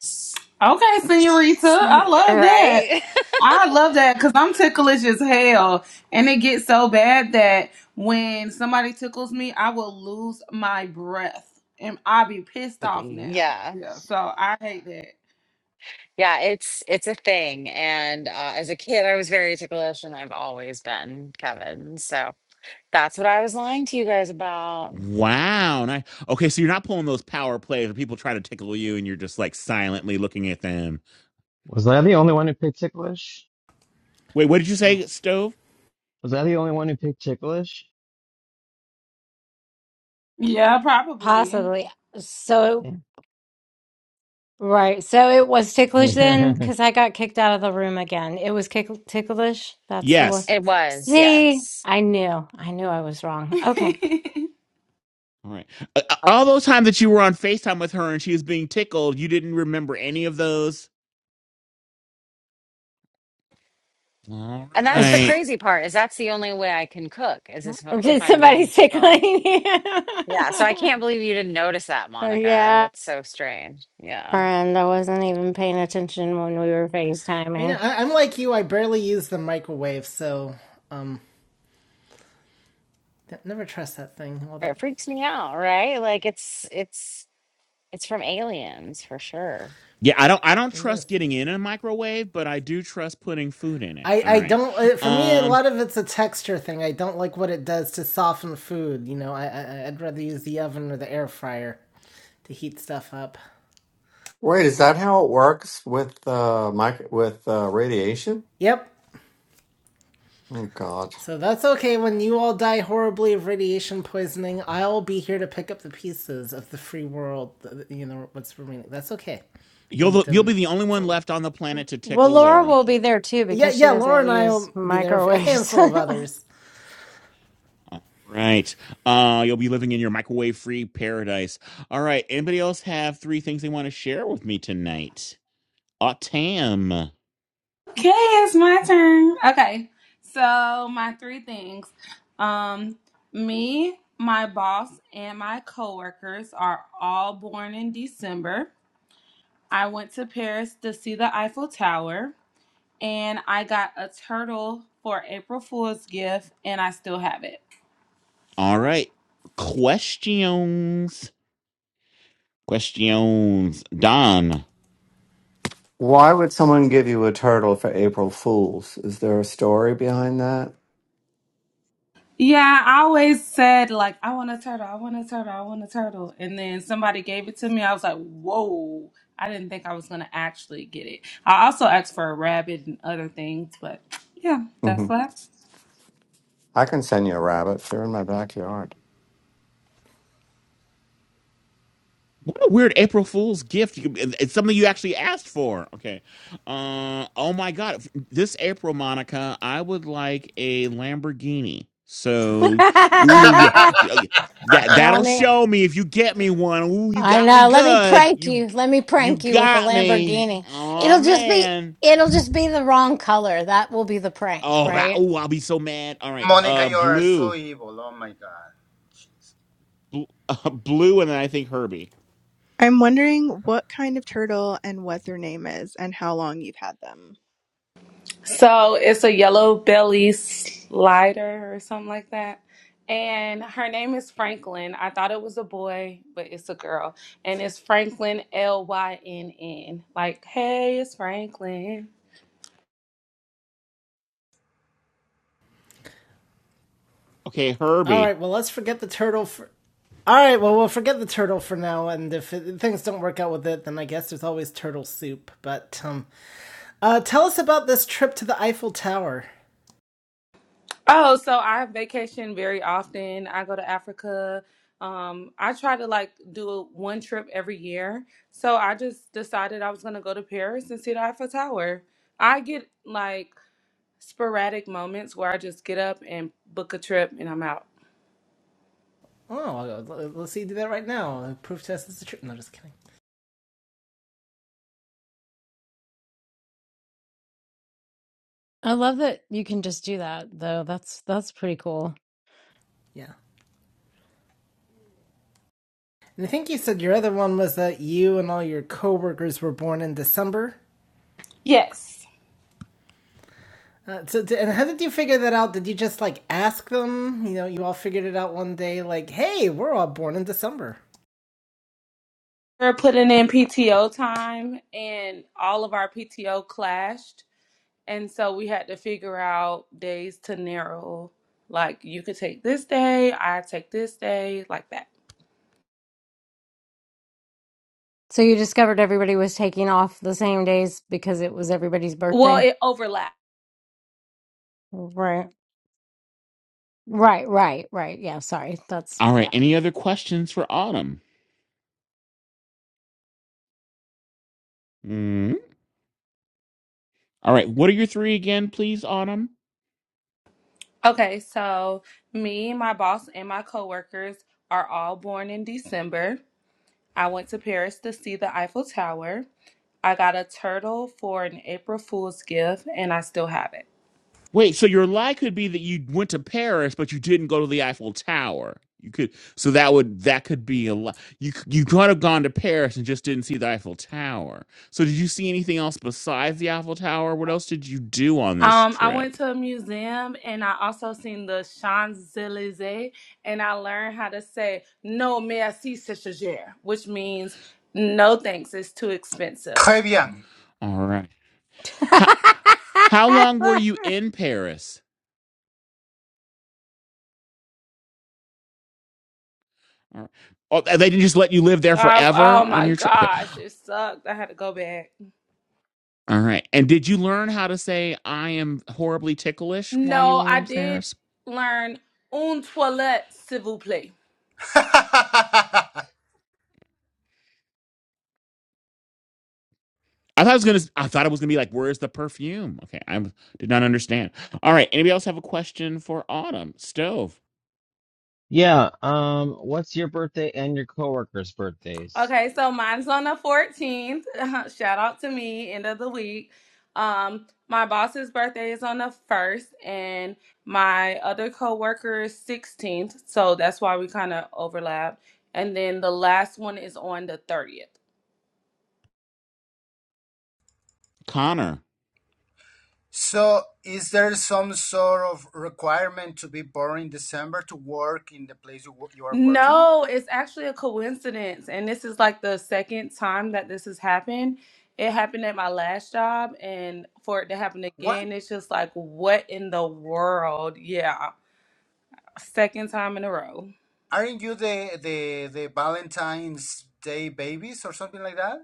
Speaker 7: S-
Speaker 3: Okay, senorita.
Speaker 7: s-
Speaker 3: I love that.
Speaker 7: Right?
Speaker 3: I love that because I'm ticklish as hell. And it gets so bad that when somebody tickles me, I will lose my breath. And I'll be pissed off now.
Speaker 7: Yeah.
Speaker 3: Yeah, so I hate that.
Speaker 7: Yeah, it's it's a thing. And uh, as a kid I was very ticklish and I've always been Kevin. So That's what I was lying to you guys about.
Speaker 2: Wow. ni- okay. So you're not pulling those power plays where people try to tickle you and you're just like silently looking at them.
Speaker 4: Was I the only one who picked ticklish?
Speaker 2: Wait, what did you say, Stove?
Speaker 4: Was I the only one who picked ticklish?
Speaker 3: Yeah, probably.
Speaker 1: possibly. So right. So it was ticklish then
Speaker 4: Yeah.
Speaker 1: because I got kicked out of the room again. It was kick- ticklish. That's the one.
Speaker 2: Yes.
Speaker 7: It was,
Speaker 1: See,
Speaker 7: yes.
Speaker 1: I knew. I knew I was wrong. Okay.
Speaker 2: All right. Uh, uh, all those times that you were on FaceTime with her and she was being tickled, you didn't remember any of those? All
Speaker 7: And that's the
Speaker 2: right.
Speaker 7: crazy part is that's the only way I can cook is if,
Speaker 1: Or
Speaker 7: if
Speaker 1: Did
Speaker 7: I'm
Speaker 1: somebody
Speaker 7: being
Speaker 1: tickling
Speaker 7: tickled.
Speaker 1: you?
Speaker 7: Yeah, so I
Speaker 1: oh,
Speaker 7: can't believe you didn't notice that, Monica.
Speaker 1: yeah,
Speaker 7: That's so strange. Yeah.
Speaker 1: friend. I wasn't even paying attention when we were
Speaker 16: I know
Speaker 1: FaceTiming.
Speaker 16: I, I'm like you. I barely use the microwave, so um, never trust that thing. All that
Speaker 7: It freaks me out, right? Like it's it's it's from aliens for sure.
Speaker 2: Yeah, I don't I don't
Speaker 16: it is.
Speaker 2: trust getting in a microwave, but I do trust putting food in it.
Speaker 16: I,
Speaker 2: All
Speaker 16: I
Speaker 2: right.
Speaker 16: don't uh, for me a
Speaker 2: Um
Speaker 16: lot of it's a texture thing i don't like what it does to soften food you know I, I i'd rather use the oven or the air fryer to heat stuff up
Speaker 8: wait is that how it works with uh mic- with uh, radiation
Speaker 16: yep
Speaker 8: oh god
Speaker 16: so that's okay when you all die horribly of radiation poisoning i'll be here to pick up the pieces of the free world uh, you know what's remaining that's okay
Speaker 2: you'll
Speaker 16: and
Speaker 2: the- you'll be
Speaker 16: um
Speaker 2: the only one
Speaker 16: so
Speaker 2: left on the planet to
Speaker 1: Well,
Speaker 2: tickle
Speaker 1: Laura
Speaker 2: Laura.
Speaker 1: will be there too
Speaker 16: yeah
Speaker 1: because she
Speaker 16: yeah laura
Speaker 1: doesn't
Speaker 16: and
Speaker 1: use
Speaker 16: i'll be there a
Speaker 1: microwaves.
Speaker 16: handful of others
Speaker 2: All right. Uh you'll be living in your microwave-free paradise. All right. Anybody else have three things they want to share with me tonight? Autam.
Speaker 3: Okay, it's my turn. Okay, so my three things: um, me, my boss, and my coworkers are all born in December. I went to Paris to see the Eiffel Tower, and I got a turtle for April Fool's gift, and I still have it.
Speaker 2: All right. Questions. Questions. Don.
Speaker 8: why would someone give you a turtle for april fools is there a story behind that
Speaker 3: Yeah, I always said like I want a turtle, I want a turtle, I want a turtle. And then somebody gave it to me. I was like, "Whoa. I didn't think I was going to actually get it." I also asked for a rabbit and other things, but yeah, that's
Speaker 8: hmm
Speaker 3: what. happened.
Speaker 8: i can send you a rabbit they're in my backyard
Speaker 2: What a weird April Fool's gift. You- It's something you actually asked for. Okay. Uh, oh my God. This April, Monica, I would like a Lamborghini. So, ooh, you, that
Speaker 1: Now,
Speaker 2: that'll
Speaker 1: let me,
Speaker 2: show me if you get me one. Ooh, you
Speaker 1: I
Speaker 2: got me
Speaker 1: know. Let me
Speaker 2: good.
Speaker 1: prank
Speaker 2: You
Speaker 1: you. Let me
Speaker 2: you
Speaker 1: prank you with a
Speaker 2: got me.
Speaker 1: Lamborghini.
Speaker 2: Oh
Speaker 1: It'll just be,
Speaker 2: man.
Speaker 1: it'll just be the wrong color. That will be the prank,
Speaker 2: Oh that.
Speaker 1: right?
Speaker 2: Ooh, I'll be so mad. All right.
Speaker 13: Mónica,
Speaker 2: Uh,
Speaker 13: you are so
Speaker 2: blue,
Speaker 13: evil. Oh my God. Jeez.
Speaker 2: Bl- uh, blue, and then I think Herbie.
Speaker 12: I'm wondering what kind of turtle and what their name is and how long you've had them.
Speaker 3: So, it's a yellow belly slider or something like that. And her name is Franklin. I thought it was a boy, but it's a girl. And it's Franklin L Y N N. Like, "Hey, it's Franklin."
Speaker 2: Okay,
Speaker 16: All
Speaker 2: Herbie.
Speaker 16: right, well, let's forget the turtle for. All right, well, we'll forget the turtle for now, and if it, things don't work out with it, then I guess there's always turtle soup. But um, uh, tell us about this trip to the Eiffel Tower.
Speaker 3: Oh, so I vacation very often. I go to Africa. Um, I try to like do one trip every year. So I just decided I was gonna go to Paris and see the Eiffel Tower. I get like sporadic moments where I just get up and book a trip and I'm out.
Speaker 16: Oh, let's see, you do that right now. Proof test is a trip. No, just kidding.
Speaker 1: I love that you can just do that though. That's that's pretty cool.
Speaker 16: Yeah, and I think you said your other one was that you and all your coworkers were born in December.
Speaker 3: Yes.
Speaker 16: Uh, so, and how did you figure that out? Did you just like ask them? You know, you all figured it out one day, like, "Hey, we're all born in December."
Speaker 3: We're putting in PTO time and all of our PTO clashed. And so we had to figure out days to narrow. Like you could take this day, I take this day, like that.
Speaker 1: So you discovered everybody was taking off the same days because it was everybody's
Speaker 3: Well,
Speaker 1: birthday?
Speaker 3: it overlaps.
Speaker 1: Right. Right, right, right. Yeah, sorry. That's
Speaker 2: All right.
Speaker 1: yeah.
Speaker 2: Any other questions for Autumn? Hmm? All right. What are your three again, please, Autumn?
Speaker 3: Okay, so me, my boss, and my coworkers are all born in December. I went to Paris to see the Eiffel Tower. I got a turtle for an April Fool's gift, and I still have it.
Speaker 2: Wait, so your lie could be that you went to Paris, but you didn't go to the Eiffel Tower. You could, so that would that could be a lie. You c- you could have gone to Paris and just didn't see the Eiffel Tower. So did you see anything else besides the Eiffel Tower? What else did you do on this
Speaker 3: Um, I went
Speaker 2: trip?
Speaker 3: to a museum and I also seen the Champs Elysees, and I learned how to say "No merci, c'est cher," which means "No thanks, it's too expensive."
Speaker 13: Très bien.
Speaker 2: All right. How how long were you in Paris? All right. Oh, they didn't just let you live there
Speaker 3: I,
Speaker 2: forever
Speaker 3: oh
Speaker 2: on
Speaker 3: my
Speaker 2: your trip. Okay.
Speaker 3: gosh, it sucked. I had to go back.
Speaker 2: All right. And did you learn how to say I am horribly ticklish while you
Speaker 3: No,
Speaker 2: were
Speaker 3: I
Speaker 2: in
Speaker 3: did
Speaker 2: Paris?
Speaker 3: learn un toilette, s'il vous plaît.
Speaker 2: I thought I was gonna. I thought it was gonna be like, "Where's the perfume?" Okay, I did not understand. All right. Anybody else have a question for Autumn Stove
Speaker 4: Yeah, um, what's your birthday and your coworkers' birthdays?
Speaker 3: Okay, so mine's on the 14th. Shout out to me, end of the week. Um, my boss's birthday is on the 1st, and my other coworker is 16th. So that's why we kind of overlap. And then the last one is on the 30th.
Speaker 2: Connor?
Speaker 13: So, is there some sort of requirement to be born in December to work in the place you, wo- you are working?
Speaker 3: No, it's actually a coincidence. And this is like the second time that this has happened. It happened at my last job, and for it to happen
Speaker 13: What?
Speaker 3: again, it's just like, what in the world? Yeah, second time in a row.
Speaker 13: Aren't you the the the Valentine's Day babies or something like that?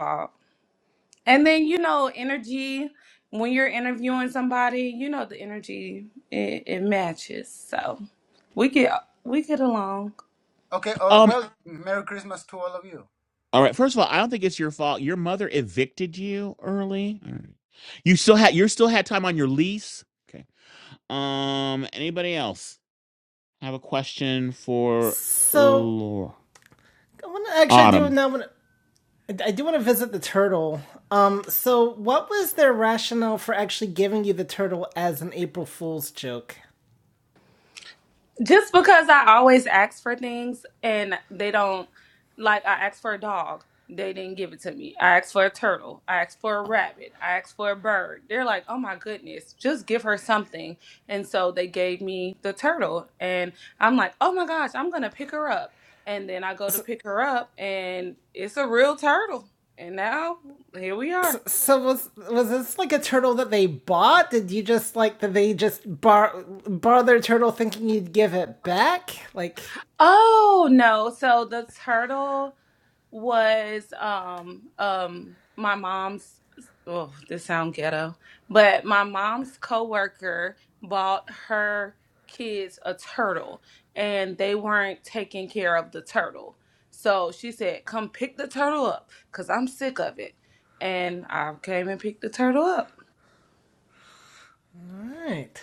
Speaker 3: Wow. And then, you know, energy, when you're interviewing somebody, you know, the energy, it, it matches. So we get, we get along.
Speaker 13: Okay. Oh,
Speaker 2: Um.
Speaker 13: well, Merry Christmas to all of you.
Speaker 2: All right. First of all, I don't think it's your fault. Your mother evicted you early. All right. You still had. You still had time on your lease. Okay. Um. Anybody else have a question for
Speaker 16: So,
Speaker 2: Laura?
Speaker 16: I want to actually. I do
Speaker 2: Autumn?
Speaker 16: now. I do want to visit the turtle. Um. So, what was their rationale for actually giving you the turtle as an April Fool's joke?
Speaker 3: Just because I always ask for things and they don't, like, I asked for a dog, they didn't give it to me. I asked for a turtle, I asked for a rabbit, I asked for a bird. They're like, oh my goodness, just give her something. And so they gave me the turtle, and I'm like, oh my gosh, I'm gonna pick her up. And then I go to pick her up, and it's a real turtle. And now here we are.
Speaker 16: So, so was was this like a turtle that they bought? Did you just like that they just bar borrow their turtle thinking you'd give it back? Like,
Speaker 3: Oh no, so the turtle. was um um my mom's oh this sound ghetto but my mom's coworker bought her kids a turtle and they weren't taking care of the turtle so she said come pick the turtle up because i'm sick of it and i came and picked the turtle up
Speaker 16: all right,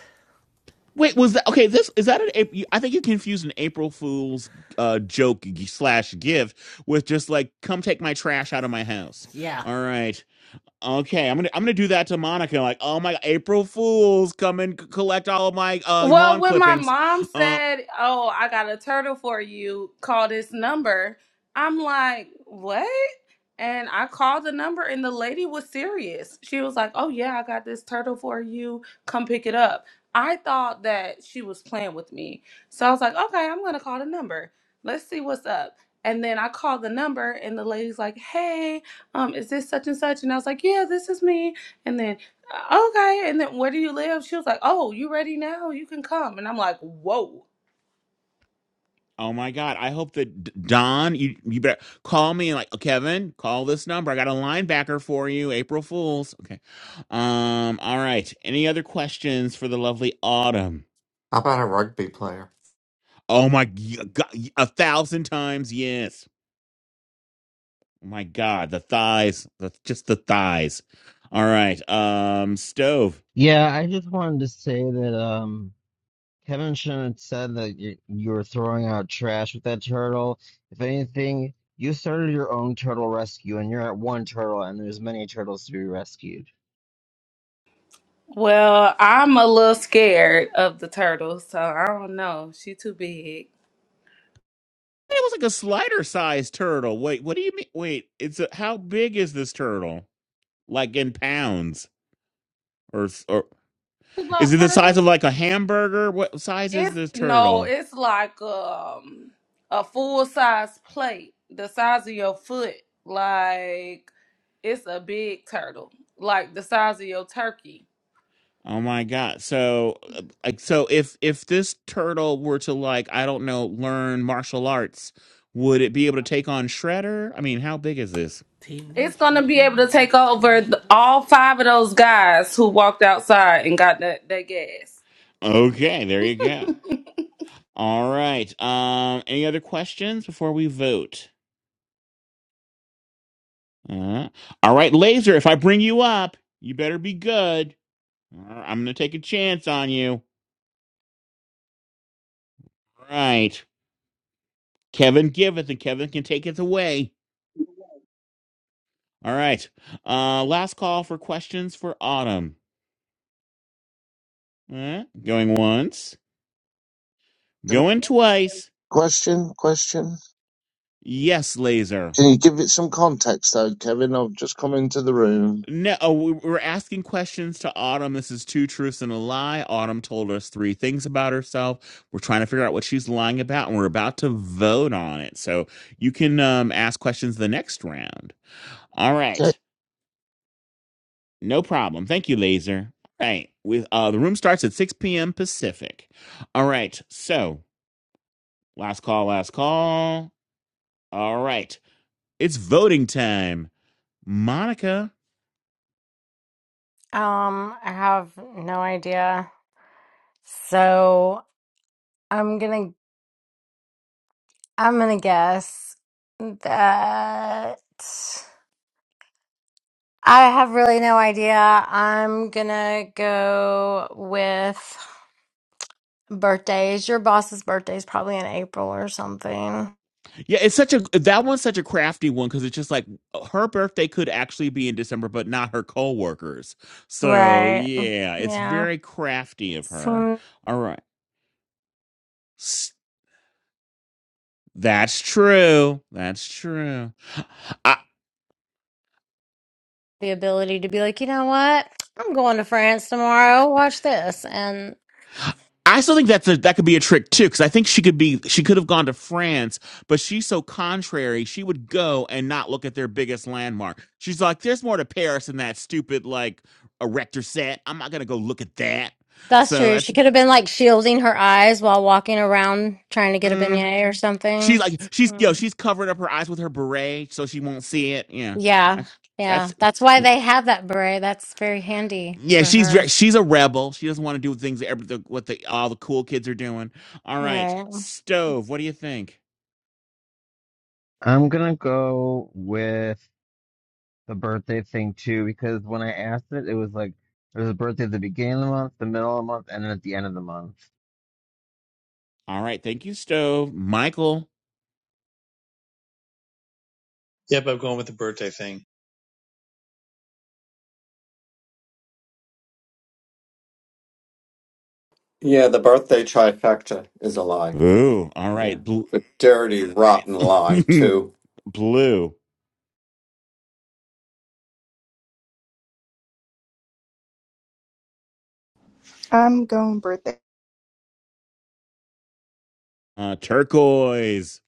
Speaker 2: Wait, was that okay? This is that an April? I think you confused an April Fool's uh, joke slash gift with just like, "Come take my trash out of my house."
Speaker 16: yeah.
Speaker 2: All right, okay, I'm gonna I'm gonna do that to Monica. Like, oh my April Fools, come and c- collect all of my uh,
Speaker 3: Well,
Speaker 2: lawn
Speaker 3: when my
Speaker 2: clippings.
Speaker 3: mom
Speaker 2: Um,
Speaker 3: said, "Oh, I got a turtle for you. Call this number." I'm like, "What?" And I called the number and the lady was serious. She was like, "Oh yeah, I got this turtle for you. Come pick it up." I thought that she was playing with me. So I was like, "Okay, I'm going to call the number. Let's see what's up." And then I called the number and the lady's like, "Hey, um is this such and such?" And I was like, "Yeah, this is me." And then okay. And then where do you live? She was like, oh, you ready now? You can come. And I'm like, whoa.
Speaker 2: oh my God, I hope that D- Don, you you better call me and like "Oh, Kevin, call this number. I got a linebacker for you, April Fools. Okay, um, all right. Any other questions for the lovely Autumn?
Speaker 8: how about a rugby player
Speaker 2: Oh my g- g- a thousand times yes. Oh my god, the thighs, the, just the thighs. All right, um, stove.
Speaker 4: Yeah, I just wanted to say that, um, Kevin shouldn't have said that you, you were throwing out trash with that turtle. If anything, you started your own turtle rescue, and you're at one turtle, and there's many turtles to be rescued.
Speaker 3: Well, I'm a little scared of the turtles, so I don't know. She too big.
Speaker 2: It was like a slider sized turtle. Wait, what do you mean? Wait, it's a, how big is this turtle? Like in pounds, or or is
Speaker 3: Block
Speaker 2: it the size of
Speaker 3: turtles?
Speaker 2: like a hamburger? What size is
Speaker 3: It's
Speaker 2: this
Speaker 3: no,
Speaker 2: turtle?
Speaker 3: it's like um a full size plate, the size of your foot. Like it's a big turtle, like the size of your turkey.
Speaker 2: Oh my god! So uh, like so, if if this turtle were to like I don't know learn martial arts, would it be able to take on Shredder? I mean, how big is this?
Speaker 3: It's
Speaker 16: Teenage
Speaker 3: gonna be able
Speaker 16: Mutant
Speaker 3: to take
Speaker 16: Ninja
Speaker 3: over the,
Speaker 16: Turtles.
Speaker 3: all five of those guys who walked outside and got that that gas.
Speaker 2: Okay, there you go. All right. Um, any other questions before we vote? Uh, all right, Laser. If I bring you up, you better be good. All right, I'm gonna take a chance on you. All right. Kevin giveth, and Kevin can take it away. All right. Uh, last call for questions for Autumn. Uh, going once,
Speaker 17: Can I-
Speaker 2: going twice.
Speaker 17: Question, question.
Speaker 2: Yes, Laser.
Speaker 17: Can you give it some context though, Kevin? I've just come into the room.
Speaker 2: No, oh, we- are asking questions to Autumn. This is two truths and a lie. Autumn told us three things about herself. We're trying to figure out what she's lying about, and we're about to vote on it. So you can um, ask questions the next round. All
Speaker 17: Ke-
Speaker 2: right, no problem. Thank you, Laser. All right, with uh, the room starts at six p.m. Pacific. All right, so last call, last call. All right, it's voting time. Monica,
Speaker 1: um, I have no idea. So I'm gonna I'm gonna guess that I have really no idea. I'm gonna go with birthdays. Your boss's birthday is probably in April or something.
Speaker 2: Yeah, it's such a that one's such a crafty one because it's just like her birthday could actually be in December, but not her coworkers. So
Speaker 1: Right.
Speaker 2: yeah, it's
Speaker 1: Yeah.
Speaker 2: very crafty of her.
Speaker 1: some
Speaker 2: All right, S- that's true. That's true. I
Speaker 1: the ability to be like, you know what? I'm going to France tomorrow. Watch this. And
Speaker 2: I still think that's a, that could be a trick too because I think she could be she could have gone to France, but she's so contrary. She would go and not look at their biggest landmark. She's like, "There's more to Paris than that stupid like erector set. I'm not gonna go look at that."
Speaker 1: that's
Speaker 2: So
Speaker 1: true.
Speaker 2: that's
Speaker 1: She could have been like shielding her eyes while walking around trying to get a
Speaker 2: Mm.
Speaker 1: beignet or
Speaker 2: She's
Speaker 1: something.
Speaker 2: like she's yo,
Speaker 1: Mm.
Speaker 2: she's covering up her eyes with her beret so she won't see it. Yeah,
Speaker 1: Yeah.
Speaker 2: that's
Speaker 1: Yeah.
Speaker 2: that's
Speaker 1: That's why they have that beret. That's very handy
Speaker 2: yeah.
Speaker 1: for
Speaker 2: She's
Speaker 1: her.
Speaker 2: very, she's a rebel. She doesn't want to do things that every, the, what the all the cool kids are doing. All
Speaker 1: All
Speaker 2: right,
Speaker 1: right.
Speaker 2: stove. What do you think?
Speaker 4: I'm gonna go with the birthday thing too, because when I asked it, it was like there was a birthday at the beginning of the month, the middle of the month, and then at the end of the month.
Speaker 2: All right, thank you, stove. Michael.
Speaker 5: Yep, I'm going with the birthday thing.
Speaker 8: yeah the birthday trifecta is a lie
Speaker 2: Ooh, all
Speaker 8: Yeah.
Speaker 2: right, blue,
Speaker 8: The dirty, rotten lie, too.
Speaker 2: blue,
Speaker 12: I'm going birthday.
Speaker 2: uh, turquoise.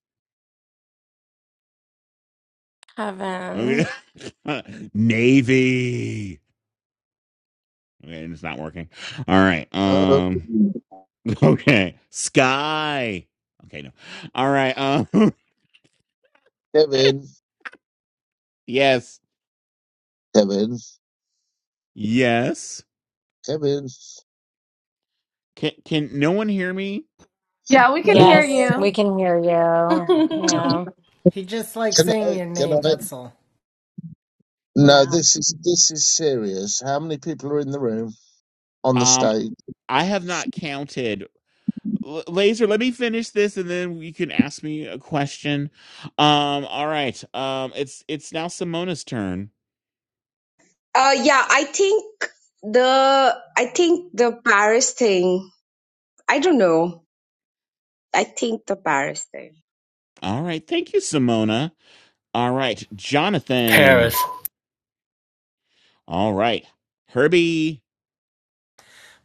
Speaker 2: Okay,
Speaker 1: Heaven.
Speaker 2: navy. Okay, and it's not working. All right,
Speaker 17: Oh,
Speaker 2: um. Okay. Sky. Okay, no. All right. Um
Speaker 17: Kevin,
Speaker 2: yes.
Speaker 17: Kevin,
Speaker 2: Yes.
Speaker 17: Kevin.
Speaker 2: Can can no one hear me?
Speaker 3: Yeah, we can hear
Speaker 1: Yes, we
Speaker 3: you.
Speaker 1: can hear you. Yeah.
Speaker 16: He just likes
Speaker 17: Can
Speaker 16: saying
Speaker 17: I?
Speaker 16: your
Speaker 17: Can
Speaker 16: name.
Speaker 17: I?
Speaker 16: That's all.
Speaker 17: No,
Speaker 1: Yeah.
Speaker 17: this is this is serious. How many people are in the room on the
Speaker 2: Um
Speaker 17: stage?
Speaker 2: I have not counted. L- Laser, let me finish this and then you can ask me a question. Um all right. Um it's it's now Simona's turn.
Speaker 14: Uh, yeah, I think the I think the Paris thing. I don't know. I think the Paris thing.
Speaker 2: All right. Thank you, Simona. All right. Jonathan.
Speaker 15: Paris.
Speaker 2: All right. Herbie.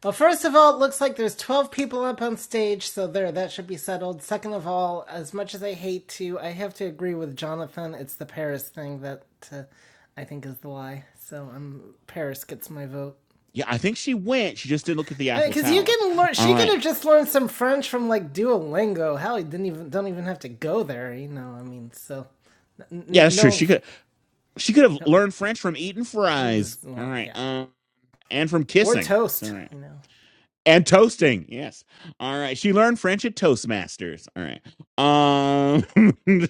Speaker 16: Well, first of all, it looks like there's 12 people up on stage, so there, that should be settled. Second of all, as much as I hate to, I have to agree with Jonathan. It's the Paris thing that uh, I think is the lie. So um, Paris gets my vote.
Speaker 2: Yeah, I think she went. She just didn't look at the Eiffel
Speaker 16: Because I mean, you
Speaker 2: Tower.
Speaker 16: can learn, she
Speaker 2: All
Speaker 16: could
Speaker 2: right.
Speaker 16: have just learned some French from like Duolingo. Hell, you didn't even don't even have to go there. You know, I mean, so
Speaker 2: Yeah,
Speaker 16: n-
Speaker 2: that's true.
Speaker 16: no,
Speaker 2: She could. She could have learned French from eating fries. All
Speaker 16: no,
Speaker 2: right.
Speaker 16: yeah,
Speaker 2: Uh, and from
Speaker 16: or
Speaker 2: kissing.
Speaker 16: toast.
Speaker 2: Sorry.
Speaker 16: You know,
Speaker 2: And toasting. Yes. All right. She learned French at Toastmasters. All right. Um,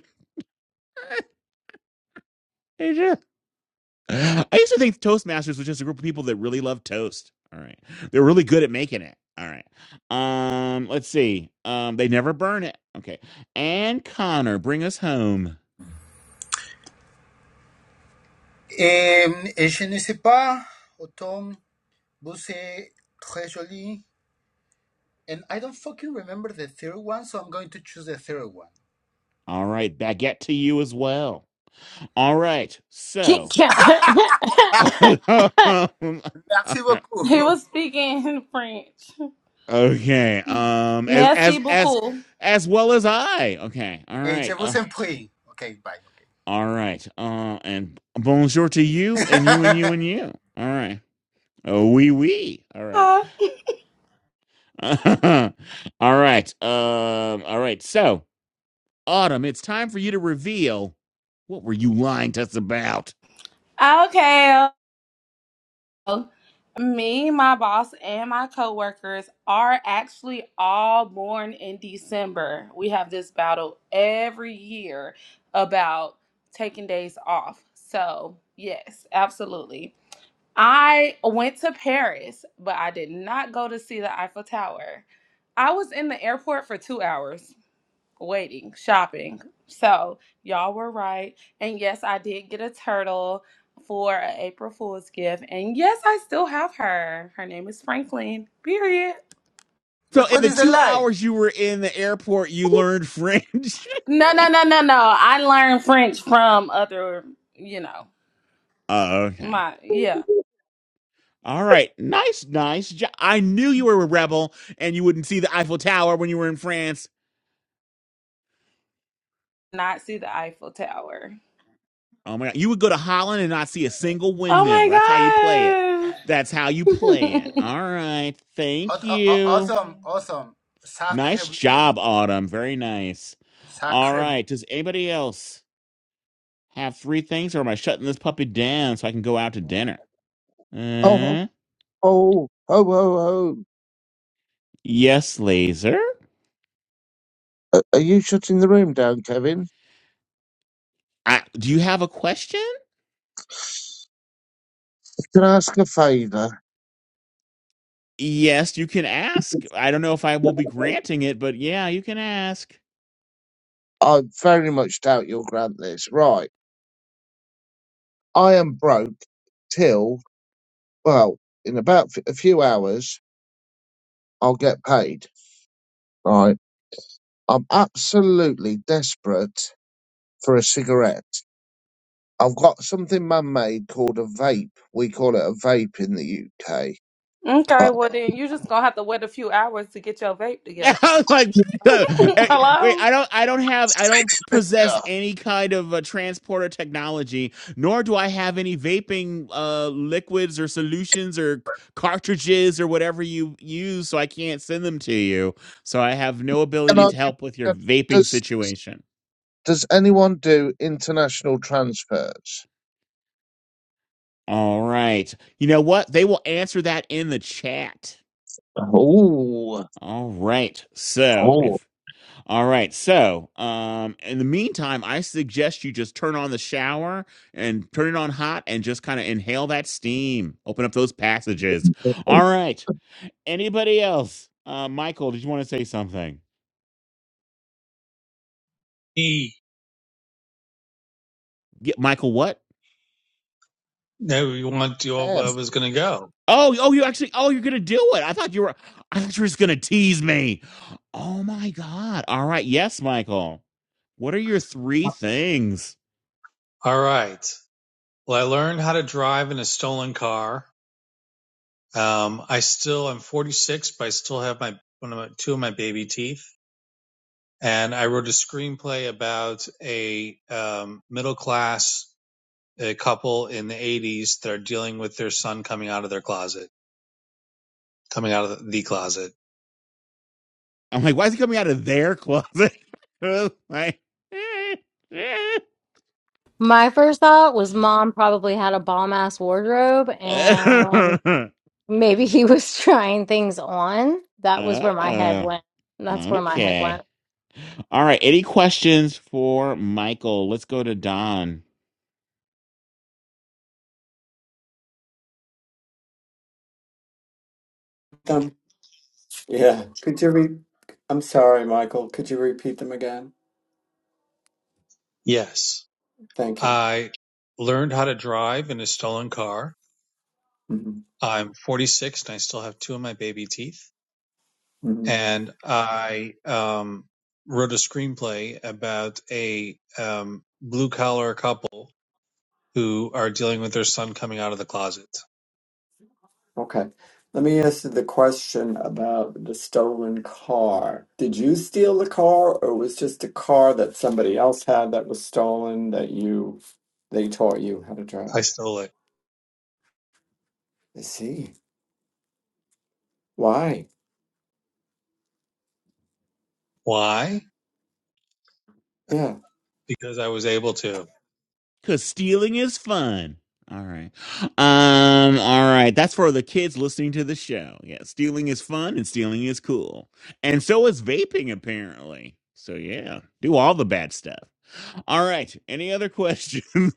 Speaker 2: I used to think Toastmasters was just a group of people that really love toast. All right. They're really good at making it. All right. Um, let's see. Um, they never burn it. Okay. And Connor, bring us home.
Speaker 13: Um, et je ne sais pas, automne, Busé, très joli. And I don't fucking remember the third one, so I'm going to choose the third one.
Speaker 2: All right. Baguette to you as well. All right.
Speaker 1: Kit
Speaker 2: So.
Speaker 1: Kat.
Speaker 2: All
Speaker 13: Merci
Speaker 2: right.
Speaker 13: beaucoup.
Speaker 3: he was speaking in French.
Speaker 2: Okay. Um as
Speaker 3: Merci
Speaker 2: as as
Speaker 3: beaucoup.
Speaker 2: as well as I. Okay. All
Speaker 13: Et je
Speaker 2: right. Uh,
Speaker 13: vous en prie. Okay, bye. Okay.
Speaker 2: all right. Uh and bonjour to you and you and you and you. All right. Oh wee wee. All right.
Speaker 3: Huh?
Speaker 2: all right. Um all right. So, Autumn, it's time for you to reveal what were you lying to us about?
Speaker 3: Okay. Me, my boss, and my coworkers are actually all born in December. We have this battle every year about taking days off. So, yes, absolutely. I went to Paris, but I did not go to see the Eiffel Tower. I was in the airport for two hours. waiting, shopping. So y'all were right. And yes, I did get a turtle for an April Fool's gift. And yes, I still have her. Her name is Franklin. Period.
Speaker 2: So,
Speaker 13: Which
Speaker 2: in
Speaker 13: one
Speaker 2: the
Speaker 13: is the
Speaker 2: 2
Speaker 13: lie?
Speaker 2: hours you were in the airport, you learned French.
Speaker 3: No, no, no, no, no. I learned French from other, you know,
Speaker 2: Oh, okay.
Speaker 3: my yeah.
Speaker 2: All right, nice, nice. job. I knew you were a rebel, and you wouldn't see the Eiffel Tower when you were in France.
Speaker 3: Not see the Eiffel Tower.
Speaker 2: Oh my God, you would go to Holland and not see a single windmill. That's how you play it.
Speaker 3: Oh my
Speaker 2: That's how you play it.
Speaker 3: god.
Speaker 2: All right, thank
Speaker 13: Aw- aw- aw-
Speaker 2: you.
Speaker 13: Awesome, awesome. Sacre
Speaker 2: Nice
Speaker 13: blue.
Speaker 2: job, Autumn. Very nice. All
Speaker 13: Sacre blue.
Speaker 2: right, does anybody else have three things, or am I shutting this puppy down so I can go out to
Speaker 17: Oh,
Speaker 2: dinner?
Speaker 17: oh,
Speaker 2: Uh,
Speaker 17: oh, oh, oh! oh.
Speaker 2: yes, Laser.
Speaker 17: A- Are you shutting the room down, Kevin?
Speaker 2: I, do you have a question?
Speaker 17: Can I ask a favour?
Speaker 2: Yes, you can ask. I don't know if I will be granting it, but yeah, you can ask.
Speaker 17: I very much doubt you'll grant this. Right, I am broke till well, in about f- a few hours, I'll get paid. Right. I'm absolutely desperate for a cigarette. I've got something man made called a vape. We call it a vape in the UK.
Speaker 3: okay,
Speaker 17: But
Speaker 3: well then you just gonna have to wait a few hours to get your vape
Speaker 2: I
Speaker 3: together.
Speaker 2: was like, eh, wait,
Speaker 3: Hello?
Speaker 2: I don't, I don't have, I don't possess any kind of uh, transporter technology, nor do I have any vaping uh, liquids or solutions or c- cartridges or whatever you use, so I can't send them to you. So I have no
Speaker 17: can
Speaker 2: ability
Speaker 17: I,
Speaker 2: to help with your vaping
Speaker 17: does,
Speaker 2: situation.
Speaker 17: does anyone do international transfers?
Speaker 2: All right, you know what? They will answer that in the chat.
Speaker 17: Oh,
Speaker 2: All right. So
Speaker 17: oh.
Speaker 2: if All right. So, um, in the meantime, I suggest you just turn on the shower and turn it on hot and just kind of inhale that steam. Open up those passages. All right. Anybody else? Uh, Michael, did you want to say something?
Speaker 5: E.
Speaker 2: Yeah, Michael, what?
Speaker 5: No, you want to? I
Speaker 17: F,
Speaker 5: was gonna go.
Speaker 2: Oh, oh, you actually, oh, you're gonna do it. I thought you were, I thought you were just gonna tease me. Oh my God. All right. Yes, Michael. What are your three things?
Speaker 5: All right. Well, I learned how to drive in a stolen car. Um, I still, I'm 46, but I still have my, one of my, two of my baby teeth. And I wrote a screenplay about a um, middle class uh couple in the 80s that are dealing with their son coming out of their closet, coming out of the closet.
Speaker 2: I'm like, why is it coming out of their closet? like,
Speaker 1: My first thought was mom probably had a bomb ass wardrobe and
Speaker 2: oh,
Speaker 1: maybe he was trying things on. That was where my head went. That's where my head went.
Speaker 2: okay. All right. Any questions for Michael? Let's go to Don.
Speaker 8: Um, yeah. Could you re- I'm sorry, Michael. Could you repeat them again?
Speaker 5: Yes.
Speaker 8: Thank you.
Speaker 5: I learned how to drive in a stolen car.
Speaker 8: hmm
Speaker 5: I'm 46 and I still have two of my baby teeth.
Speaker 8: hmm
Speaker 5: and I um, wrote a screenplay about a um, blue collar couple who are dealing with their son coming out of the closet.
Speaker 8: Okay. Let me ask you the question about the stolen car. Did you steal the car, or it was just a car that somebody else had that was stolen that you they taught you how to drive?
Speaker 5: I stole it.
Speaker 8: I see. Why?
Speaker 5: Why?
Speaker 8: Yeah.
Speaker 5: Because I was able to.
Speaker 2: Cause stealing is fun. All right. Um, all right. That's for the kids listening to the show. Yeah, stealing is fun and stealing is cool. And so is vaping, apparently. So yeah. Do all the bad stuff. All right. Any other questions?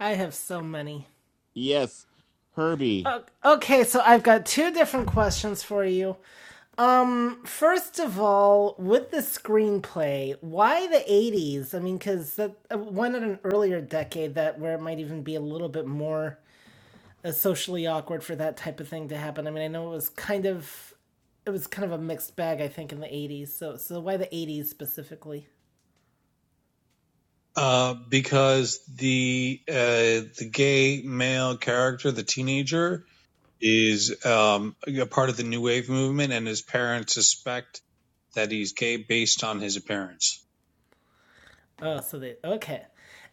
Speaker 16: I have so many.
Speaker 2: yes. Herbie.
Speaker 16: Okay, so I've got two different questions for you. Um, first of all, with the screenplay, why the '80s? I mean, because that uh, why not an earlier decade that where it might even be a little bit more uh, socially awkward for that type of thing to happen? I mean, I know it was kind of it was kind of a mixed bag, I think, in the '80s. So, so why the '80s specifically?
Speaker 5: Uh, because the uh, the gay male character, the teenager, is um, a part of the new wave movement, and his parents suspect that he's gay based on his appearance.
Speaker 16: Oh, so they okay.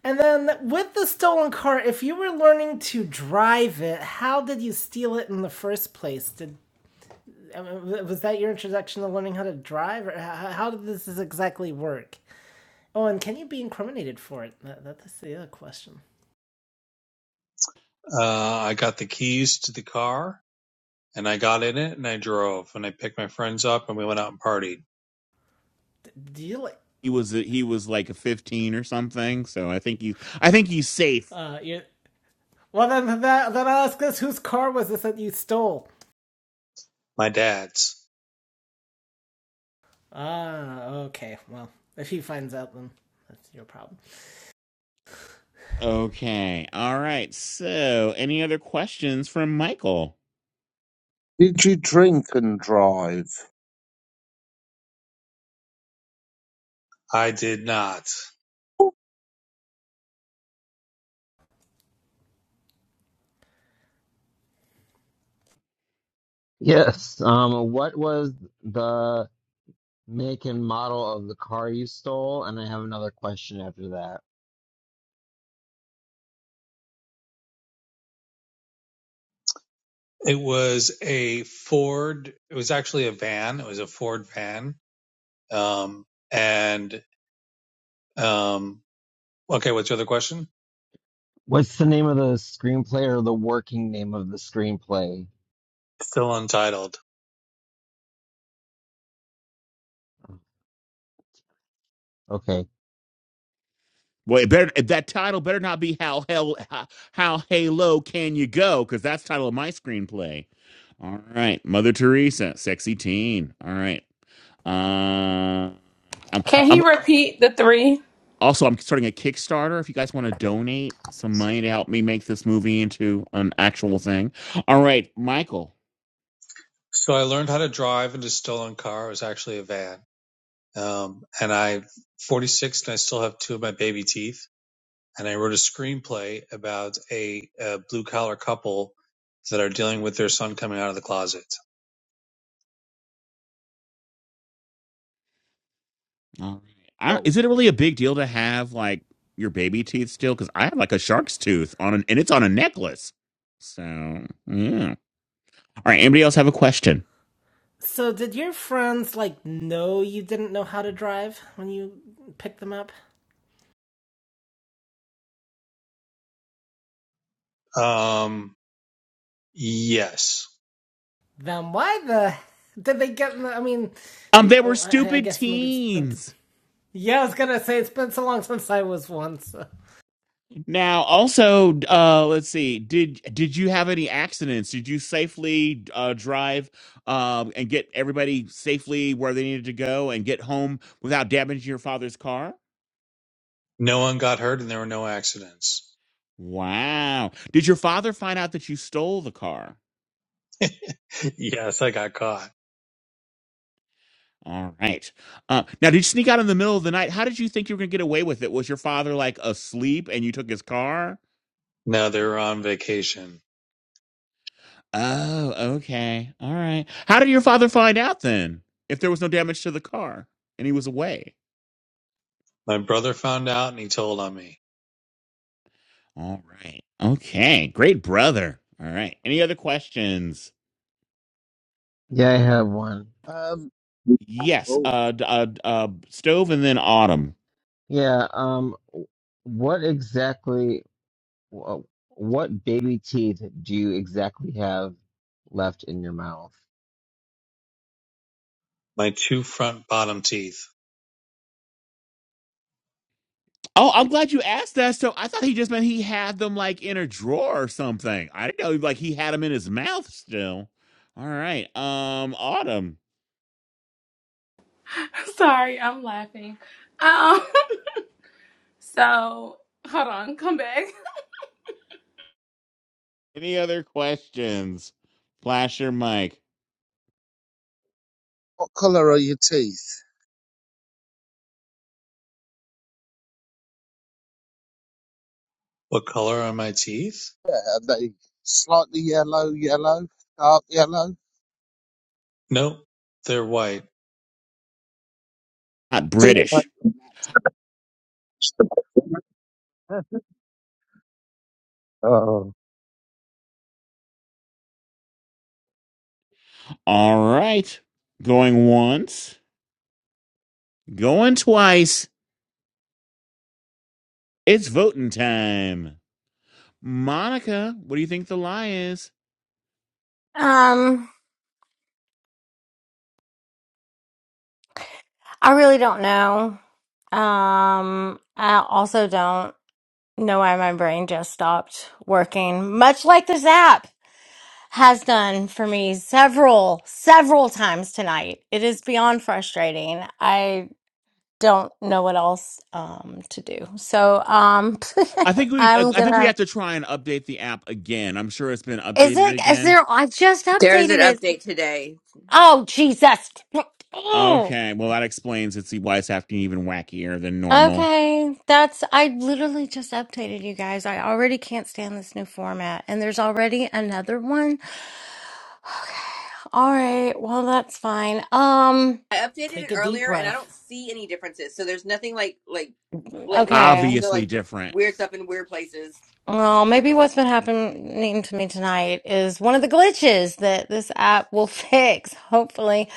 Speaker 16: And then with the stolen car, if you were learning to drive it, how did you steal it in the first place? Did I mean, was that your introduction to learning how to drive, or how, how did this exactly work? Oh, and can you be incriminated for it? That, that's the other question.
Speaker 5: Uh, I got the keys to the car and I got in it and I drove and I picked my friends up and we went out and partied.
Speaker 16: D- Do you like?
Speaker 2: he was he was like a 15 or something so i think you i think he's safe
Speaker 16: Uh, you. Well, then that then I'll ask this: whose car was this that you stole?
Speaker 5: My dad's.
Speaker 16: Ah, okay. Well, if he finds out, then that's your problem.
Speaker 2: okay all right so any other questions from michael
Speaker 17: did you drink and drive?
Speaker 5: I did not.
Speaker 17: Oh.
Speaker 4: Yes. Um. What was the make and model of the car you stole? And I have another question after that.
Speaker 5: It was a Ford. It was actually a van. It was a Ford van. Um, and um, okay, what's your other question?
Speaker 4: What's the name of the screenplay or the working name of the screenplay?
Speaker 5: Still untitled.
Speaker 4: Okay.
Speaker 2: well it better that title better not be how hell how, how halo can you go because that's the title of my screenplay all right mother teresa sexy teen all right um I'm,
Speaker 3: Can he
Speaker 2: I'm
Speaker 3: repeat the three?
Speaker 2: also i'm starting a kickstarter if you guys want to donate some money to help me make this movie into an actual thing all right michael
Speaker 5: So I learned how to drive in a stolen car. It was actually a van. Um, and I 46 and I still have two of my baby teeth. and I wrote a screenplay about a, a blue collar couple that are dealing with their son coming out of the closet.
Speaker 2: All right. I, is it really a big deal to have like your baby teeth still? Because I have like a shark's tooth on an, and it's on a necklace. So, yeah. All right. Anybody else have a question?
Speaker 16: So, did your friends like know you didn't know how to drive when you picked them up?
Speaker 5: Um, yes.
Speaker 16: Then why the did they get? In the, I mean,
Speaker 2: Um,
Speaker 16: they,
Speaker 2: they
Speaker 16: oh,
Speaker 2: were
Speaker 16: I, I
Speaker 2: stupid
Speaker 16: guess maybe it's been.
Speaker 2: teens.
Speaker 16: Yeah, I was gonna say it's been so long since I was one. So,
Speaker 2: Now, also, uh, let's see. Did did you have any accidents? Did you safely uh, drive um, and get everybody safely where they needed to go and get home without damaging your father's car?
Speaker 5: No one got hurt and there were no accidents.
Speaker 2: Wow. Did your father find out that you stole the car?
Speaker 5: yes, I got caught.
Speaker 2: All right. Uh, now, did you sneak out in the middle of the night? How did you think you were going to get away with it? Was your father like asleep and you took his car?
Speaker 5: No, they were on vacation.
Speaker 2: Oh, okay. All right. How did your father find out then if there was no damage to the car and he was away?
Speaker 5: My brother found out and he told on me.
Speaker 2: All right. Okay. Great brother. All right. Any other questions?
Speaker 4: Yeah, I have one.
Speaker 17: Um,
Speaker 2: Yes.
Speaker 17: oh.
Speaker 2: Uh, d- uh, d- uh, Stove and then Autumn.
Speaker 4: Yeah, um what exactly wh- what baby teeth do you exactly have left in your mouth?
Speaker 5: My two front bottom teeth.
Speaker 2: Oh, I'm glad you asked that. So I thought he just meant he had them like in a drawer or something. I didn't know like he had them in his mouth still. All right. Um, Autumn.
Speaker 3: Sorry, I'm laughing. Um, so hold on, come back.
Speaker 2: Any other questions? Flash your mic.
Speaker 17: What colour are your teeth?
Speaker 5: What color are my teeth?
Speaker 17: Yeah, are they slightly yellow, yellow, dark yellow?
Speaker 5: Nope. They're white.
Speaker 2: Not
Speaker 17: Good.
Speaker 2: British.
Speaker 17: Oh.
Speaker 2: All right. Going once. Going twice. It's voting time. Monica, what do you think the lie is?
Speaker 1: Um, I really don't know. Um, I also don't know why my brain just stopped working, much like this app has done for me several, several times tonight. It is beyond frustrating. I. don't know what else um to do. So um
Speaker 2: I think we
Speaker 1: I'm
Speaker 2: I think we
Speaker 1: gonna
Speaker 2: have to try and update the app again. I'm sure it's been
Speaker 1: Is
Speaker 2: updated
Speaker 1: it? Is
Speaker 2: again
Speaker 1: there? I just
Speaker 18: There's an
Speaker 1: updated it.
Speaker 18: update today.
Speaker 1: Oh Jesus! Oh,
Speaker 2: Okay, well that explains it's why it's acting even wackier than normal.
Speaker 1: Okay, that's I literally just updated you guys. I already can't stand this new format and there's already another one. Okay. All right. Well, that's fine. Um
Speaker 18: I updated it
Speaker 16: take a deep
Speaker 18: earlier and I don't
Speaker 16: breath.
Speaker 18: see any differences. So there's nothing like like blatantly
Speaker 1: okay.
Speaker 18: obvious. There's no
Speaker 2: Obviously
Speaker 18: like
Speaker 2: different.
Speaker 18: weird stuff in weird places.
Speaker 1: Well, maybe what's been happening to me tonight is one of the glitches that this app will fix. Hopefully,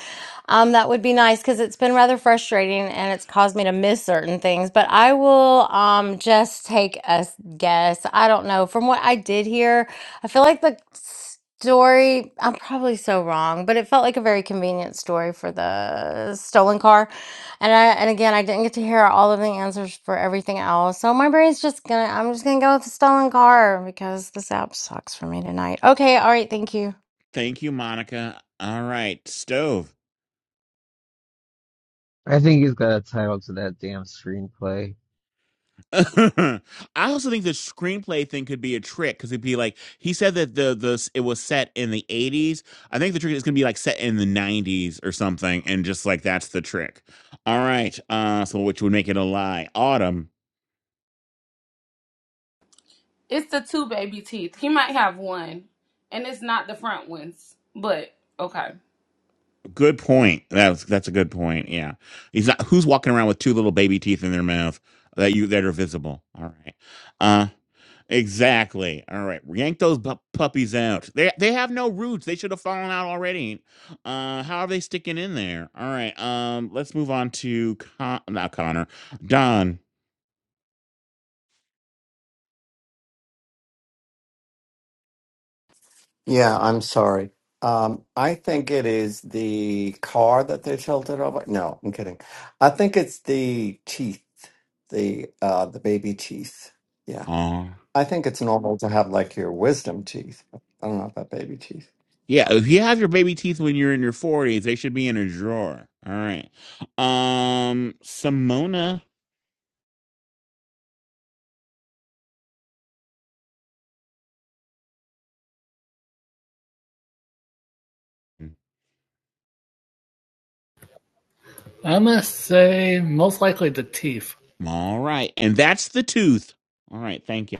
Speaker 1: um, that would be nice because it's been rather frustrating and it's caused me to miss certain things. But I will um, just take a s- guess. I don't know. From what I did hear, I feel like the story, I'm probably so wrong, but it felt like a very convenient story for the stolen car. And I and again, I didn't get to hear all of the answers for everything else. So my brain's just gonna I'm just gonna go with the stolen car because this app sucks for me tonight. Okay, all right, thank you.
Speaker 2: Thank you, Monica. All right, stove.
Speaker 4: I think he's got a title to that damn screenplay.
Speaker 2: I also think the screenplay thing could be a trick because it'd be like he said that the the it was set in the eighties. I think the trick is gonna be like set in the nineties or something, and just like that's the trick. All right, uh, so which would make it a lie. Autumn.
Speaker 3: It's the two baby teeth. He might have one, and it's not the front ones, but okay.
Speaker 2: Good point. That's that's a good point. Yeah, he's not. Who's walking around with two little baby teeth in their mouth that you that are visible? All right. Uh, exactly. All right. Yank those bu- puppies out. They they have no roots. They should have fallen out already. Uh, how are they sticking in there? All right. Um, let's move on to Con- not Connor. Don.
Speaker 8: Yeah, I'm sorry. Um, I think it is the car that they tilted over. No, I'm kidding. I think it's the teeth, the uh, the baby teeth. Yeah,
Speaker 2: Aw.
Speaker 8: I think it's normal to have like your wisdom teeth. I don't know about baby teeth.
Speaker 2: Yeah, if you have your baby teeth when you're in your 40s, they should be in a drawer. All right. Um, Simona.
Speaker 15: I must say, most likely the teeth.
Speaker 2: All right. And that's the tooth. All right. Thank you.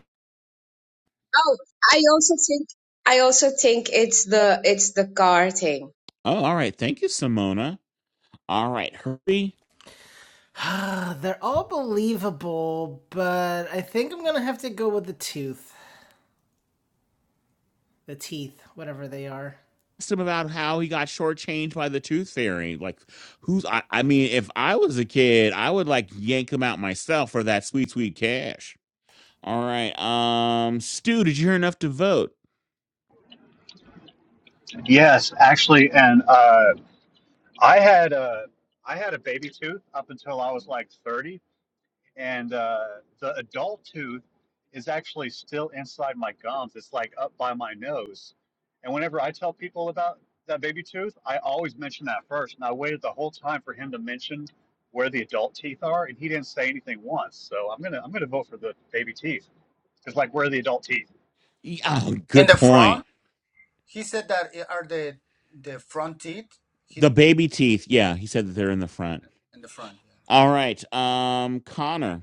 Speaker 14: Oh, I also think I also think it's the it's the car thing.
Speaker 2: Oh, all right. Thank you, Simona. All right. Hurry.
Speaker 16: They're all believable, but I think I'm gonna have to go with the tooth, the teeth, whatever they are.
Speaker 2: Asked him about how he got shortchanged by the tooth fairy. Like, who's, I, I mean, if I was a kid, I would like yank him out myself for that sweet, sweet cash. All right. Um, Stu, did you hear enough to vote?
Speaker 19: Yes, actually, and uh, I had a I had a baby tooth up until I was like thirty, and uh, the adult tooth is actually still inside my gums. It's like up by my nose, and whenever I tell people about that baby tooth, I always mention that first. And I waited the whole time for him to mention where the adult teeth are, and he didn't say anything once. So I'm gonna I'm gonna vote for the baby teeth. It's like where are the adult teeth?
Speaker 2: Y- Oh,
Speaker 13: In
Speaker 2: good
Speaker 13: the front?
Speaker 2: point.
Speaker 13: He said that it are the the front teeth. He
Speaker 2: The
Speaker 13: did
Speaker 2: baby teeth. Yeah. He said that
Speaker 13: it
Speaker 2: they're in the front.
Speaker 13: in the front. Yeah.
Speaker 2: All right. Um, Connor.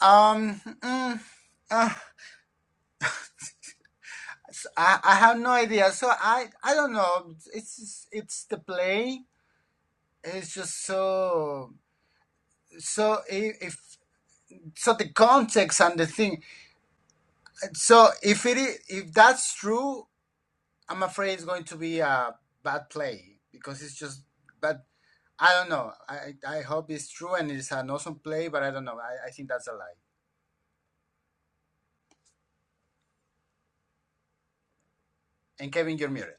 Speaker 13: Um. mm, uh, s- I, I have no idea. So I I don't know. It's it's it's the play. It's just so so i- if so the context and the thing. So if it is, if that's true, I'm afraid it's going to be a bad play because it's just. But I don't know. I I I hope it's true and it's an awesome play, but I don't know. I, I think that's a lie. And Kevin, you're muted.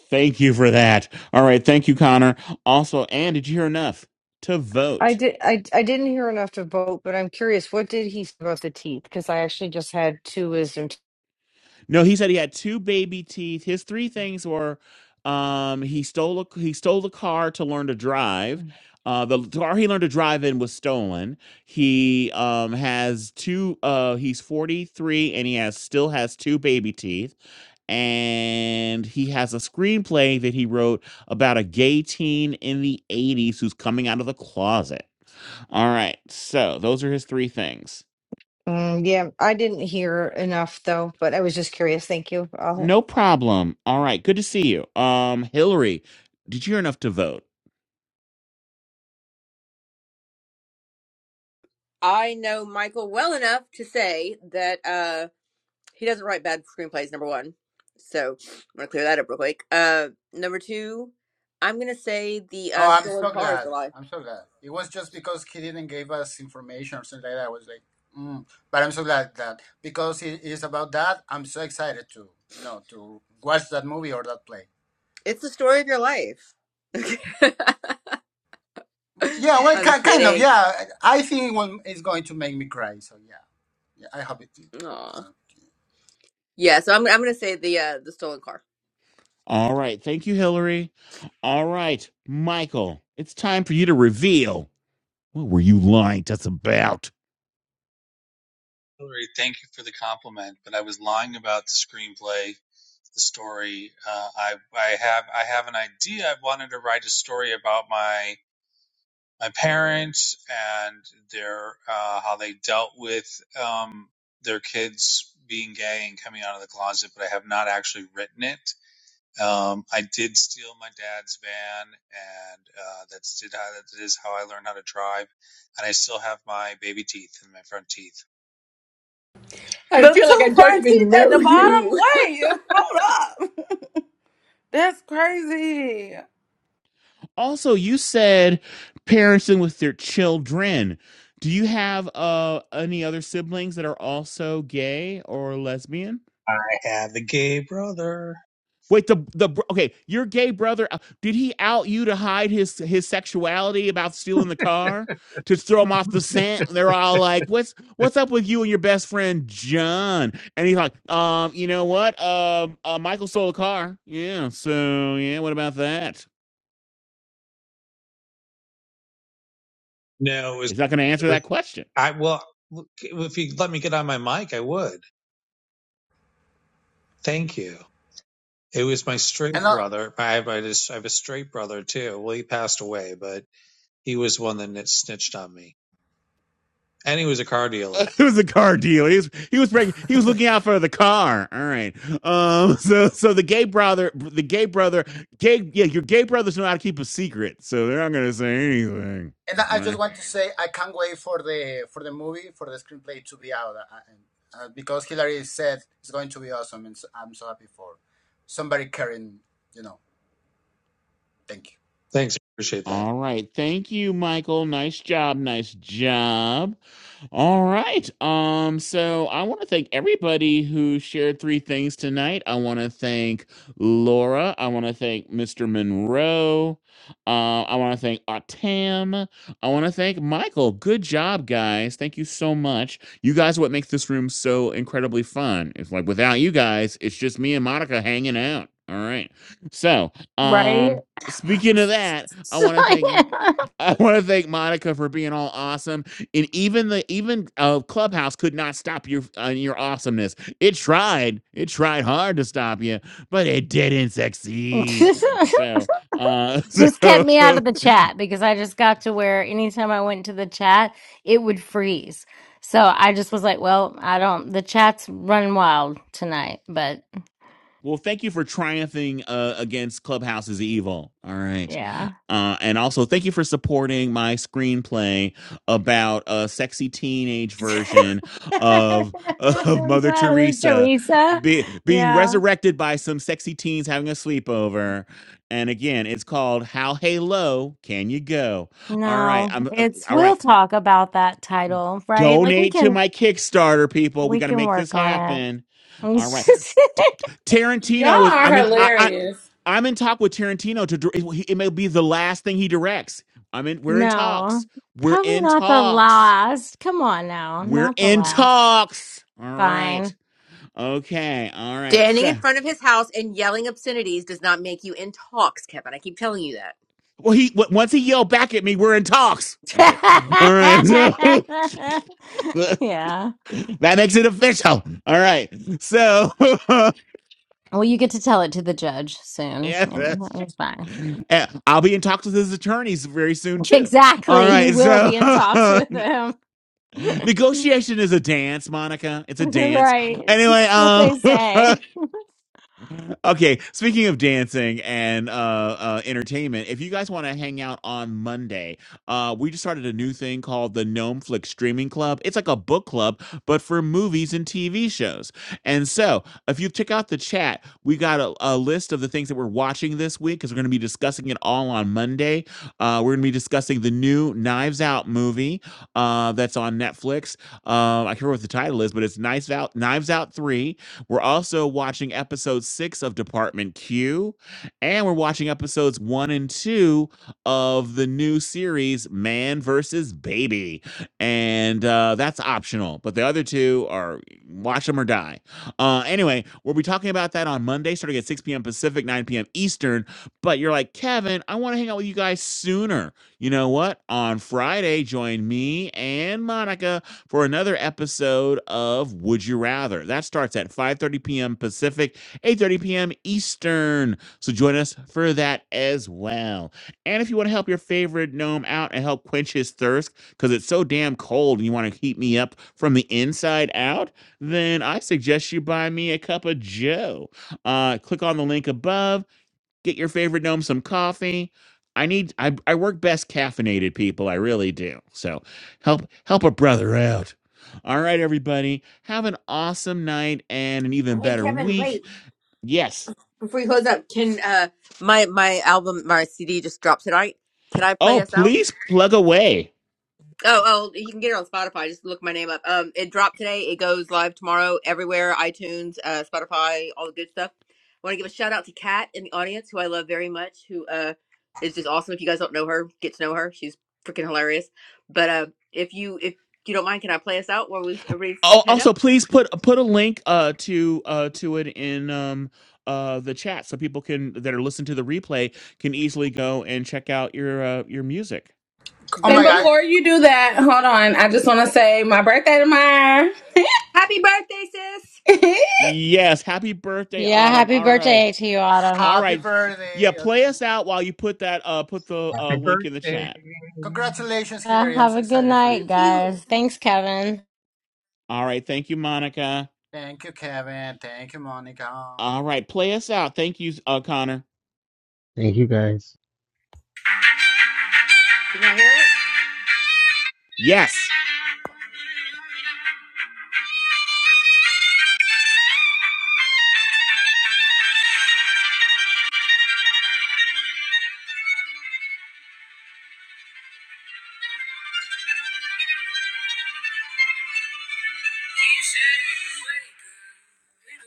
Speaker 2: Thank you for that. All right. Thank you, Connor. Also, and did you hear enough to
Speaker 20: I
Speaker 2: vote?
Speaker 20: did. I I didn't hear enough to vote, but I'm curious. What did he say about the teeth? Because I actually just had two wisdom. te-
Speaker 2: No, he said he had two baby teeth. His three things were um, he stole a, he stole the car to learn to drive. Uh, the car he learned to drive in was stolen. He um, has two. Uh, he's forty three, and he has still has two baby teeth. And he has a screenplay that he wrote about a gay teen in the eighties who's coming out of the closet. All right. So those are his three things.
Speaker 20: Mm, yeah, I didn't hear enough though, but I was just curious. Thank you. I'll
Speaker 2: No problem. All right. Good to see you. Um, Hillary, did you hear enough to vote?
Speaker 18: I know Michael well enough to say that uh he doesn't write bad screenplays, number one. So I'm gonna clear that up real quick. Uh number two, I'm gonna say the uh
Speaker 13: Oh, I'm
Speaker 18: stolen
Speaker 13: so
Speaker 18: car is
Speaker 13: glad.
Speaker 18: the lie.
Speaker 13: I'm so glad. It was just because he didn't give us information or something like that. I was like, mm. but I'm so glad that because it is about that. I'm so excited to you know to watch that movie or that play.
Speaker 18: It's the story of your life.
Speaker 13: Yeah, well,
Speaker 18: I'm
Speaker 13: ki- kind of.
Speaker 18: kidding.
Speaker 13: Yeah, I think it will, it's going to make me cry. So yeah, yeah I hope it.
Speaker 18: Aw.
Speaker 13: And
Speaker 18: Yeah, so I'm I'm gonna say the uh the stolen car.
Speaker 2: All right. Thank you, Hillary. All right, Michael, it's time for you to reveal what were you lying to us about?
Speaker 5: Hillary, thank you for the compliment, but I was lying about the screenplay, the story. Uh, I I have I have an idea. I wanted to write a story about my my parents and their uh, how they dealt with um, their kids being gay and coming out of the closet, but I have not actually written it. Um, I did steal my dad's van, and uh, that's did how that is how I learned how to drive, and I still have my baby teeth and my front teeth.
Speaker 18: I
Speaker 3: The
Speaker 18: feel like I
Speaker 3: two
Speaker 18: don't
Speaker 3: front teeth
Speaker 18: even
Speaker 3: at
Speaker 18: know
Speaker 3: the bottom?
Speaker 18: you.
Speaker 3: Wait, hold up. That's crazy.
Speaker 2: Also, you said parenting with their children. Do you have uh any other siblings that are also gay or lesbian?
Speaker 5: I have a gay brother.
Speaker 2: Wait, the the okay, your gay brother uh, did he out you to hide his his sexuality about stealing the car to throw him off the scent? They're all like, "What's what's up with you and your best friend John?" And he's like, "Um, you know what? Um, uh, uh, Michael stole a car. Yeah, so yeah, what about that?"
Speaker 5: No, it was,
Speaker 2: He's
Speaker 5: it
Speaker 2: not going to answer that
Speaker 5: was
Speaker 2: question.
Speaker 5: I well look, if you let me get on my mic, I would. Thank you. It was my straight
Speaker 13: uh,
Speaker 5: brother. I have I just I have a straight brother too. Well, he passed away, but he was one that nit- snitched on me, and he was a car dealer.
Speaker 2: it was a car deal. He was he was breaking, he was looking out for the car. All right. Um. So so the gay brother, the gay brother, gay yeah, your gay brothers know how to keep a secret, so they're not gonna say anything.
Speaker 13: And I
Speaker 2: All
Speaker 13: just
Speaker 2: right.
Speaker 13: want to say I can't wait for the for the movie for the screenplay to be out uh, uh, because Hillary said it's going to be awesome, and so I'm so happy for somebody caring. You know, thank you.
Speaker 5: Thanks, I appreciate that.
Speaker 2: All right. Thank you, Michael. Nice job. Nice job. All right. Um, so I want to thank everybody who shared three things tonight. I want to thank Laura. I want to thank Mr. Monroe. Uh, I want to thank Autam. I want to thank Michael. Good job, guys. Thank you so much. You guys are what makes this room so incredibly fun. It's like without you guys, it's just me and Monica hanging out. All right. So,
Speaker 1: Right?
Speaker 2: um, Speaking of that, I want to thank I want to thank Monica for being all awesome, and even the even uh, Clubhouse could not stop your uh, your awesomeness. It tried, it tried hard to stop you, but it didn't succeed. So, uh,
Speaker 1: just kept me out
Speaker 2: so
Speaker 1: of the chat because I just got to where anytime I went to the chat, it would freeze. So I just was like, well, I don't the chat's running wild tonight, but
Speaker 2: Well, thank you for triumphing uh, against Clubhouse's evil. All right.
Speaker 1: yeah.
Speaker 2: Uh, and also, thank you for supporting my screenplay about a sexy teenage version of of Mother
Speaker 1: Mother
Speaker 2: Teresa
Speaker 1: Teresa.
Speaker 2: be, being
Speaker 1: Yeah.
Speaker 2: resurrected by some sexy teens having a sleepover. And again, it's called "How Hey Low Can You Go?" All right,
Speaker 1: No,
Speaker 2: I'm uh,
Speaker 1: it's
Speaker 2: all
Speaker 1: we'll
Speaker 2: right.
Speaker 1: talk about that title, right? Like we
Speaker 2: Donate to
Speaker 1: can
Speaker 2: my Kickstarter, people. We
Speaker 1: we
Speaker 2: got to
Speaker 1: can
Speaker 2: make this
Speaker 1: work on
Speaker 2: happen. All right.
Speaker 1: it.
Speaker 2: T-
Speaker 3: Y'all
Speaker 2: Tarantino is.
Speaker 3: are
Speaker 2: I'm in. I, I,
Speaker 3: hilarious.
Speaker 2: I'm in talk with Tarantino to. dir- It, it may be the last thing he directs. I'm in. We're in
Speaker 1: No,
Speaker 2: talks. We're
Speaker 1: probably
Speaker 2: in
Speaker 1: not the
Speaker 2: talks.
Speaker 1: last. Come on now,
Speaker 2: We're
Speaker 1: not the
Speaker 2: in
Speaker 1: last.
Speaker 2: talks. All right.
Speaker 1: Fine.
Speaker 2: Okay. All right.
Speaker 18: Standing
Speaker 2: So,
Speaker 18: in front of his house and yelling obscenities does not make you in talks, Kevin. I keep telling you that.
Speaker 2: well, he w- once he yelled back at me, we're in talks. Okay. All right. So,
Speaker 1: Yeah.
Speaker 2: that makes it official. All right. So.
Speaker 1: Well, you get to tell it to the judge soon,
Speaker 2: Yeah,
Speaker 1: and
Speaker 2: that's
Speaker 1: that was fine.
Speaker 2: true. Yeah, I'll be in talks with his attorneys very soon too. All
Speaker 1: Exactly. You
Speaker 2: right,
Speaker 1: will
Speaker 2: so
Speaker 1: be in talks with him.
Speaker 2: negotiation is a dance, Monica. It's a dance.
Speaker 1: Right.
Speaker 2: Anyway,
Speaker 1: That's what
Speaker 2: um,
Speaker 1: they say.
Speaker 2: Okay, speaking of dancing and uh, uh, entertainment, if you guys want to hang out on Monday, uh, we just started a new thing called the Gnome Flick Streaming Club. It's like a book club, but for movies and TV shows. And so, if you check out the chat, we got a, a list of the things that we're watching this week because we're going to be discussing it all on Monday. Uh, we're going to be discussing the new Knives Out movie uh, that's on Netflix. Uh, I can't remember what the title is, but it's Knives Out, Knives Out Three. We're also watching episode six of Department Q, and we're watching episodes one and two of the new series Man versus Baby, and uh, that's optional. But the other two are watch them or die. Uh, anyway, we'll be talking about that on Monday, starting at 6 p.m. Pacific, 9 p.m. Eastern. But you're like Kevin, I want to hang out with you guys sooner. You know what? On Friday, join me and Monica for another episode of Would You Rather. That starts at 5:30 p.m. Pacific, 8:30 p.m. Eastern. So join us for that as well. And if you want to help your favorite gnome out and help quench his thirst because it's so damn cold and you want to heat me up from the inside out, then I suggest you buy me a cup of Joe. Uh, click on the link above Get your favorite gnome some coffee. I need I, I work best caffeinated people. I really do. So help help a brother out. All right, everybody. Have an awesome night and an even
Speaker 18: Hey,
Speaker 2: better
Speaker 18: Kevin, wait
Speaker 2: week. Yes.
Speaker 18: before you close up. Can uh my my album my CD just dropped tonight? Can I play
Speaker 2: Oh,
Speaker 18: us out?
Speaker 2: please plug away.
Speaker 18: Oh, oh, you can get it on Spotify. Just look my name up. Um, it dropped today. It goes live tomorrow everywhere: iTunes, uh, Spotify, all the good stuff. I want to give a shout out to Kat in the audience, who I love very much, who uh is just awesome. If you guys don't know her, get to know her. She's freaking hilarious. But uh, if you if you don't mind, can I play us out while we everybody
Speaker 2: Oh,
Speaker 18: head up?
Speaker 2: also please put put a link uh to uh to it in um uh the chat so people can that are listening to the replay can easily go and check out your uh, your music.
Speaker 13: Oh
Speaker 18: Will
Speaker 3: And
Speaker 13: my God!
Speaker 18: do.
Speaker 3: before you do that, hold on. I just want to say my birthday tomorrow.
Speaker 18: Happy birthday, sis!
Speaker 2: Yes, happy birthday,
Speaker 1: Yeah,
Speaker 2: Autumn.
Speaker 1: happy
Speaker 2: All right.
Speaker 1: birthday to you, Autumn.
Speaker 2: All
Speaker 13: Happy
Speaker 2: right. Yeah,
Speaker 13: birthday!
Speaker 2: play us out while you put that uh put the uh
Speaker 5: Happy
Speaker 2: link in the
Speaker 5: birthday.
Speaker 2: chat.
Speaker 13: Congratulations,
Speaker 1: Uh,
Speaker 13: Hillary! I'm
Speaker 1: have
Speaker 13: so
Speaker 1: a good
Speaker 13: excited for you.
Speaker 1: night,
Speaker 18: Thank you.
Speaker 1: guys. Thanks, Kevin.
Speaker 2: All right, thank you, Monica.
Speaker 13: Thank you, Kevin. Thank you, Monica.
Speaker 2: All right, play us out. Thank you, uh Connor.
Speaker 4: Thank you guys.
Speaker 18: Can I hear it?
Speaker 2: Yes.
Speaker 18: He said, Wake up,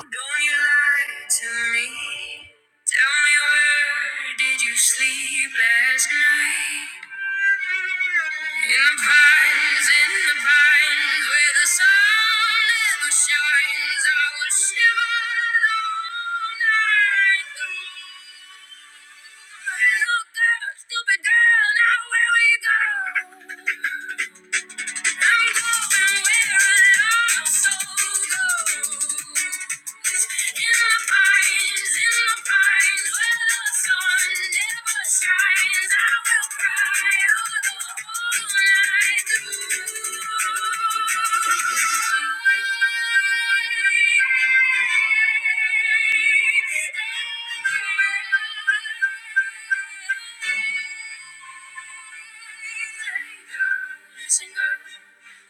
Speaker 18: little girl, don't you lie to me. Tell me where did you sleep last night? In the pines, in the pines, where the sun never shines, I will shiver all night through. Look out, stupid girl, now where we go? I'm going where a lost soul goes. Thank you. Shines,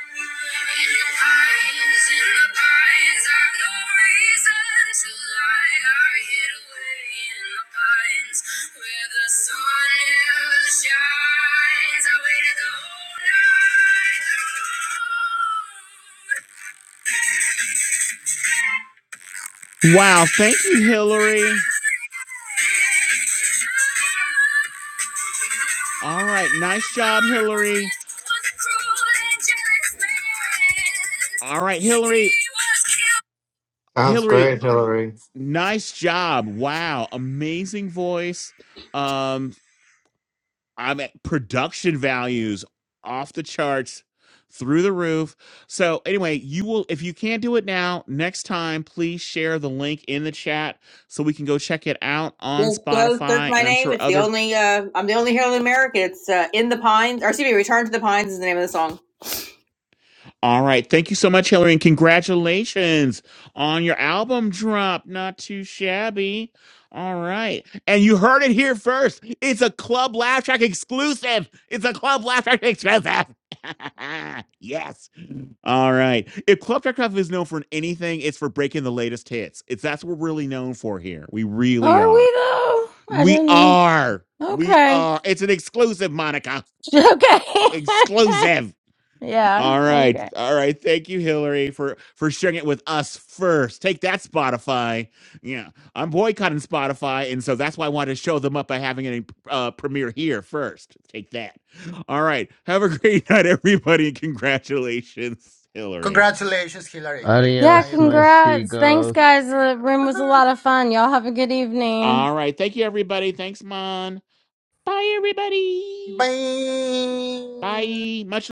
Speaker 18: I waited the whole night.
Speaker 2: Wow, thank you, Hillary. All right, nice job, Hillary. All right, Hillary,
Speaker 8: Sounds
Speaker 2: Hillary,
Speaker 8: great, Hillary.
Speaker 2: nice job. Wow, amazing voice. Um. I'm at production values off the charts through the roof. So anyway, you will if you can't do it now, next time please share the link in the chat so we can go check it out on
Speaker 18: Yes, Ghost. That's
Speaker 2: Spotify
Speaker 18: my
Speaker 2: and I'm
Speaker 18: name.
Speaker 2: sure
Speaker 18: It's the
Speaker 2: other
Speaker 18: only. Uh, I'm the only here in America. It's uh, in the pines. Or excuse me, Return to the Pines is the name of the song.
Speaker 2: All right, thank you so much Hillary and congratulations on your album drop. Not too shabby. All right. And you heard it here first. It's a Club Laugh Track exclusive. It's a Club Laugh Track exclusive. yes. All right. If Club Track is known for anything, it's for breaking the latest hits. It's that's what we're really known for here. We really
Speaker 1: Are we
Speaker 2: are.
Speaker 1: though? I
Speaker 2: We
Speaker 1: didn't.
Speaker 2: are. We
Speaker 1: Okay.
Speaker 2: are. It's an exclusive, Monica.
Speaker 1: Okay.
Speaker 2: Exclusive.
Speaker 1: yeah.
Speaker 2: All right.
Speaker 1: Okay.
Speaker 2: All right. Thank you, Hillary, for for sharing it with us first. Take that, Spotify. Yeah, I'm boycotting Spotify, and so that's why I wanted to show them up by having a uh, premiere here first. Take that. All right. Have a great night, everybody. and Congratulations, Hillary.
Speaker 13: Congratulations, Hillary. Good
Speaker 1: Yeah.
Speaker 13: night,
Speaker 4: Adios, my
Speaker 13: everyone.
Speaker 1: Congrats.
Speaker 4: stigos.
Speaker 1: Thanks, guys. The room was a lot of fun. Y'all have a good evening.
Speaker 2: All right. Thank you, everybody. Thanks, Mon. Bye, everybody.
Speaker 13: Bye.
Speaker 2: Bye. Much